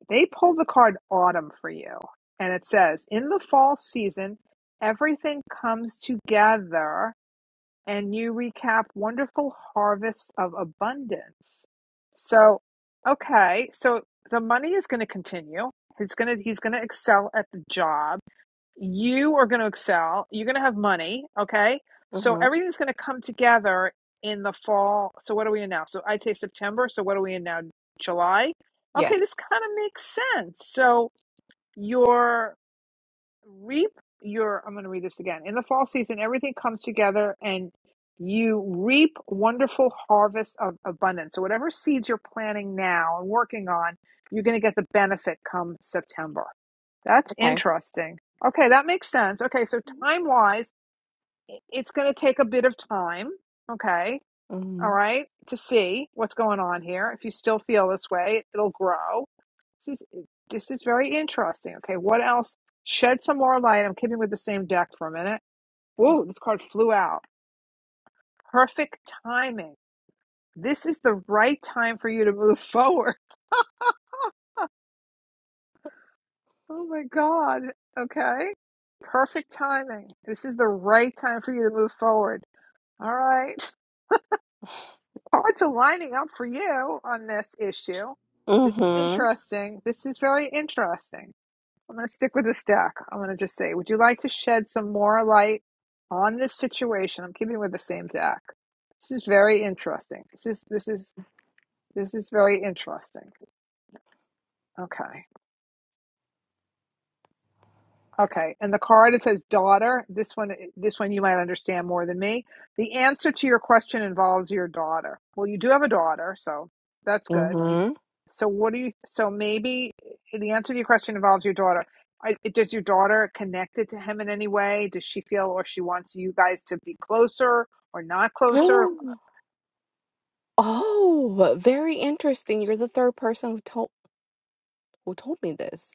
They pull the card autumn for you, and it says, in the fall season, everything comes together and you recap wonderful harvests of abundance. So, okay, so the money is going to continue. He's going to he's going to excel at the job you are going to excel. You're going to have money. Okay. So Mm-hmm. everything's going to come together in the fall. So what are we in now? So I'd say September. So what are we in now? July. Okay. This Yes. kind of makes sense. So your reap your i'm going to read this again in the fall season everything comes together and you reap wonderful harvests of abundance so whatever seeds you're planting now and working on you're going to get the benefit come september that's Okay. interesting okay that makes sense okay so time wise it's going to take a bit of time okay Mhm. all right, to see what's going on here. If you still feel this way, it'll grow. This is this is very interesting. Okay, what else? Shed some more light. I'm keeping with the same deck for a minute. Whoa, Okay. this card flew out. Perfect timing. This is the right time for you to move forward. Oh my God. Okay. Perfect timing. This is the right time for you to move forward. All right. Cards are lining up for you on this issue. This is Mm-hmm. interesting. This is very interesting. I'm going to stick with the stack. I'm going to just say, would you like to shed some more light on this situation? I'm keeping with the same deck. This is very interesting. This is this is this is very interesting. Okay, okay. And the card it says daughter. This one, this one you might understand more than me. The answer to your question involves your daughter. Well, you do have a daughter, so that's good Mm-hmm. So what do you? So maybe eh, the answer to your question involves your daughter. I, does your daughter connect it to him in any way? Does she feel or she wants you guys to be closer or not closer? Oh, very interesting. You're the third person who told who told me this.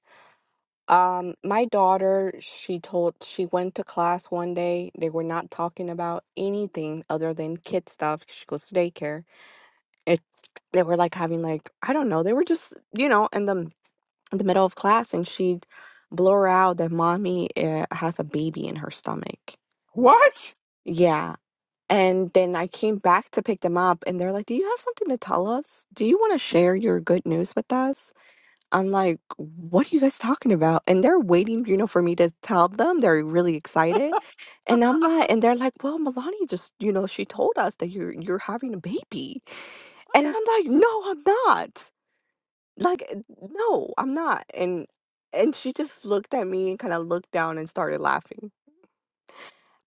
Um, my daughter, she told she went to class one day. They were not talking about anything other than kid stuff. She goes to daycare. It they were like having like I don't know. They were just you know in the in the middle of class, and she blur out that mommy uh, has a baby in her stomach. What? Yeah. And then I came back to pick them up, and they're like, "Do you have something to tell us? Do you want to share your good news with us?" I'm like, what are you guys talking about? And they're waiting, you know, for me to tell them. They're really excited. And I'm like, and they're like, well, Melania just, you know, she told us that you're you're having a baby. And I'm like, no, I'm not. Like, uh, no, I'm not. And and she just looked at me and kind of looked down and started laughing.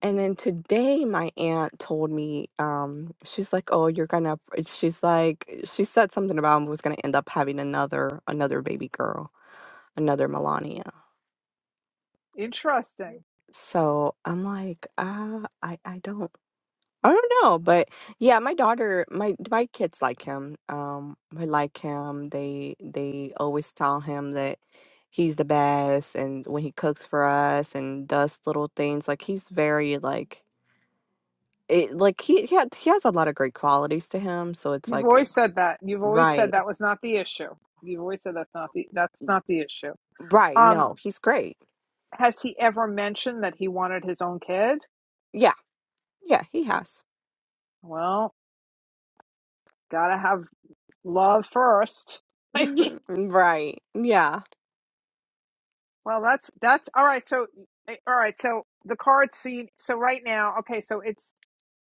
And then today my aunt told me, um, she's like, Oh, you're gonna she's like she said something about I was gonna end up having another another baby girl, another Melania. Interesting. So I'm like, ah, I, I don't, I don't know, but yeah, my daughter, my my kids like him. Um, they like him. They they always tell him that he's the best, and when he cooks for us and does little things, like he's very like it, like he he, had, he has a lot of great qualities to him. So it's You've like, always said that. You've always said right, that was not the issue. You've always said that's not the that's not the issue. right, Um, no, he's great. has he ever mentioned that he wanted his own kid? Yeah, yeah, he has. Well, gotta have love first. I mean. Right, yeah. Well, that's that's all right. So eh, all right. So the card scene. So right now, okay. So it's.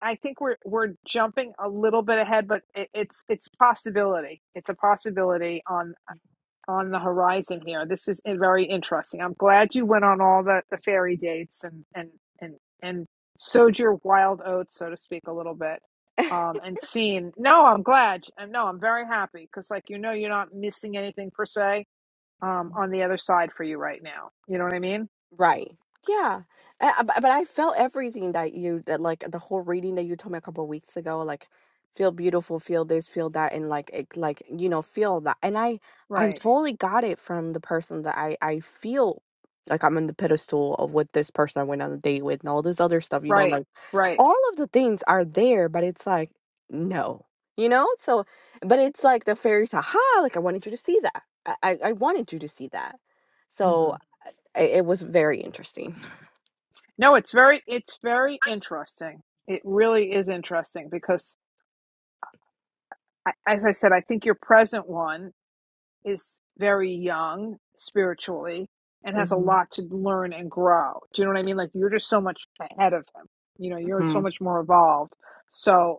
I think we're we're jumping a little bit ahead, but it, it's it's possibility. It's a possibility on on the horizon here. This is eh, very interesting. I'm glad you went on all the the fairy dates and and and and sowed your wild oats, so to speak, a little bit. Um, and seen. No, I'm glad. And no, I'm very happy because, like you know, you're not missing anything per se um on the other side for you right now you know what i mean Right. Yeah. And I- But but I felt everything that you that like the whole reading that you told me a couple of weeks ago, like feel beautiful, feel this, feel that, and like it, like you know feel that. And I I right totally got it from the person that I I feel like I'm on the pedestal of with this person I went on a date with and all this other stuff. You know, right like right all of the things are there, but it's like no, you know. So, but it's like the fairies. Aha! Like I wanted you to see that. I I, I wanted you to see that. So hmm it, it was very interesting. no it's very it's very interesting it really is interesting because I, as i said i think your present one is very young spiritually and has a hmm lot to learn and grow do you know what i mean like you're just so much ahead of him you know you're so hmm much more evolved so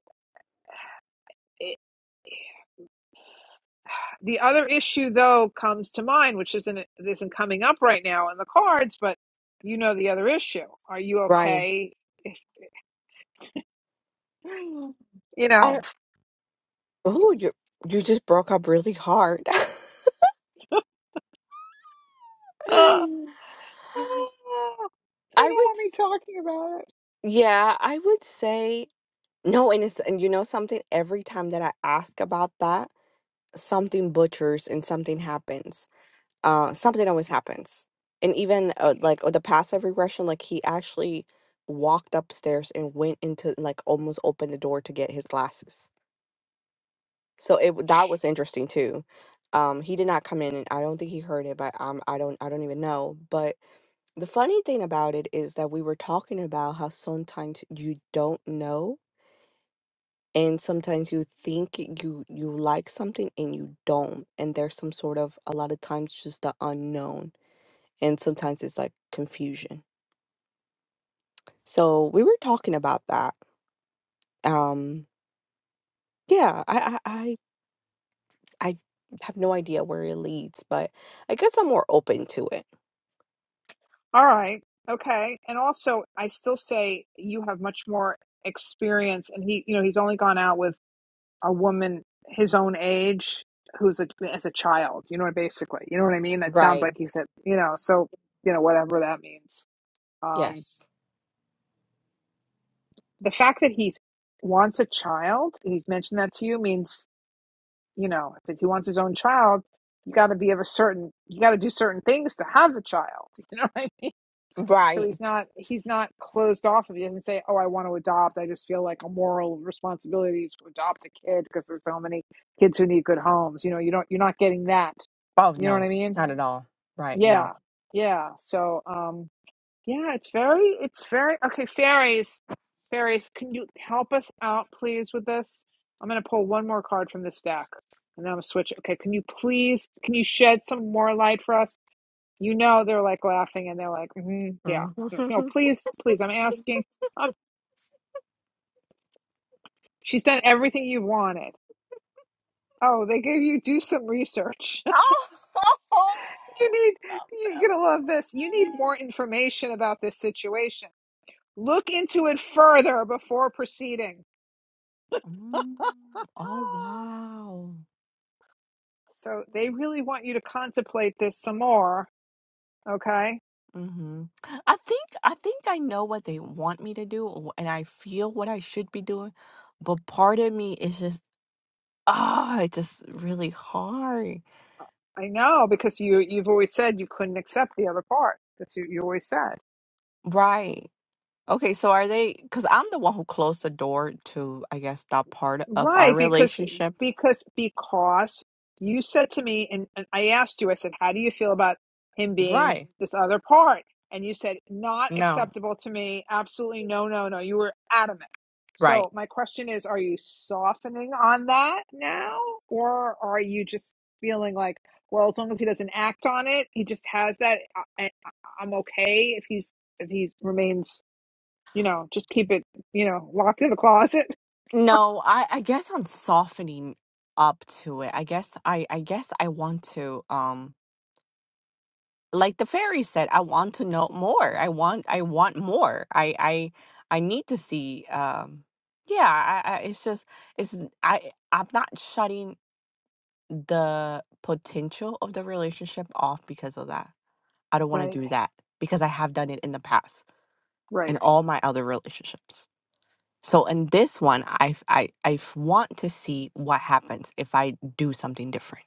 The other issue, though, comes to mind, which isn't isn't coming up right now in the cards, but you know the other issue. Are you Ryan, okay? If, you I know, oh you you just broke up really hard. uh, uh, they I don't would want me s- talking about it. yeah, I would say no, and it's and you know something, every time that I ask about that, something butchers and something happens. Uh something always happens. And even uh, like oh, the passive regression, like he actually walked upstairs and went into like almost opened the door to get his glasses. So it w- that was interesting too. Um, he did not come in, and I don't think he heard it, but um, I don't, I don't even know. But the funny thing about it is that we were talking about how sometimes you don't know, and sometimes you think you you like something and you don't, and there's some sort of a lot of times just the unknown, and sometimes it's like confusion. So we were talking about that. Um, yeah, I, I, I have no idea where it leads, but I guess I'm more open to it. All right, okay. And also, I still say you have much more experience, and he, you know, he's only gone out with a woman his own age who's a, as a child. You know, basically, you know what I mean. That sounds Right. like he said, you know, so you know, whatever that means. Um, Yes. the fact that he wants a child, he's mentioned that to you, means, you know, if he wants his own child, you got to be of a certain, you got to do certain things to have a child. You know what I mean? So Right. he's not, he's not closed off. If he doesn't say, "Oh, I want to adopt," I just feel like a moral responsibility to adopt a kid because there's so many kids who need good homes. You know, you don't, you're not getting that. Oh, You know what no, I mean? not at all. Right. No. Yeah, yeah. So, um, yeah, it's very, it's very, okay, fairies. Fairies, can you help us out, please, with this? I'm going to pull one more card from this stack and then I'm going to switch. it. Okay, can you please, can you shed some more light for us? You know, they're like laughing and they're like, hmm yeah. No, no, Mhm. please, please, I'm asking. Um, she's done everything you wanted. Oh, they gave you do some research. Oh, I you need, love you're that. going to love this. You need more information about this situation. Look into it further before proceeding. Mm. Oh Ah. wow. So they really want you to contemplate this some more, okay? hmm I think I think I know what they want me to do, or- and I feel what I should be doing, but part of me is just ah, it's just really hard. I know because you you've always said you couldn't accept the other part. That's what you always said. Right. Okay. So are they? Because I'm the one who closed the door to, I guess, that part of our Right, because relationship. because because you said to me and, and I asked you, I said, How do you feel about him being Right. this other part? And you said, Not No. acceptable to me. Absolutely no, no, no. You were adamant. Right. So my question is, are you softening on that now? Or are you just feeling like, well, as long as he doesn't act on it, he just has that I, I, I'm okay if he's if he's remains, you know, just keep it, you know, locked in the closet. No, I, I guess I'm softening up to it. I guess I, I guess I want to um like the fairy said, I want to know more. I want I want more. I I I need to see um yeah, I, I it's just it's I I'm not shutting the potential of the relationship off because of that. I don't want Right, to do that because I have done it in the past right. in all my other relationships. So in this one, I f- I I f- want to see what happens if I do something different.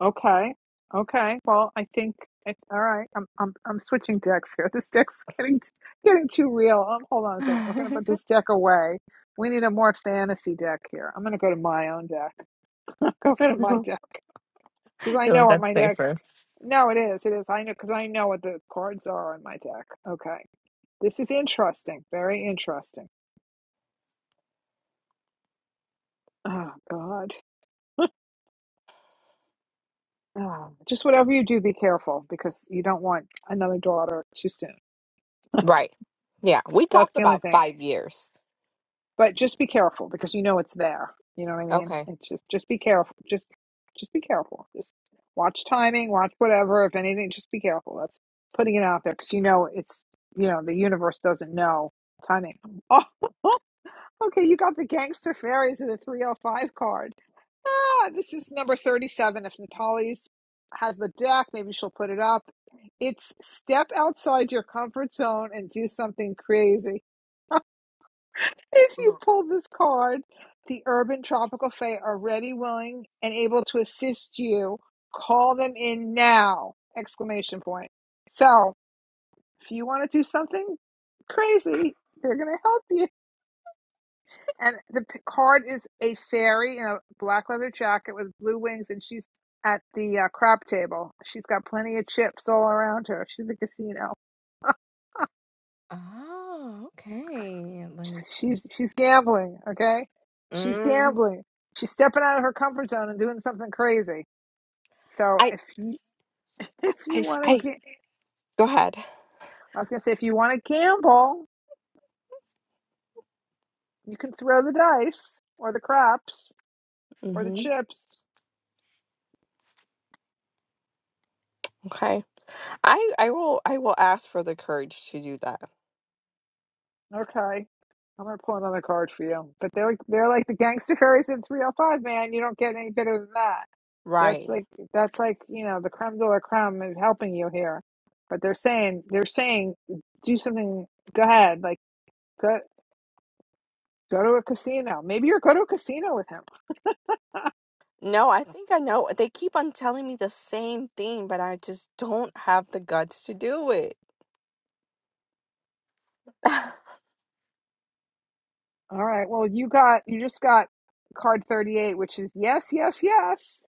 Okay. Okay. Well, I think I, all right. I'm I'm I'm switching decks here. This deck's getting t- getting too real. Um, hold on a second. We're gonna put this deck away. We need a more fantasy deck here. I'm gonna go to my own deck. go to my deck because I You know look what up my deck. safer. No, it is. It is. I know because I know what the cards are on my deck. Okay. This is interesting. Very interesting. Oh God. Oh, just whatever you do, be careful because you don't want another daughter too soon. Right. Yeah, we That's talked the only about thing. 5 years. but just be careful because you know it's there. You know what I mean? Okay. It's just just be careful. Just just be careful. Just watch timing, watch whatever. If anything, just be careful. That's putting it out there because you know it's you know the universe doesn't know timing. Oh, okay, you got the gangster fairies of the three hundred five card. Ah, this is number thirty seven. If Natalie's has the deck, maybe she'll put it up. It's step outside your comfort zone and do something crazy. If you pull this card, the Urban Tropical Fae are ready, willing, and able to assist you. Call them in now! Exclamation point. So, if you want to do something crazy, they're going to help you. And the p- card is a fairy in a black leather jacket with blue wings, and she's at the uh, crap table. She's got plenty of chips all around her. She's at the casino. Oh, okay. Let me She's see. she's she's gambling, okay? She's Mm. gambling. She's stepping out of her comfort zone and doing something crazy. So I, if you if you I, want I to, I go ahead. was gonna say if you want to gamble, you can throw the dice or the craps or the hmm chips. Okay. I, I will, I will ask for the courage to do that. Okay, I'm gonna pull another card for you. But they're like, they're like the gangster fairies in 305, man. You don't get any better than that. That's Right. like that's like you know the creme de la creme is helping you here. But they're saying they're saying do something. Go ahead, like. Go go to a casino. Maybe you're go to a casino with him. No, I think I know. They keep on telling me the same thing, but I just don't have the guts to do it. All right. Well, you got you just got card 38, which is yes, yes, yes.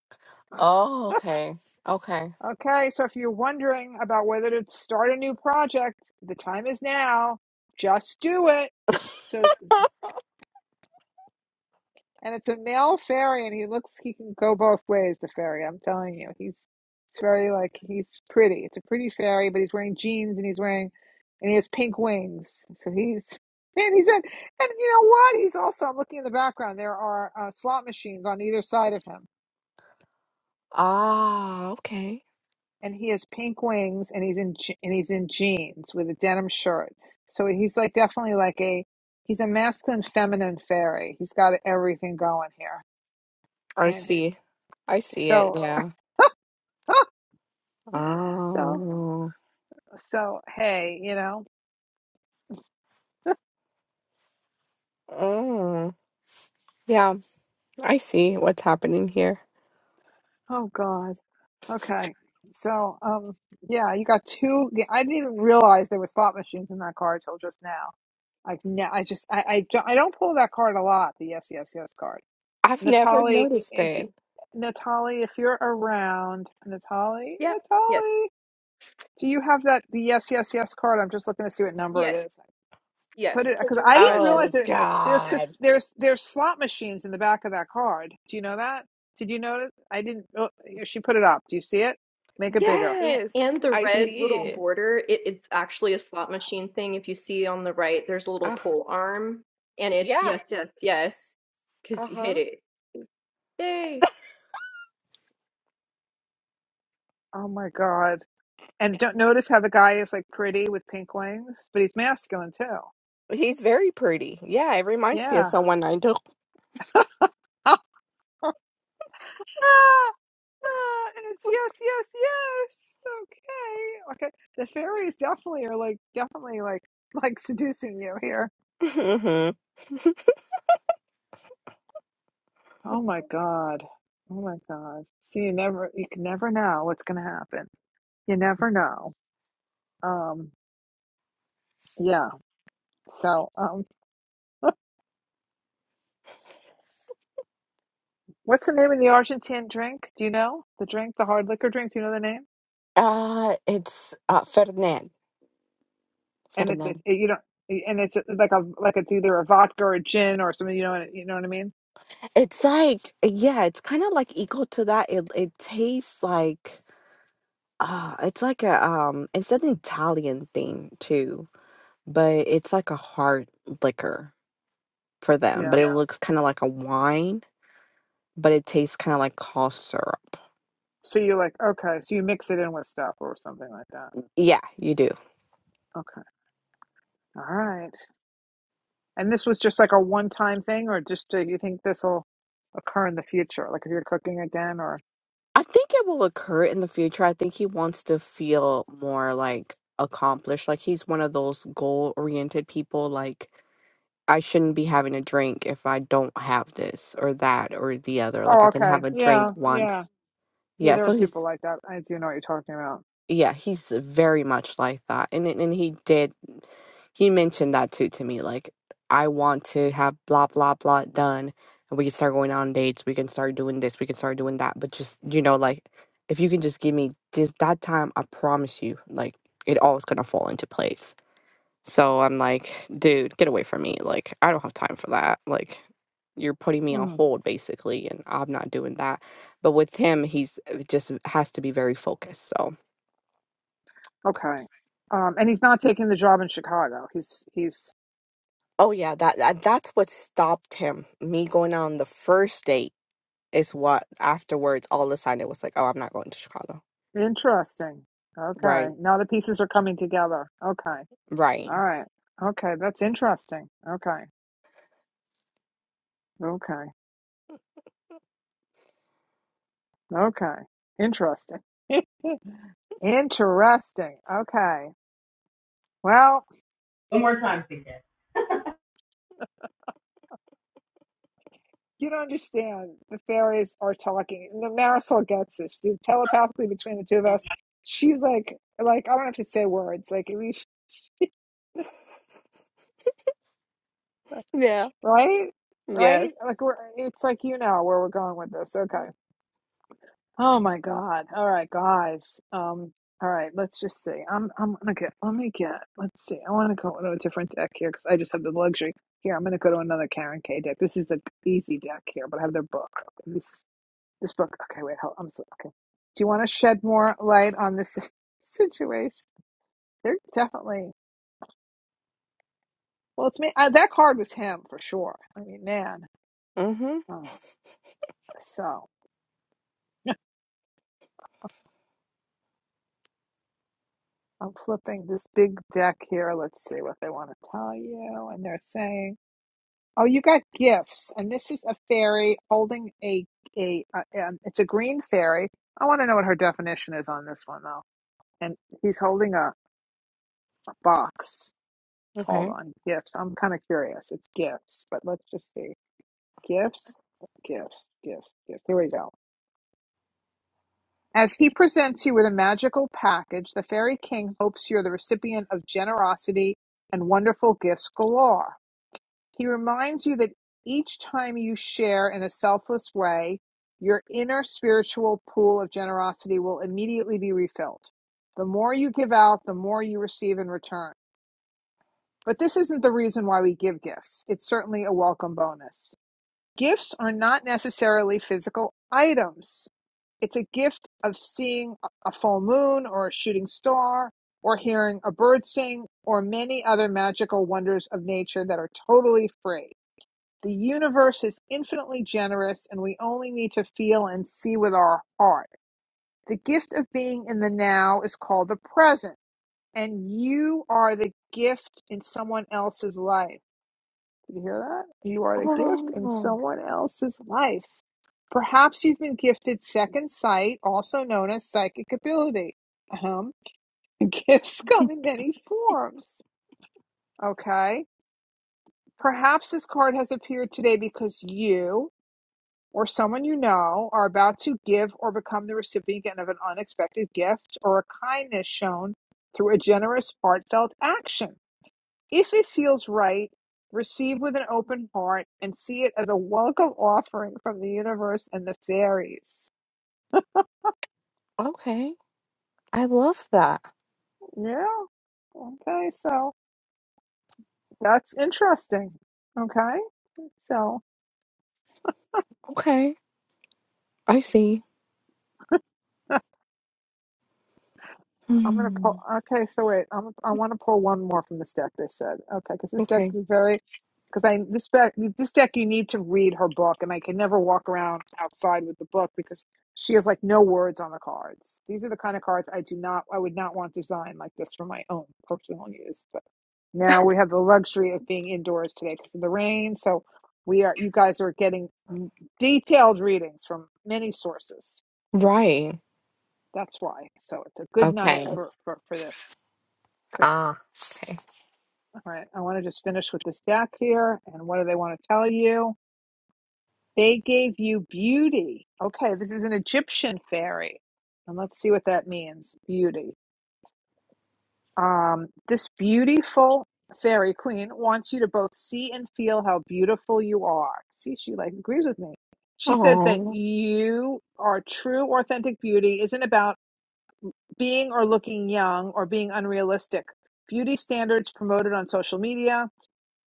Oh, okay. Okay. Okay, so if you're wondering about whether to start a new project, the time is now. Just do it. So And it's a male fairy, and he looks, he can go both ways, the fairy. I'm telling you, he's, it's very like, he's pretty. It's a pretty fairy, but he's wearing jeans and he's wearing, and he has pink wings. So he's, and he's in, and you know what? He's also, I'm looking in the background, there are uh, slot machines on either side of him. Ah, okay. And he has pink wings and he's in, je- and he's in jeans with a denim shirt. So he's like definitely like a, he's a masculine, feminine fairy. He's got everything going here. I And see. I see it. so, Yeah. so. Oh. So, hey, you know, Mm. Yeah, I see what's happening here. oh God. Okay. So, um, yeah, you got two. yeah, I didn't even realize there were slot machines in that card till just now. I've ne- I just, I, I, don't, I don't pull that card a lot, the yes, yes, yes card. I've never Natalie, noticed if, it. Natalie, if you're around, Natalie, Yep. Yes. Natalie, do you have that, the yes, yes, yes card? I'm just looking to see what number it Yes, is. yes, Put it pull because to I didn't refresh is, realize Oh, that is the There's God. because there's there's slot machines in the back of that card. Do you know that? Did you notice? I didn't. Oh, she put it up. Do you see it? Make it bigger. and Yes, and the I See? red see little it. border, it, it's actually a slot machine thing. If you see on the right, there's a little Uh, pull arm, and it's yeah. yes, yes, yes, because you hit Uh-huh. it. Yay! Oh my god! And don't notice how the guy is like pretty with pink wings, but he's masculine too. He's very pretty. Yeah, it reminds me of Yeah. someone I know. Oh, Ah, ah, and it's yes, yes, yes. Okay, okay. The fairies definitely are like definitely like like seducing you here. Mhm. Oh my God. Oh my God. See, you never, you can never know what's going to happen. You never know. Um, yeah. So, um, what's the name of the Argentine drink? Do you know the drink, the hard liquor drink? Do you know the name? Uh, it's uh Fernand. And it's it, Fernand. you don't, and it's like a like it's either a vodka or a gin or something. You know, what- you know what I mean? It's like yeah, it's kind of like equal to that. It it tastes like uh it's like a um it's an Italian thing too, but it's like a hard liquor for them. But Yeah. it Yeah. looks kind of like a wine, but it tastes kind of like cough syrup. So you're like, okay, so you mix it in with stuff or something like that. Yeah, you do. Okay. All right. And this was just like a one-time thing, or just do you think this will occur in the future? Like if you're cooking again, or I think it will occur in the future. I think he wants to feel more like accomplished. Like he's one of those goal oriented people. Like I shouldn't be having a drink if I don't have this or that or the other. Like Oh, I can okay. have a drink Yeah, yeah. once. Yeah, Yeah, there are so people he's like that. I do know what you're talking about. yeah, he's very much like that. And and and he did he mentioned that too to me. Like I want to have blah blah blah done and we can start going on dates, we can start doing this, we can start doing that. But just you know, like if you can just give me just that time, I promise you, like it all is gonna fall into place. So I'm like, dude, get away from me. Like, I don't have time for that. Like, you're putting me on Mm, hold basically, and I'm not doing that. But with him, he's it just has to be very focused. So, okay. Um, and he's not taking the job in Chicago. He's he's Oh yeah, that, that that's what stopped him. Me going on the first date is what afterwards all of a sudden it was like, oh, I'm not going to Chicago. interesting. Okay. Right, Now the pieces are coming together. Okay. right. All right. Okay, that's interesting. Okay. Okay. Okay. Interesting. interesting. Okay. Well, You don't understand. The fairies are talking. And the Marisol gets this. She's telepathically between the two of us. She's like, like I don't have to say words. Like we, Yeah. right, right. Yes. Like we're. It's like you know where we're going with this. Okay. Oh my God. All right, guys. Um. All right. Let's just see. I'm. I'm gonna get. Let me get. Let's see. I want to go to a different deck here because I just have the luxury. Here, I'm gonna go to another Karen K deck. This is the easy deck here, but I have their book. This is This book. Okay, wait. Hold, I'm so, okay. Do you want to shed more light on this situation? They're definitely. Well, it's me. Uh, that card was him for sure. I mean, man. Mm-hmm. Uh, so I'm flipping this big deck here. Let's see what they want to tell you. And they're saying, "Oh, you got gifts." And this is a fairy holding a a. Uh, um, it's a green fairy. I want to know what her definition is on this one though. And he's holding a, a box Hold Okay. on. Gifts. I'm kind of curious. It's gifts, but let's just see. Gifts, gifts, gifts, gifts. Here we go. As he presents you with a magical package, the fairy king hopes you're the recipient of generosity and wonderful gifts galore. He reminds you that each time you share in a selfless way, your inner spiritual pool of generosity will immediately be refilled. The more you give out, the more you receive in return. But this isn't the reason why we give gifts. It's certainly a welcome bonus. Gifts are not necessarily physical items. It's a gift of seeing a full moon or a shooting star or hearing a bird sing or many other magical wonders of nature that are totally free. The universe is infinitely generous and we only need to feel and see with our heart. The gift of being in the now is called the present and you are the gift in someone else's life. Did you hear that? You are the gift in Oh, someone else's life. Perhaps you've been gifted second sight, also known as psychic ability. Um, gifts come in many forms. Okay. Perhaps this card has appeared today because you or someone you know are about to give or become the recipient of an unexpected gift or a kindness shown through a generous, heartfelt action. If it feels right, receive with an open heart and see it as a welcome offering from the universe and the fairies. okay. I love that. Yeah. Okay, so that's interesting. Okay, so. Okay. I see. I'm gonna pull. Mm, Okay, so wait. I'm. I want to pull one more from this deck. They said okay because this deck Okay. is very because I this deck this deck you need to read her book, and I can never walk around outside with the book because she has like no words on the cards. These are the kind of cards I do not. I would not want designed like this for my own personal use. But now we have the luxury of being indoors today because of the rain. So we are. You guys are getting m- detailed readings from many sources. Right. That's why. So it's a good night Okay. for for for this. Because, all right, I want to just finish with this deck here. And what do they want to tell you? They gave you beauty. Okay, this is an Egyptian fairy. And let's see what that means beauty. Um, this beautiful fairy queen wants you to both see and feel how beautiful you are. See, she like agrees with me. She says that Oh, you are true, authentic beauty isn't about being or looking young or being unrealistic. Beauty standards promoted on social media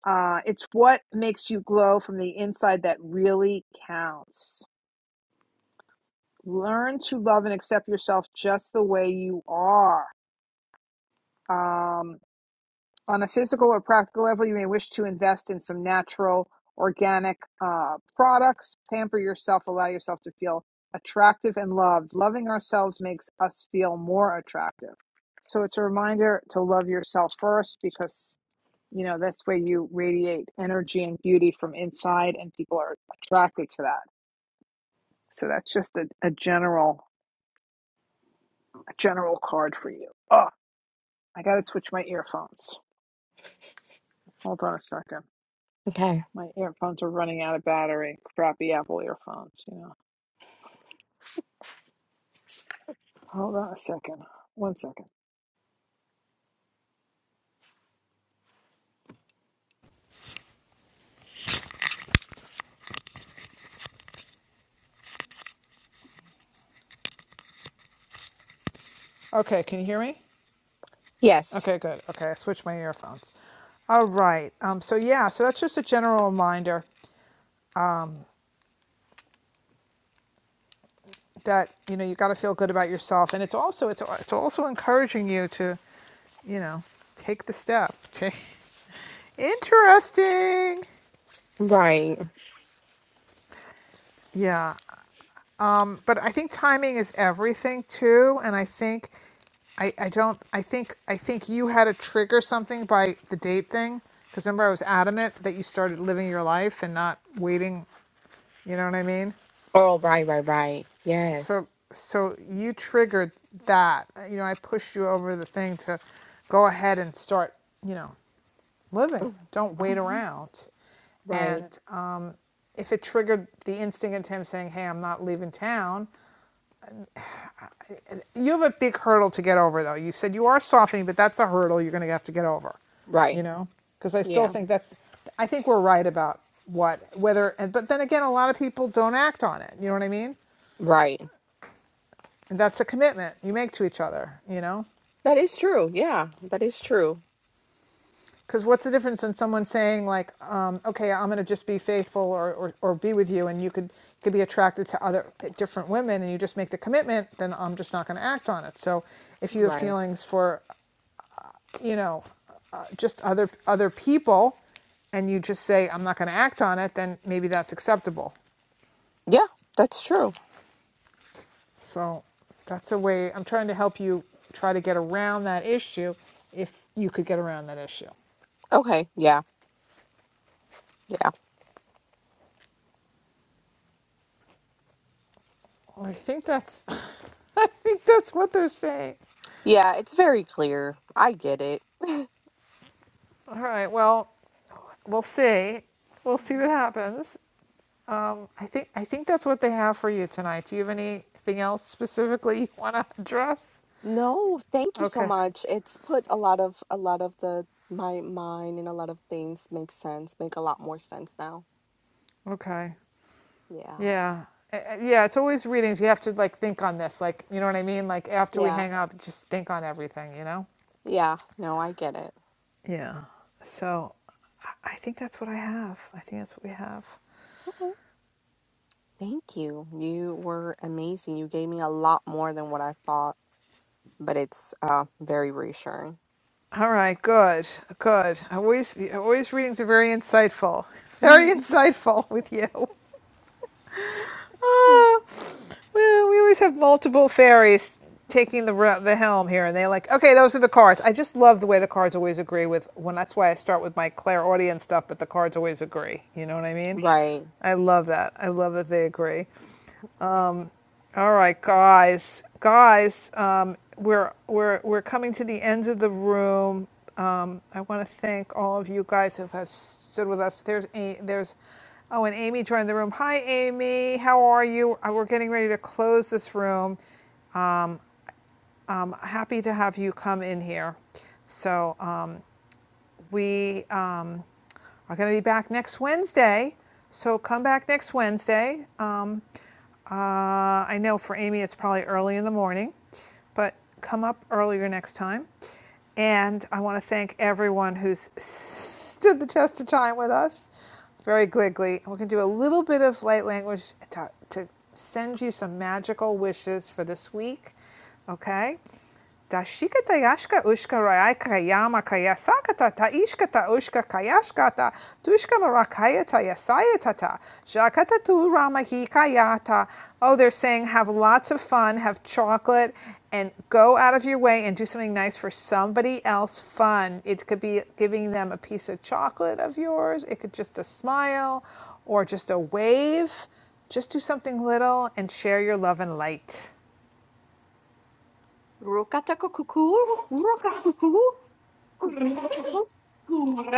Uh, it's what makes you glow from the inside that really counts. Learn to love and accept yourself just the way you are. Um, on a physical or practical level, you may wish to invest in some natural, organic uh, products. Pamper yourself, allow yourself to feel attractive and loved. Loving ourselves makes us feel more attractive. So it's a reminder to love yourself first because You know, that's where you radiate energy and beauty from inside, and people are attracted to that. So that's just a, a general a general card for you. Oh, I gotta switch my earphones. Hold on a second. okay. My earphones are running out of battery. Crappy Apple earphones, you know. Hold on a second. One second. Okay, can you hear me? Yes. Okay, good. Okay, I switched my earphones. All right. Um, so yeah, so that's just a general reminder that you know you got to feel good about yourself, and it's also it's it's also encouraging you to you know, take the step. Take... Interesting. Right. Yeah. But I think timing is everything too. And I think, I, I don't, I think, I think you had to trigger something by the date thing. Cause remember I was adamant that you started living your life and not waiting. You know what I mean? Oh, right, right, right. So, Yes. so you triggered that, you know, I pushed you over the thing to go ahead and start, you know, living. Don't wait Mhm. around. Right. And um, if it triggered the instinct into him saying, "Hey, I'm not leaving town," you have a big hurdle to get over, though. You said you are softening, but that's a hurdle you're going to have to get over. You Right. know, because I still Yeah. think that's. I think we're right about what whether, and but then again, a lot of people don't act on it. You know what I mean? Right. And that's a commitment you make to each other. You know. That is true. Yeah. That is true. Because what's the difference in someone saying like, um, "Okay, I'm going to just be faithful or, or, or be with you," and you could could be attracted to other different women, and you just make the commitment, then I'm just not going to act on it. So, if you have Right. feelings for, you know, uh, just other other people, and you just say I'm not going to act on it, then maybe that's acceptable. Yeah. That's true. So, that's a way. I'm trying to help you try to get around that issue, if you could get around that issue. Okay. Yeah. Yeah. Well, I think that's I think that's what they're saying. Yeah. It's very clear. I get it. All right. Well, we'll see. We'll see what happens. Um, I think I think that's what they have for you tonight. Do you have anything else specifically you want to address? No, thank you so Okay. much. It's put a lot of a lot of the my mind and a lot of things make sense, make a lot more sense now. Okay. Yeah. Yeah. Uh, uh, Yeah. It's always readings. You have to like think on this. Like you know what I mean. Like after we Yeah. hang up, just think on everything. You know. Yeah. No, I get it. Yeah. So I think that's what I have. I think that's what we have. Okay. Thank you. You were amazing. You gave me a lot more than what I thought, but it's uh very reassuring. All right, good, good. Always, always readings are very insightful, very insightful with you. oh, well, we always have multiple fairies taking the the helm here, and they're like, okay, those are the cards. I just love the way the cards always agree with when. That's why I start with my clairaudient stuff, but the cards always agree. You know what I mean? Right. I love that. I love that they agree. All right, guys, guys, um, we're we're we're coming to the end of the room. Um, I want to thank all of you guys who have stood with us. There's a, there's oh, and Amy joined the room. Hi, Amy. How are you? Uh, We're getting ready to close this room. Um, happy to have you come in here. So um, we. Um, are going to be back next Wednesday. So come back next Wednesday. Um, uh, I know for Amy it's probably early in the morning, but come up earlier next time. And I want to thank everyone who's stood the test of time with us very glibly. We're going to do a little bit of light language to, to send you some magical wishes for this week Okay? Dashikata yashka ushka raika yama yasakata taishkata ushka kayashkata tushka marakayata yasayatata jakata tu ramahika yata. Oh, they're saying have lots of fun, have chocolate, and go out of your way and do something nice for somebody else fun. It could be giving them a piece of chocolate of yours, it could just a smile or just a wave. Just do something little and share your love and light. Rokatakokuku, rokakuku, kurukakuku. Good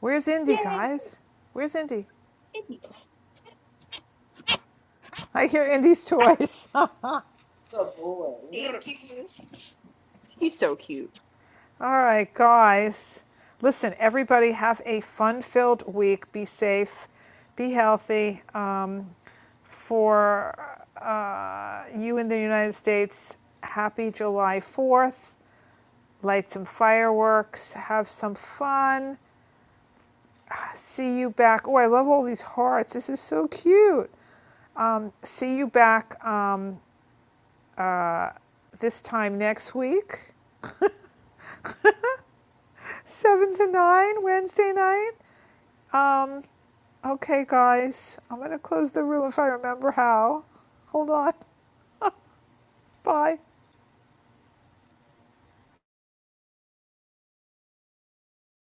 Where's Indy, Yay! guys? Where's Indy? I hear Indy's toys. All Good boy. Thank you. He's so cute. right, guys. Listen, everybody, have a fun filled week. Be safe, be healthy. Um, for uh, you in the United States, happy July 4th. Light some fireworks, have some fun. See you back. Oh, I love all these hearts. This is so cute. Um, see you back um, this time next week. seven to nine Wednesday night. Um, okay, guys, I'm gonna close the room if I remember how. Hold on. Bye.